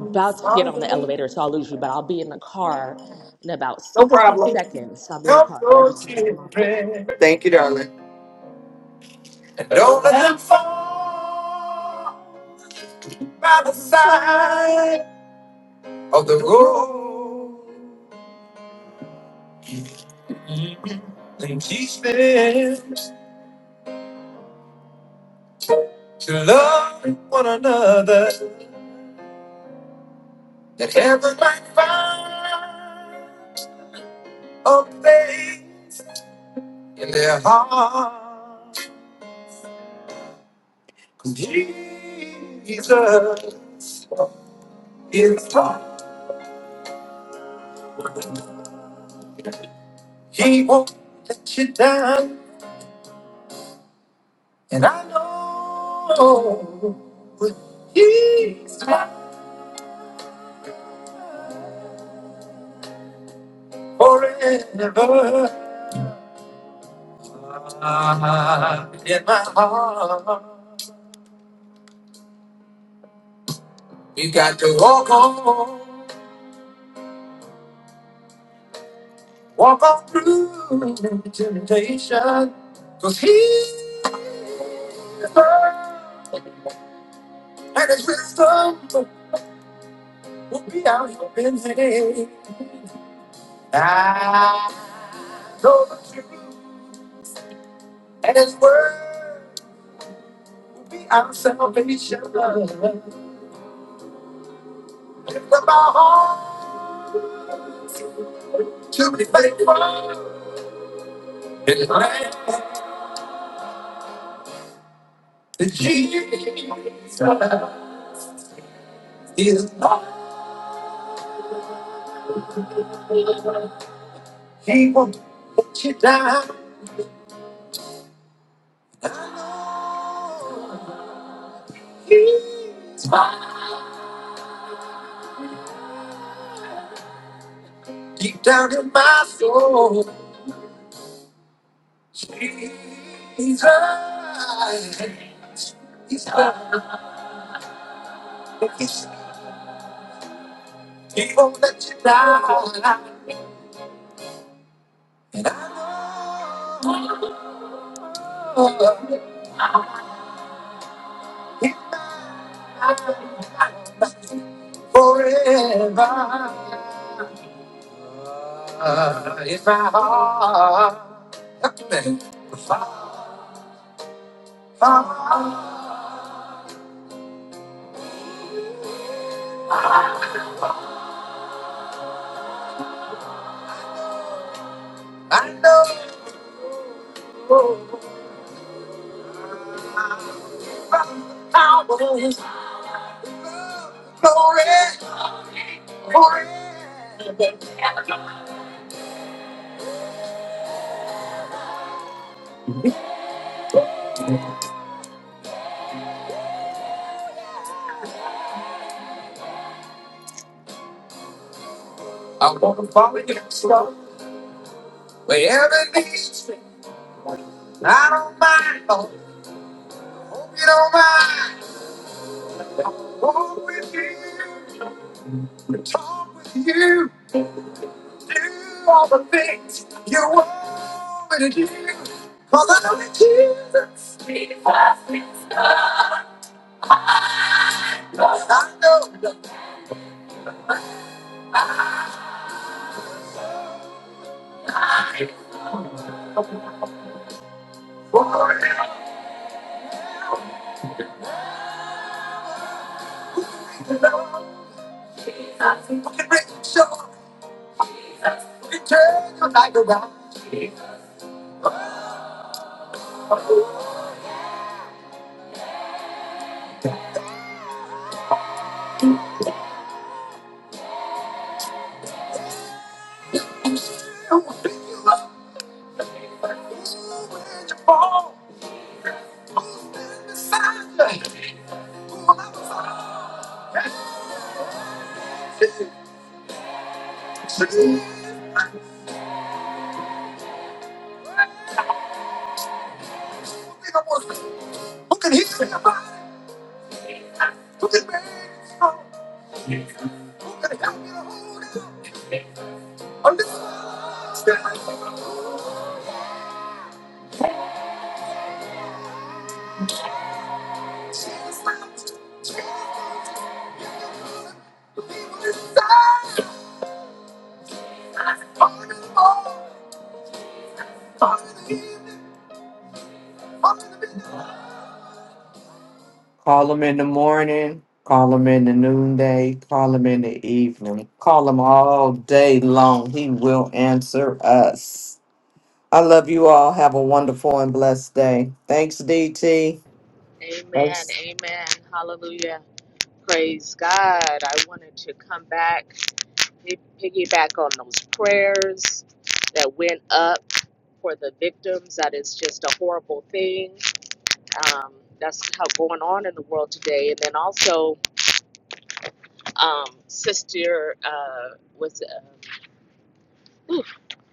No to get on the elevator, so I'll lose you, but I'll be in the car in about 60 problem. seconds. I'll be in the Help car, but I your just want to come on. children. Thank you, darling. Don't let them fall by the side of the road. They tend to love one another. That heaven might find a place in their heart. Jesus is hard. He won't let you down. And I know he's mine forever in my heart. We got to walk on, walk on through temptation. Cause he's first and his wisdom will be out here in the day. I know the truth and his word. Our salvation oh, to be faithful in life. The land that Jesus is He won't let you down. Oh, he- Deep down in my soul, he's Jesus, He's perfect. He won't let you down. And I know He's mine forever. I know forever. I don't mind. I hope you don't mind. Walk with you, walk with you, do all the things you want me to do. Cause I know that Jesus, Jesus is good. I know, boy, you know, we can make you sure, we can turn your life around. When you fall, stand beside you. Jesus, who can make it happen, hold it, stand on the wall, Call them in the morning, call them in the noonday, call them in the evening, call him all day long. He will answer us. I love you all. Have a wonderful and blessed day. Thanks, DT. Amen. Thanks. Amen. Hallelujah. Praise God. I wanted to come back, pi- piggyback on those prayers that went up for the victims. That is just a horrible thing. Um, that's how going on in the world today. And then also, um, Sister uh, was.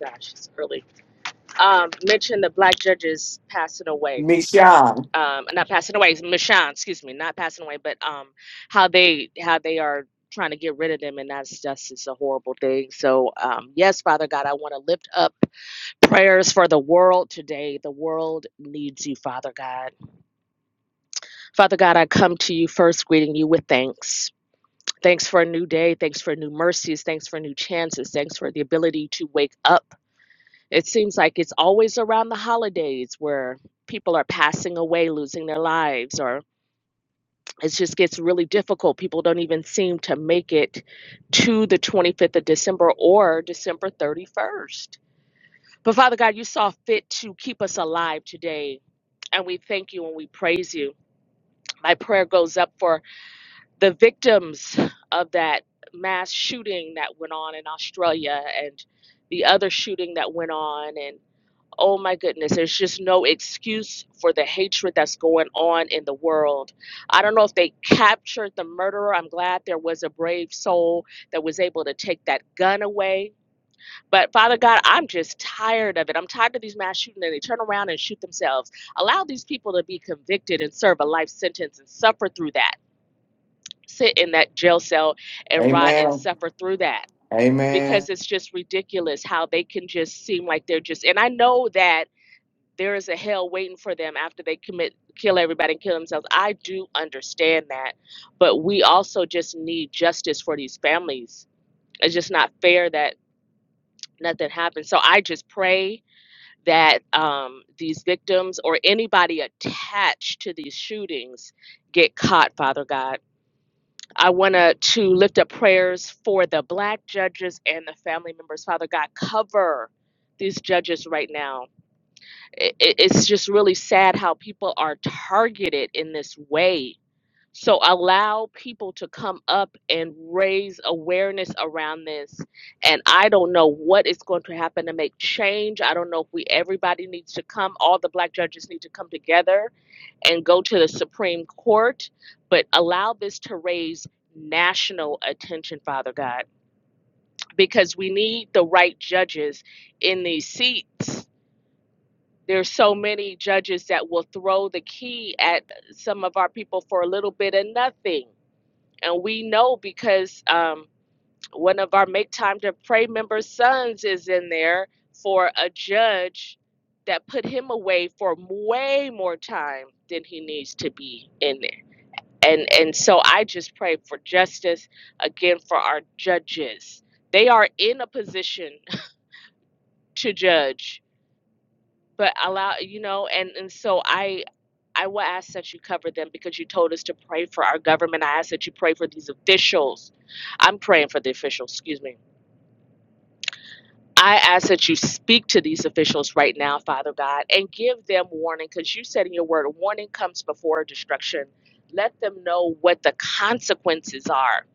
gosh, it's early. Um, mentioned the black judges passing away. Um, not passing away, Michonne, excuse me, not passing away, but um, how they how they are trying to get rid of them, and that's just it's a horrible thing. So um, yes, Father God, I want to lift up prayers for the world today. The world needs you, Father God. Father God, I come to you first, greeting you with thanks. Thanks for a new day. Thanks for new mercies. Thanks for new chances. Thanks for the ability to wake up It seems like it's always around the holidays where people are passing away, losing their lives, or it just gets really difficult. People don't even seem to make it to the 25th of December or December 31st. But Father God, you saw fit to keep us alive today, and we thank you and we praise you. My prayer goes up for the victims of that mass shooting that went on in Australia and the other shooting that went on and. Oh my goodness, there's just no excuse for the hatred that's going on in the world. I don't know if they captured the murderer. I'm glad there was a brave soul that was able to take that gun away. But Father God, I'm just tired of it. I'm tired of these mass shootings and they turn around and shoot themselves. Allow these people to be convicted and serve a life sentence and suffer through that. Sit in that jail cell and rot and Amen. suffer through that Amen. because it's just ridiculous how they can just seem like they're just. And I know that there is a hell waiting for them after they commit kill everybody and kill themselves i do understand that but we also just need justice for these families it's just not fair that nothing happens so i just pray that um, these victims or anybody attached to these shootings get caught father god i want to to lift up prayers for the black judges and the family members father god cover these judges right now it, it's just really sad how people are targeted in this way. So allow people to come up and raise awareness around this. And I don't know what is going to happen to make change. I don't know if we everybody needs to come, all the black judges need to come together and go to the Supreme Court, but allow this to raise national attention, Father God, because we need the right judges in these seats there's so many judges that will throw the key at some of our people for a little bit of nothing. And we know because um, one of our Make Time to Pray member sons is in there for a judge that put him away for way more time than he needs to be in there. And and so I just pray for justice again for our judges. They are in a position *laughs* to judge but allow you know and and so i i will ask that you cover them because you told us to pray for our government i ask that you pray for these officials i'm praying for the officials excuse me i ask that you speak to these officials right now father god and give them warning because you said in your word warning comes before destruction let them know what the consequences are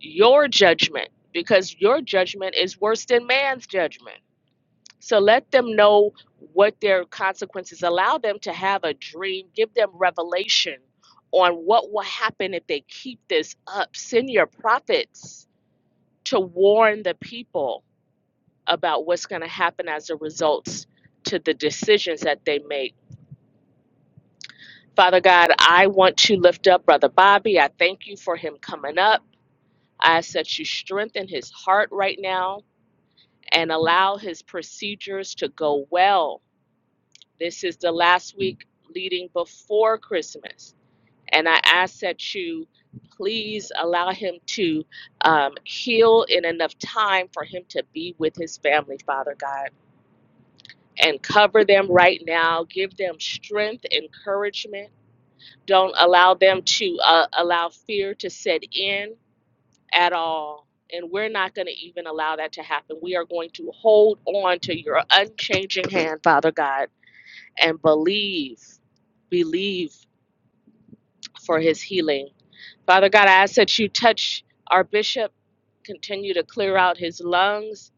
your judgment because your judgment is worse than man's judgment so let them know what their consequences. Allow them to have a dream. Give them revelation on what will happen if they keep this up. Send your prophets to warn the people about what's going to happen as a result to the decisions that they make. Father God, I want to lift up Brother Bobby. I thank you for him coming up. I ask that you strengthen his heart right now and allow his procedures to go well This is the last week leading before Christmas. And I ask that you please allow him to um, heal in enough time for him to be with his family, Father God. And cover them right now. Give them strength, encouragement. Don't allow them to uh, allow fear to set in at all. And we're not going to even allow that to happen. We are going to hold on to your unchanging hand, Father God and believe, believe for his healing. Father God, I ask that you touch our bishop, continue to clear out his lungs,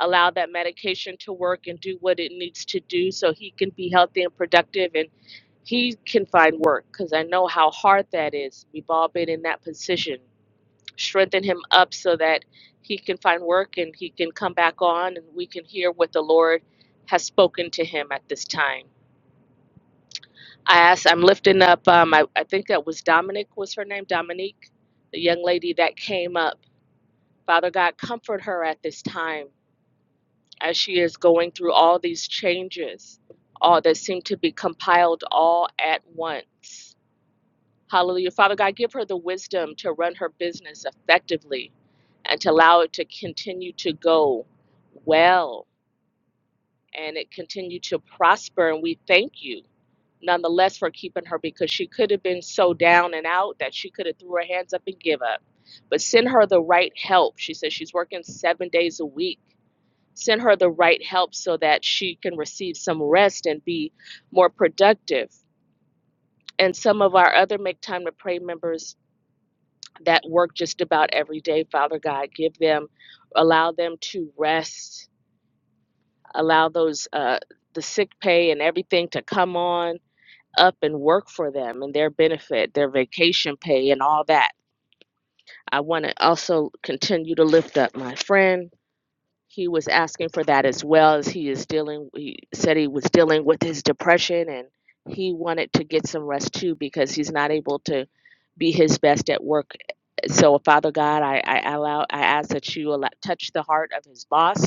allow that medication to work and do what it needs to do so he can be healthy and productive and he can find work because I know how hard that is. We've all been in that position. Strengthen him up so that he can find work and he can come back on and we can hear what the Lord has spoken to him at this time. I asked, I'm lifting up, um, I, I think that was Dominic, was her name? Dominique, the young lady that came up. Father God, comfort her at this time as she is going through all these changes, all that seem to be compiled all at once. Hallelujah. Father God, give her the wisdom to run her business effectively and to allow it to continue to go well and it continue to prosper. And we thank you nonetheless for keeping her because she could have been so down and out that she could have threw her hands up and give up but send her the right help she says she's working seven days a week send her the right help so that she can receive some rest and be more productive and some of our other make time to pray members that work just about every day father god give them allow them to rest allow those uh the sick pay and everything to come on up and work for them and their benefit, their vacation pay, and all that. I want to also continue to lift up my friend. He was asking for that as well as he is dealing. He said he was dealing with his depression and he wanted to get some rest too because he's not able to be his best at work. So, Father God, I, I allow, I ask that you allow, touch the heart of his boss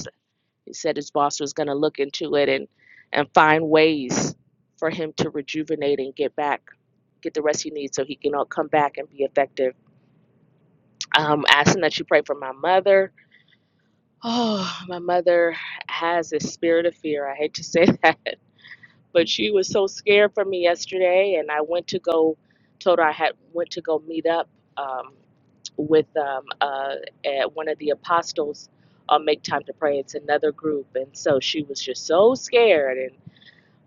he said his boss was going to look into it and and find ways for him to rejuvenate and get back, get the rest he needs so he can all come back and be effective. Um, asking that you pray for my mother. Oh, my mother has a spirit of fear. I hate to say *laughs* that, but she was so scared for me yesterday and i went to go told her i had went to go meet up um, with um, uh, at one of the apostles on make time to pray it's another group and so she was just so scared and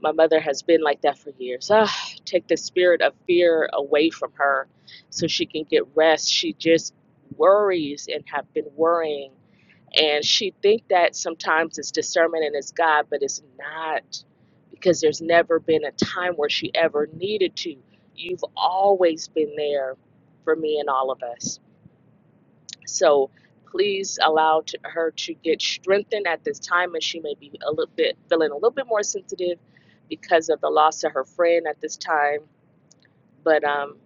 my mother has been like that for years ah, take the spirit of fear away from her so she can get rest she just worries and have been worrying and she think that sometimes it's discernment and it's God, but it's not because there's never been a time where she ever needed to. You've always been there for me and all of us. So please allow to, her to get strengthened at this time, and she may be a little bit feeling a little bit more sensitive because of the loss of her friend at this time. But um,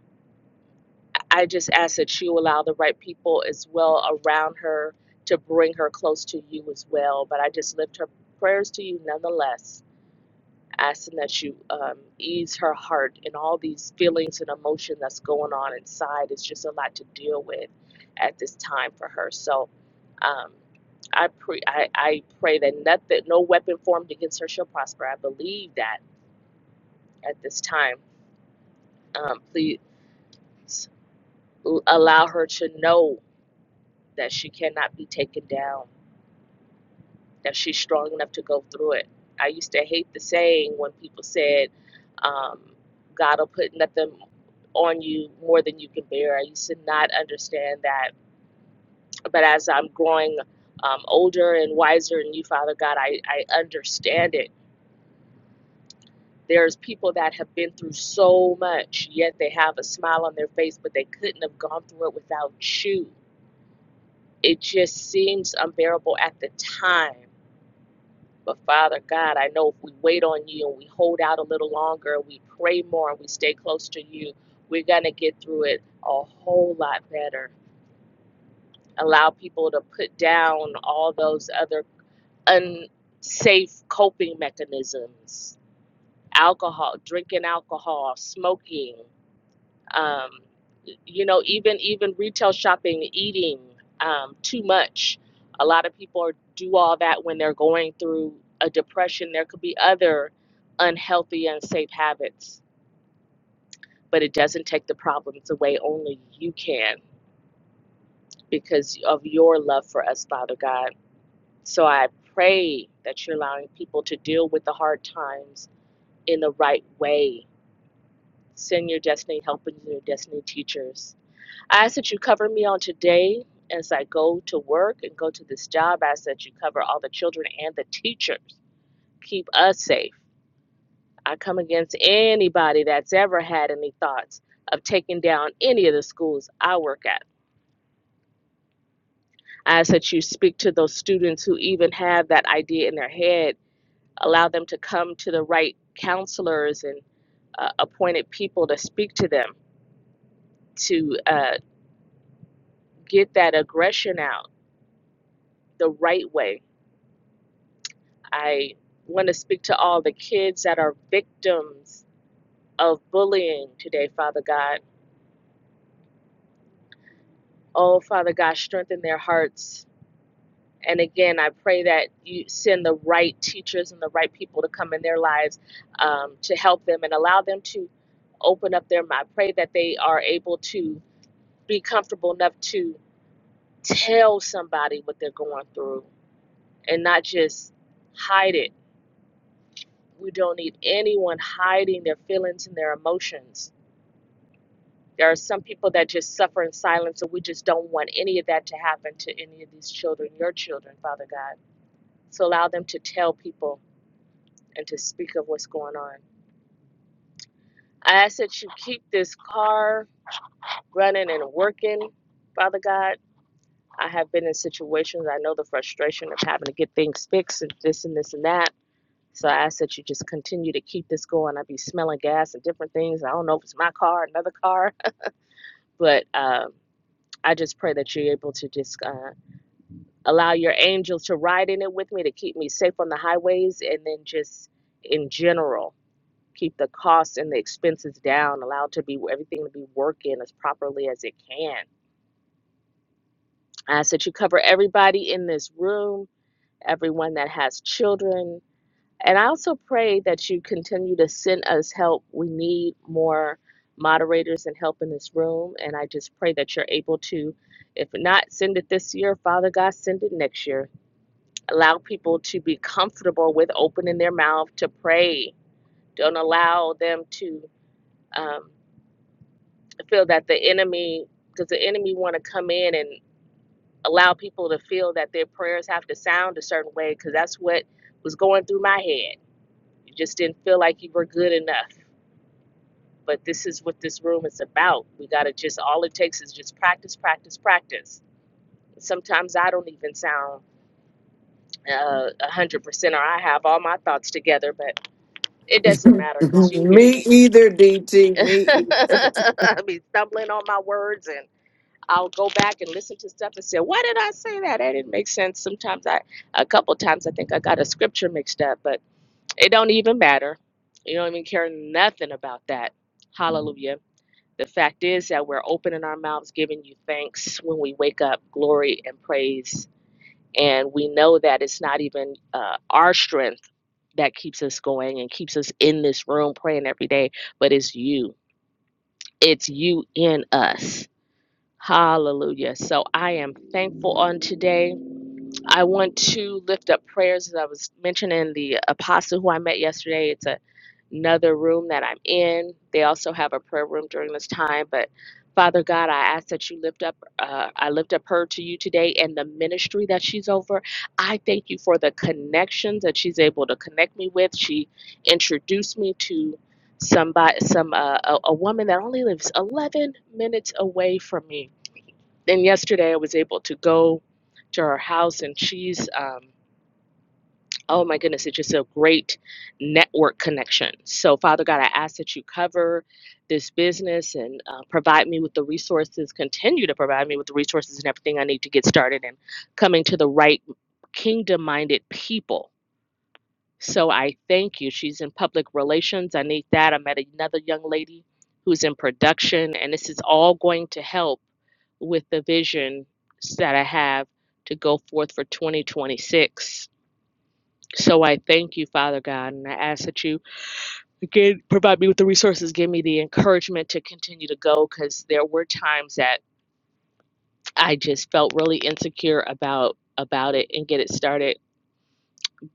I just ask that you allow the right people as well around her to bring her close to you as well. But I just lift her prayers to you nonetheless, asking that you um, ease her heart and all these feelings and emotion that's going on inside. It's just a lot to deal with at this time for her. So um, I, pre- I, I pray that nothing, no weapon formed against her shall prosper. I believe that at this time. Um, please allow her to know. that she cannot be taken down, that she's strong enough to go through it. I used to hate the saying when people said, um, God will put nothing on you more than you can bear. I used to not understand that. But as I'm growing um, older and wiser in you, Father God, I, I understand it. There's people that have been through so much, yet they have a smile on their face, but they couldn't have gone through it without you. It just seems unbearable at the time But Father God, I know if we wait on you and we hold out a little longer, we pray more and we stay close to you, we're going to get through it a whole lot better. Allow people to put down all those other unsafe coping mechanisms alcohol, drinking alcohol, smoking um, you know even even retail shopping eating um, too much a lot of people are, do all that when they're going through a depression there could be other unhealthy unsafe habits but it doesn't take the problems away only you can because of your love for us father god so i pray that you're allowing people to deal with the hard times in the right way send your destiny helpers and your destiny teachers I ask that you cover me on today as I go to work and go to this job. I ask that you cover all the children and the teachers. Keep us safe. I come against anybody that's ever had any thoughts of taking down any of the schools I work at. I ask that you speak to those students who even have that idea in their head. Allow them to come to the right counselors and uh, appointed people to speak to them to uh, get that aggression out the right way I want to speak to all the kids that are victims of bullying today, Father God. Oh, Father God, strengthen their hearts. And again, I pray that you send the right teachers and the right people to come in their lives um, to help them and allow them to open up their mind. I pray that they are able to be comfortable enough to tell somebody what they're going through and not just hide it. We don't need anyone hiding their feelings and their emotions There are some people that just suffer in silence, and we just don't want any of that to happen to any of these children, your children, Father God. So allow them to tell people and to speak of what's going on. I ask that you keep this car running and working, Father God. I have been in situations, I know the frustration of having to get things fixed and this and this and that. So I ask that you just continue to keep this going. I be smelling gas and different things. I don't know if it's my car, another car, *laughs* but um, I just pray that you're able to just. Uh, allow your angels to ride in it with me to keep me safe on the highways and then just in general keep the costs and the expenses down allow it to be everything to be working as properly as it can i ask that you cover everybody in this room everyone that has children and i also pray that you continue to send us help we need more moderators and help in this room and i just pray that you're able to if not send it this year father god send it next year allow people to be comfortable with opening their mouth to pray. Don't allow them to um, feel that the enemy, because the enemy want to come in and allow people to feel that their prayers have to sound a certain way. Because that's what was going through my head. You just didn't feel like you were good enough. But this is what this room is about. We gotta just all it takes is just practice, practice, practice. Sometimes I don't even sound uh, a hundred percent, or I have all my thoughts together, but. It doesn't matter because you hear Me me. either, DT. *laughs* Me. e- I be stumbling on my words and I'll go back and listen to stuff and say, why did I say that? That didn't make sense. Sometimes I, a couple times I think I got a scripture mixed up, but it don't even matter. You don't even care nothing about that. Hallelujah. The fact is that we're opening our mouths, giving you thanks when we wake up, glory and praise. And we know that it's not even uh, our strength that keeps us going and keeps us in this room praying every day, but it's you. It's you in us. Hallelujah. So I am thankful on today. I want to lift up prayers as I was mentioning the apostle who I met yesterday. It's a, another room that I'm in. They also have a prayer room during this time. But Father God, I ask that you lift up, uh, I lift up her to you today and the ministry that she's over. I thank you for the connections that she's able to connect me with. She introduced me to somebody, some uh, a, a woman that only lives 11 minutes away from me then yesterday I was able to go to her house, and she's um, oh my goodness, it's just a great network connection. So Father God, I ask that you cover this business and uh, provide me with the resources. Continue to provide me with the resources and everything I need to get started and coming to the right kingdom-minded people so I thank you. She's in public relations. I need that. I met another young lady who's in production, and this is all going to help with the vision that I have to go forth for 2026. So I thank you, Father God, and I ask that you again provide me with the resources, give me the encouragement to continue to go because there were times that I just felt really insecure about about it and get it started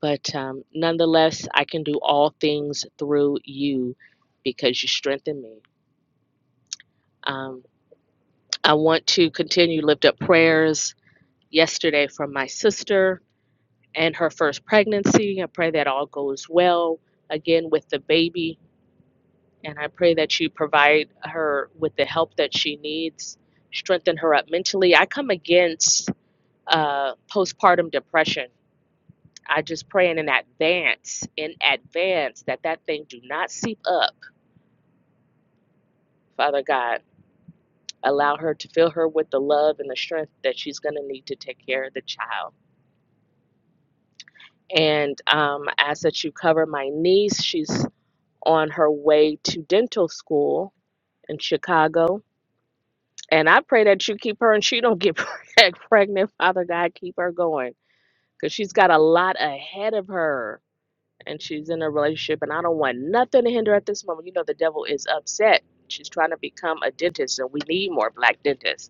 But um, nonetheless, I can do all things through you because you strengthen me. Um, I want to continue to lift up prayers yesterday from my sister and her first pregnancy. I pray that all goes well again with the baby. And I pray that you provide her with the help that she needs, strengthen her up mentally. I come against uh, postpartum depression. I just pray in advance, in advance, that that thing do not seep up Father God, allow her to fill her with the love and the strength that she's going to need to take care of the child. And um, I ask that you cover my niece. She's on her way to dental school in Chicago. And I pray that you keep her and she don't get *laughs* pregnant. Father God, keep her going because she's got a lot ahead of her and she's in a relationship. And I don't want nothing to hinder at this moment. You know, the devil is upset. She's trying to become a dentist and we need more black dentists.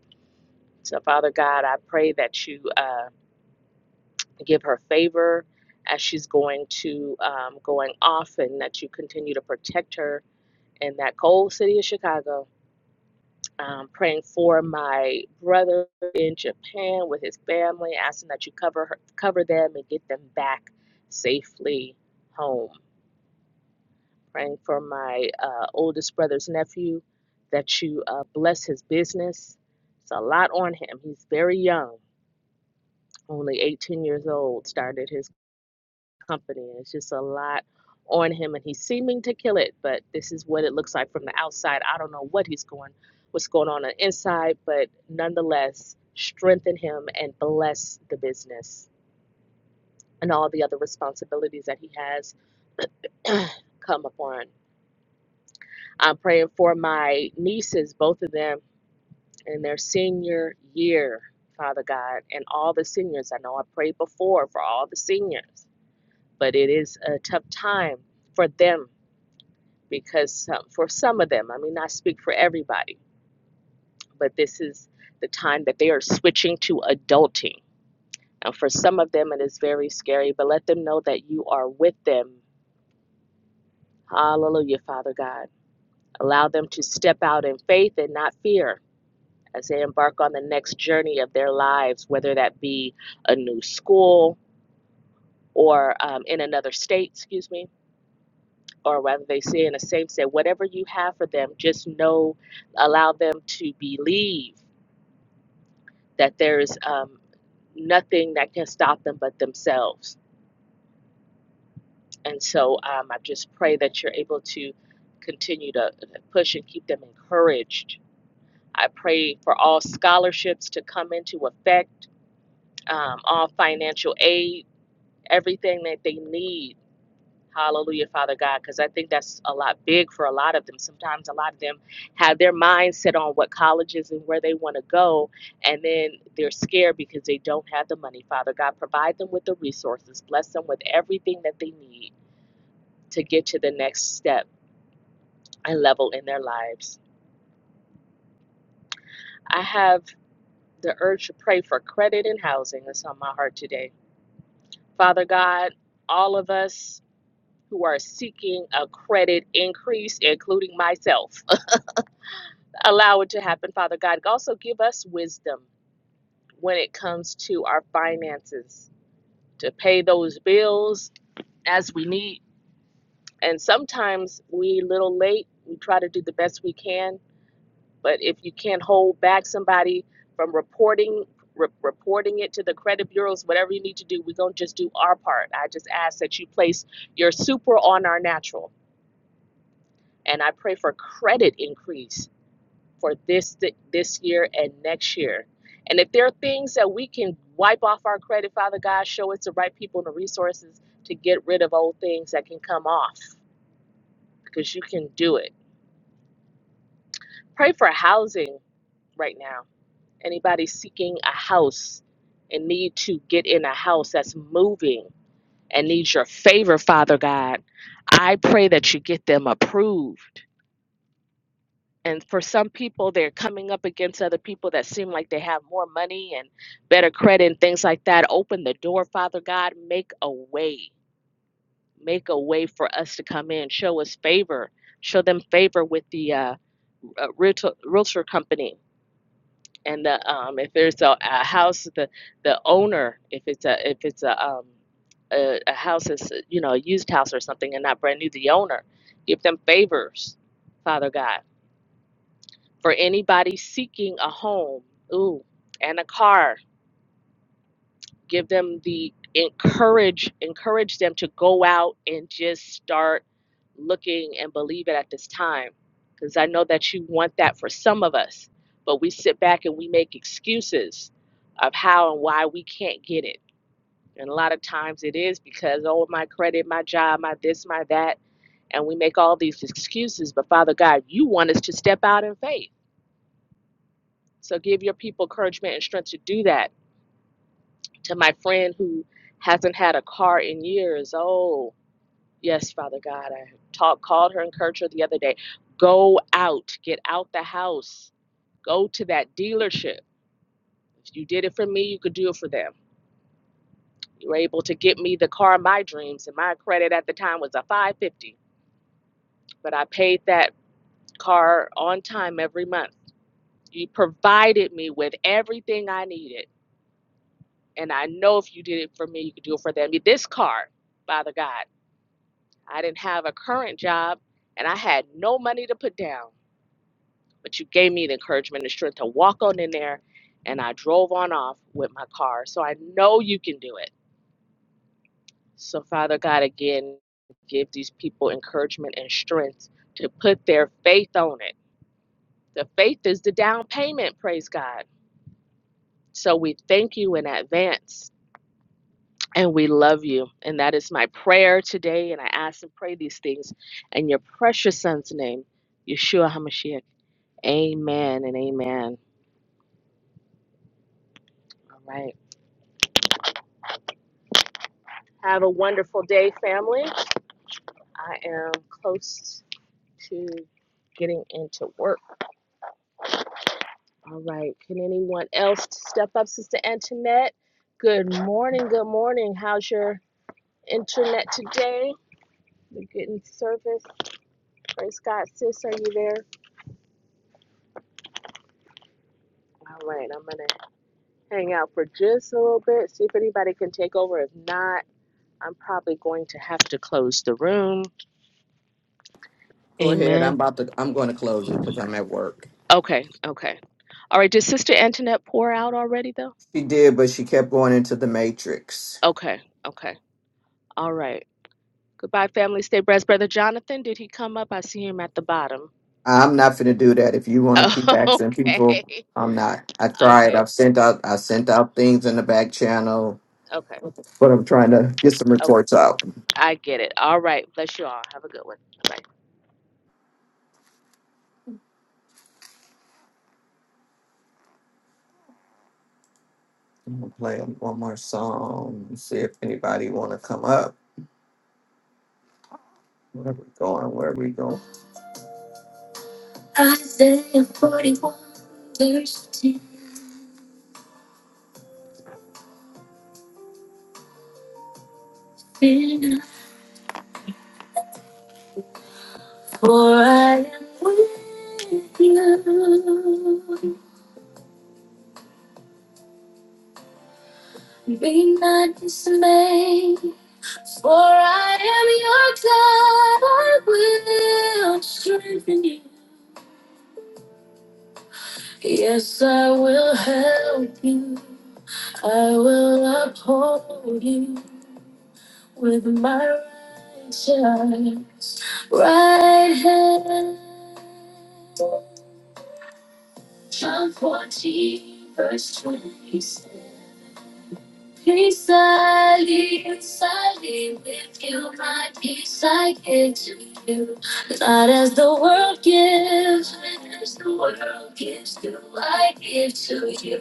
So, Father God, I pray that you uh, give her favor as she's going to um, going off, and that you continue to protect her in that cold city of Chicago. Um, praying for my brother in Japan with his family, asking that you cover her, cover them and get them back safely home. Praying for my uh, oldest brother's nephew that you uh, bless his business. It's a lot on him. He's very young only 18 years old, started his company. And it's just a lot on him, and he's seeming to kill it. But this is what it looks like from the outside. I don't know what he's going, what's going on on the inside, but nonetheless, strengthen him and bless the business and all the other responsibilities that he has *clears throat* come upon. I'm praying for my nieces, both of them, in their senior year. Father God, and all the seniors. I know I prayed before for all the seniors but it is a tough time for them because some, for some of them, I mean, I speak for everybody, but this is the time that they are switching to adulting. And for some of them, it is very scary, but let them know that you are with them. Hallelujah, Father God. Allow them to step out in faith and not fear as they embark on the next journey of their lives, whether that be a new school or um, in another state, excuse me or whether they say in a same set, whatever you have for them, just know, allow them to believe that there is um, nothing that can stop them but themselves. And so um, I just pray that you're able to continue to uh, push and keep them encouraged. I pray for all scholarships to come into effect, um, all financial aid, everything that they need Hallelujah, Father God, because I think that's a lot big for a lot of them. Sometimes a lot of them have their minds set on what colleges and where they want to go, and then they're scared because they don't have the money. Father God, provide them with the resources, bless them with everything that they need to get to the next step and level in their lives. I have the urge to pray for credit and housing. That's on my heart today. Father God, all of us who are seeking a credit increase, including myself. allow it to happen, Father God. Also, give us wisdom when it comes to our finances to pay those bills as we need. And sometimes we a little late. We try to do the best we can, but if you can't hold back somebody from reporting re- reporting it to the credit bureaus, whatever you need to do, we're gonna just do our part. I just ask that you place your super on our natural, and I pray for credit increase for this th- this year and next year. And if there are things that we can wipe off our credit, Father God, show us the right people and the resources to get rid of old things that can come off because you can do it. Pray for housing right now. Anybody seeking a house and need to get in a house that's moving and needs your favor, Father God, I pray that you get them approved and for some people they're coming up against other people that seem like they have more money and better credit and things like that open the door father god make a way make a way for us to come in show us favor show them favor with the uh, uh, realtor, realtor company and the, um, if there's a, a house the the owner if it's a if it's a um, a, a house that's you know a used house or something and not brand new the owner give them favors father god for anybody seeking a home ooh and a car give them the encourage encourage them to go out and just start looking and believe it at this time because i know that you want that for some of us but we sit back and we make excuses of how and why we can't get it and a lot of times it is because oh my credit my job my this my that and we make all these excuses but father god you want us to step out in faith So give your people encouragement and strength to do that. To my friend who hasn't had a car in years, oh, yes, Father God, I talk, called her, encouraged her the other day. Go out, get out the house, go to that dealership. If you did it for me, you could do it for them. You were able to get me the car of my dreams, and my credit at the time was a 550, but I paid that car on time every month. You provided me with everything I needed And I know if you did it for me, you could do it for them. This car, Father God, I didn't have a current job and I had no money to put down, but you gave me the encouragement and strength to walk on in there. And I drove on off with my car. So I know you can do it. So, Father God, again, give these people encouragement and strength to put their faith on it. The faith is the down payment, praise God. So we thank you in advance and we love you. And that is my prayer today. And I ask and pray these things in your precious son's name, Yeshua HaMashiach. Amen and amen. All right. Have a wonderful day, family. I am close to getting into work. All right. Can anyone else step up, Sister Antoinette? Good morning. Good morning. How's your internet today? You're getting service. Praise God, sis. Are you there? All right. I'm going to hang out for just a little bit, see if anybody can take over. If not, I'm probably going to have to close the room. Go ahead. I'm Amen. about to. I'm going to close it because I'm at work. Okay, okay. All right, did Sister Antoinette pour out already, though? She did, but she kept going into the matrix. Okay, okay. All right. Goodbye, family. Stay blessed. Brother Jonathan, did he come up? I see him at the bottom. I'm not finna do that. If you wanna keep *laughs* asking okay, people, I'm not. I okay, tried. okay, I've sent out. I sent out things in the back channel, okay. but I'm trying to get some reports out. I get it. All right. Bless you all. Have a good one. Bye. Play one more song. See if anybody wanna come up. Where we going? Where we going? Isaiah 41, verse 10. For I am with you. Be not dismayed. For I am your God, I will strengthen you. Yes, I will help you. I will uphold you with my righteous right hand. John 14, verse 26. Peace I leave, I leave with you. My peace I give to you. Not as the world gives, but as the world gives, do I give to you.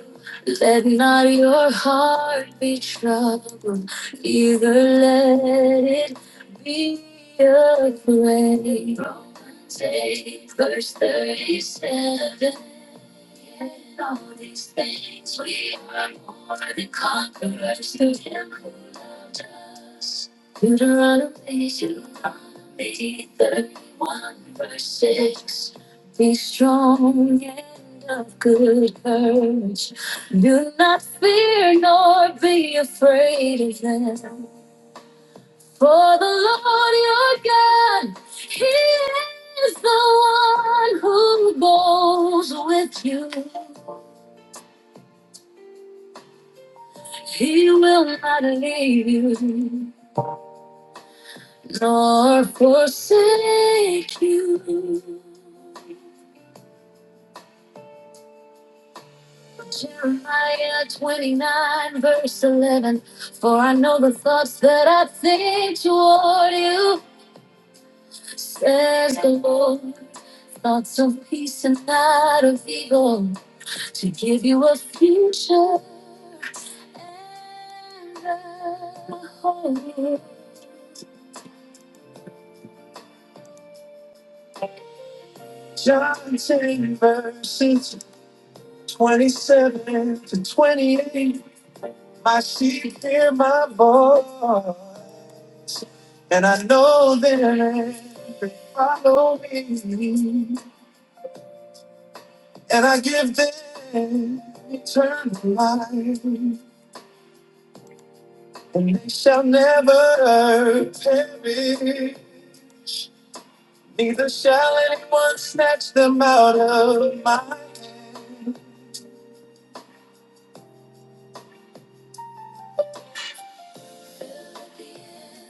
Let not your heart be troubled, either let it be afraid. Romans 8, verse 37. In all these things, we are more than conquerors through Him who loved us. Deuteronomy, Deuteronomy 31, verse 6. Be strong and of good courage. Do not fear nor be afraid of them. For the Lord your God, He is the one who goes with you. He will not leave you nor forsake you. Jeremiah 29, verse 11. For I know the thoughts that I think toward you, says the Lord. Thoughts of peace and not of evil, to give you a future and a hope. John 10, verses. 27 to 28, my sheep hear my voice, and I know them, they follow me, and I give them eternal life, and they shall never perish, neither shall anyone snatch them out of my hand.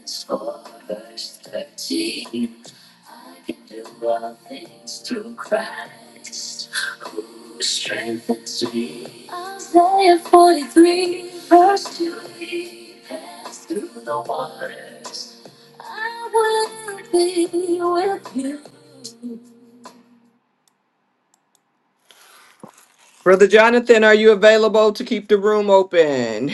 Scores thirteen. I can do all things through Christ who strengthens me. Isaiah 43, verse 2. He passed through the waters. I will be with you. Brother Jonathan, are you available to keep the room open?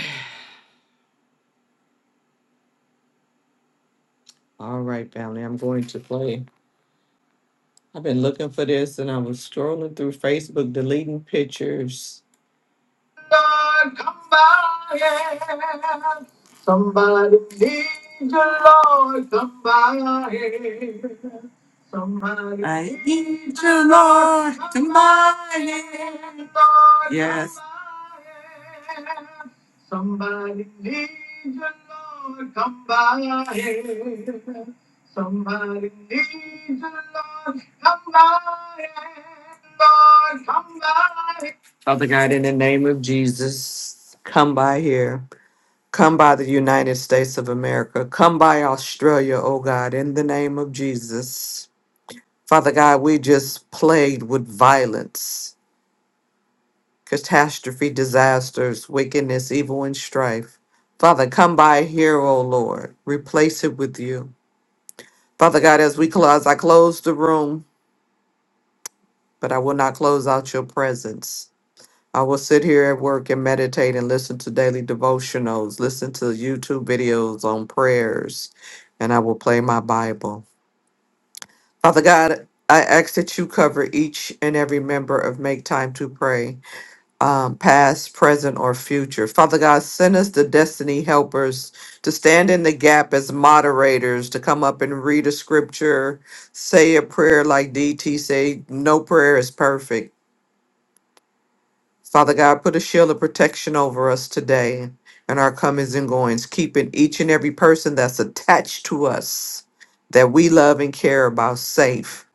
All right, family, I'm going to play. I've been looking for this and I was strolling through Facebook deleting pictures God, come by. yeah. Somebody needs you, Lord, come by. yeah. Somebody I need you, Lord, come by. yeah. Yes. yeah. Somebody needs you, Lord, come by. yeah. Somebody needs you, Lord, come by. yeah. Lord, come by. Father God, in the name of Jesus, come by here. Come by the United States of America. Come by Australia, oh God, in the name of Jesus. Father God, we just plagued with violence, catastrophe, disasters, wickedness, evil, and strife. Father, come by here, oh Lord. Replace it with you. Father God, as we close, I close the room, but I will not close out your presence. I will sit here at work and meditate and listen to daily devotionals, listen to YouTube videos on prayers, and I will play my Bible. Father God, I ask that you cover each and every member of Make Time to Pray, um, past, present, or future. Father God, send us the destiny helpers to stand in the gap as moderators, to come up and read a scripture, say a prayer like DT say, no prayer is perfect Father God, put a shield of protection over us today and our comings and goings, keeping each and every person that's attached to us that we love and care about safe.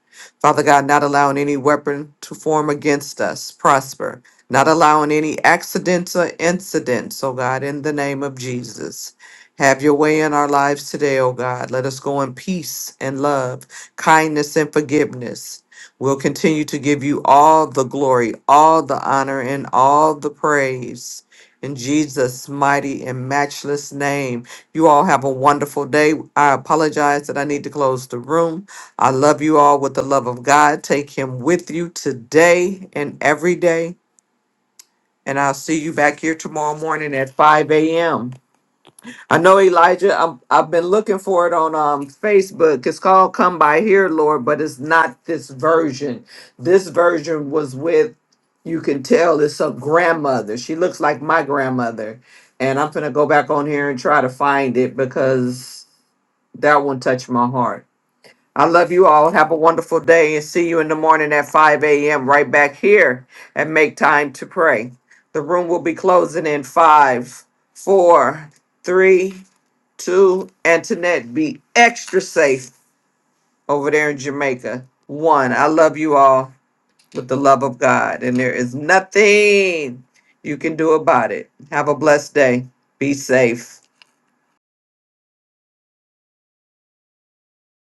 Father God, not allowing any weapon to form against us prosper, not allowing any accidents or incidents, oh God, in the name of Jesus. Have your way in our lives today, oh God. Let us go in peace and love, kindness and forgiveness. We'll continue to give you all the glory, all the honor, and all the praise. In Jesus' mighty and matchless name. You all have a wonderful day. I apologize that I need to close the room. I love you all with the love of God. Take Him with you today and every day. And I'll see you back here tomorrow morning at 5 a.m. I know Elijah. I'm, I've been looking for it on um, Facebook. It's called "Come by Here, Lord," but it's not this version. This version was with, you can tell it's a grandmother. She looks like my grandmother, and I'm gonna go back on here and try to find it because that one touched my heart. I love you all. Have a wonderful day, and see you in the morning at 5 a.m. right back here and make time to pray. The room will be closing in five, four, three Two, Antoinette, be extra safe over there in Jamaica. One, I love you all with the love of God, and there is nothing you can do about it. Have a blessed day. Be safe.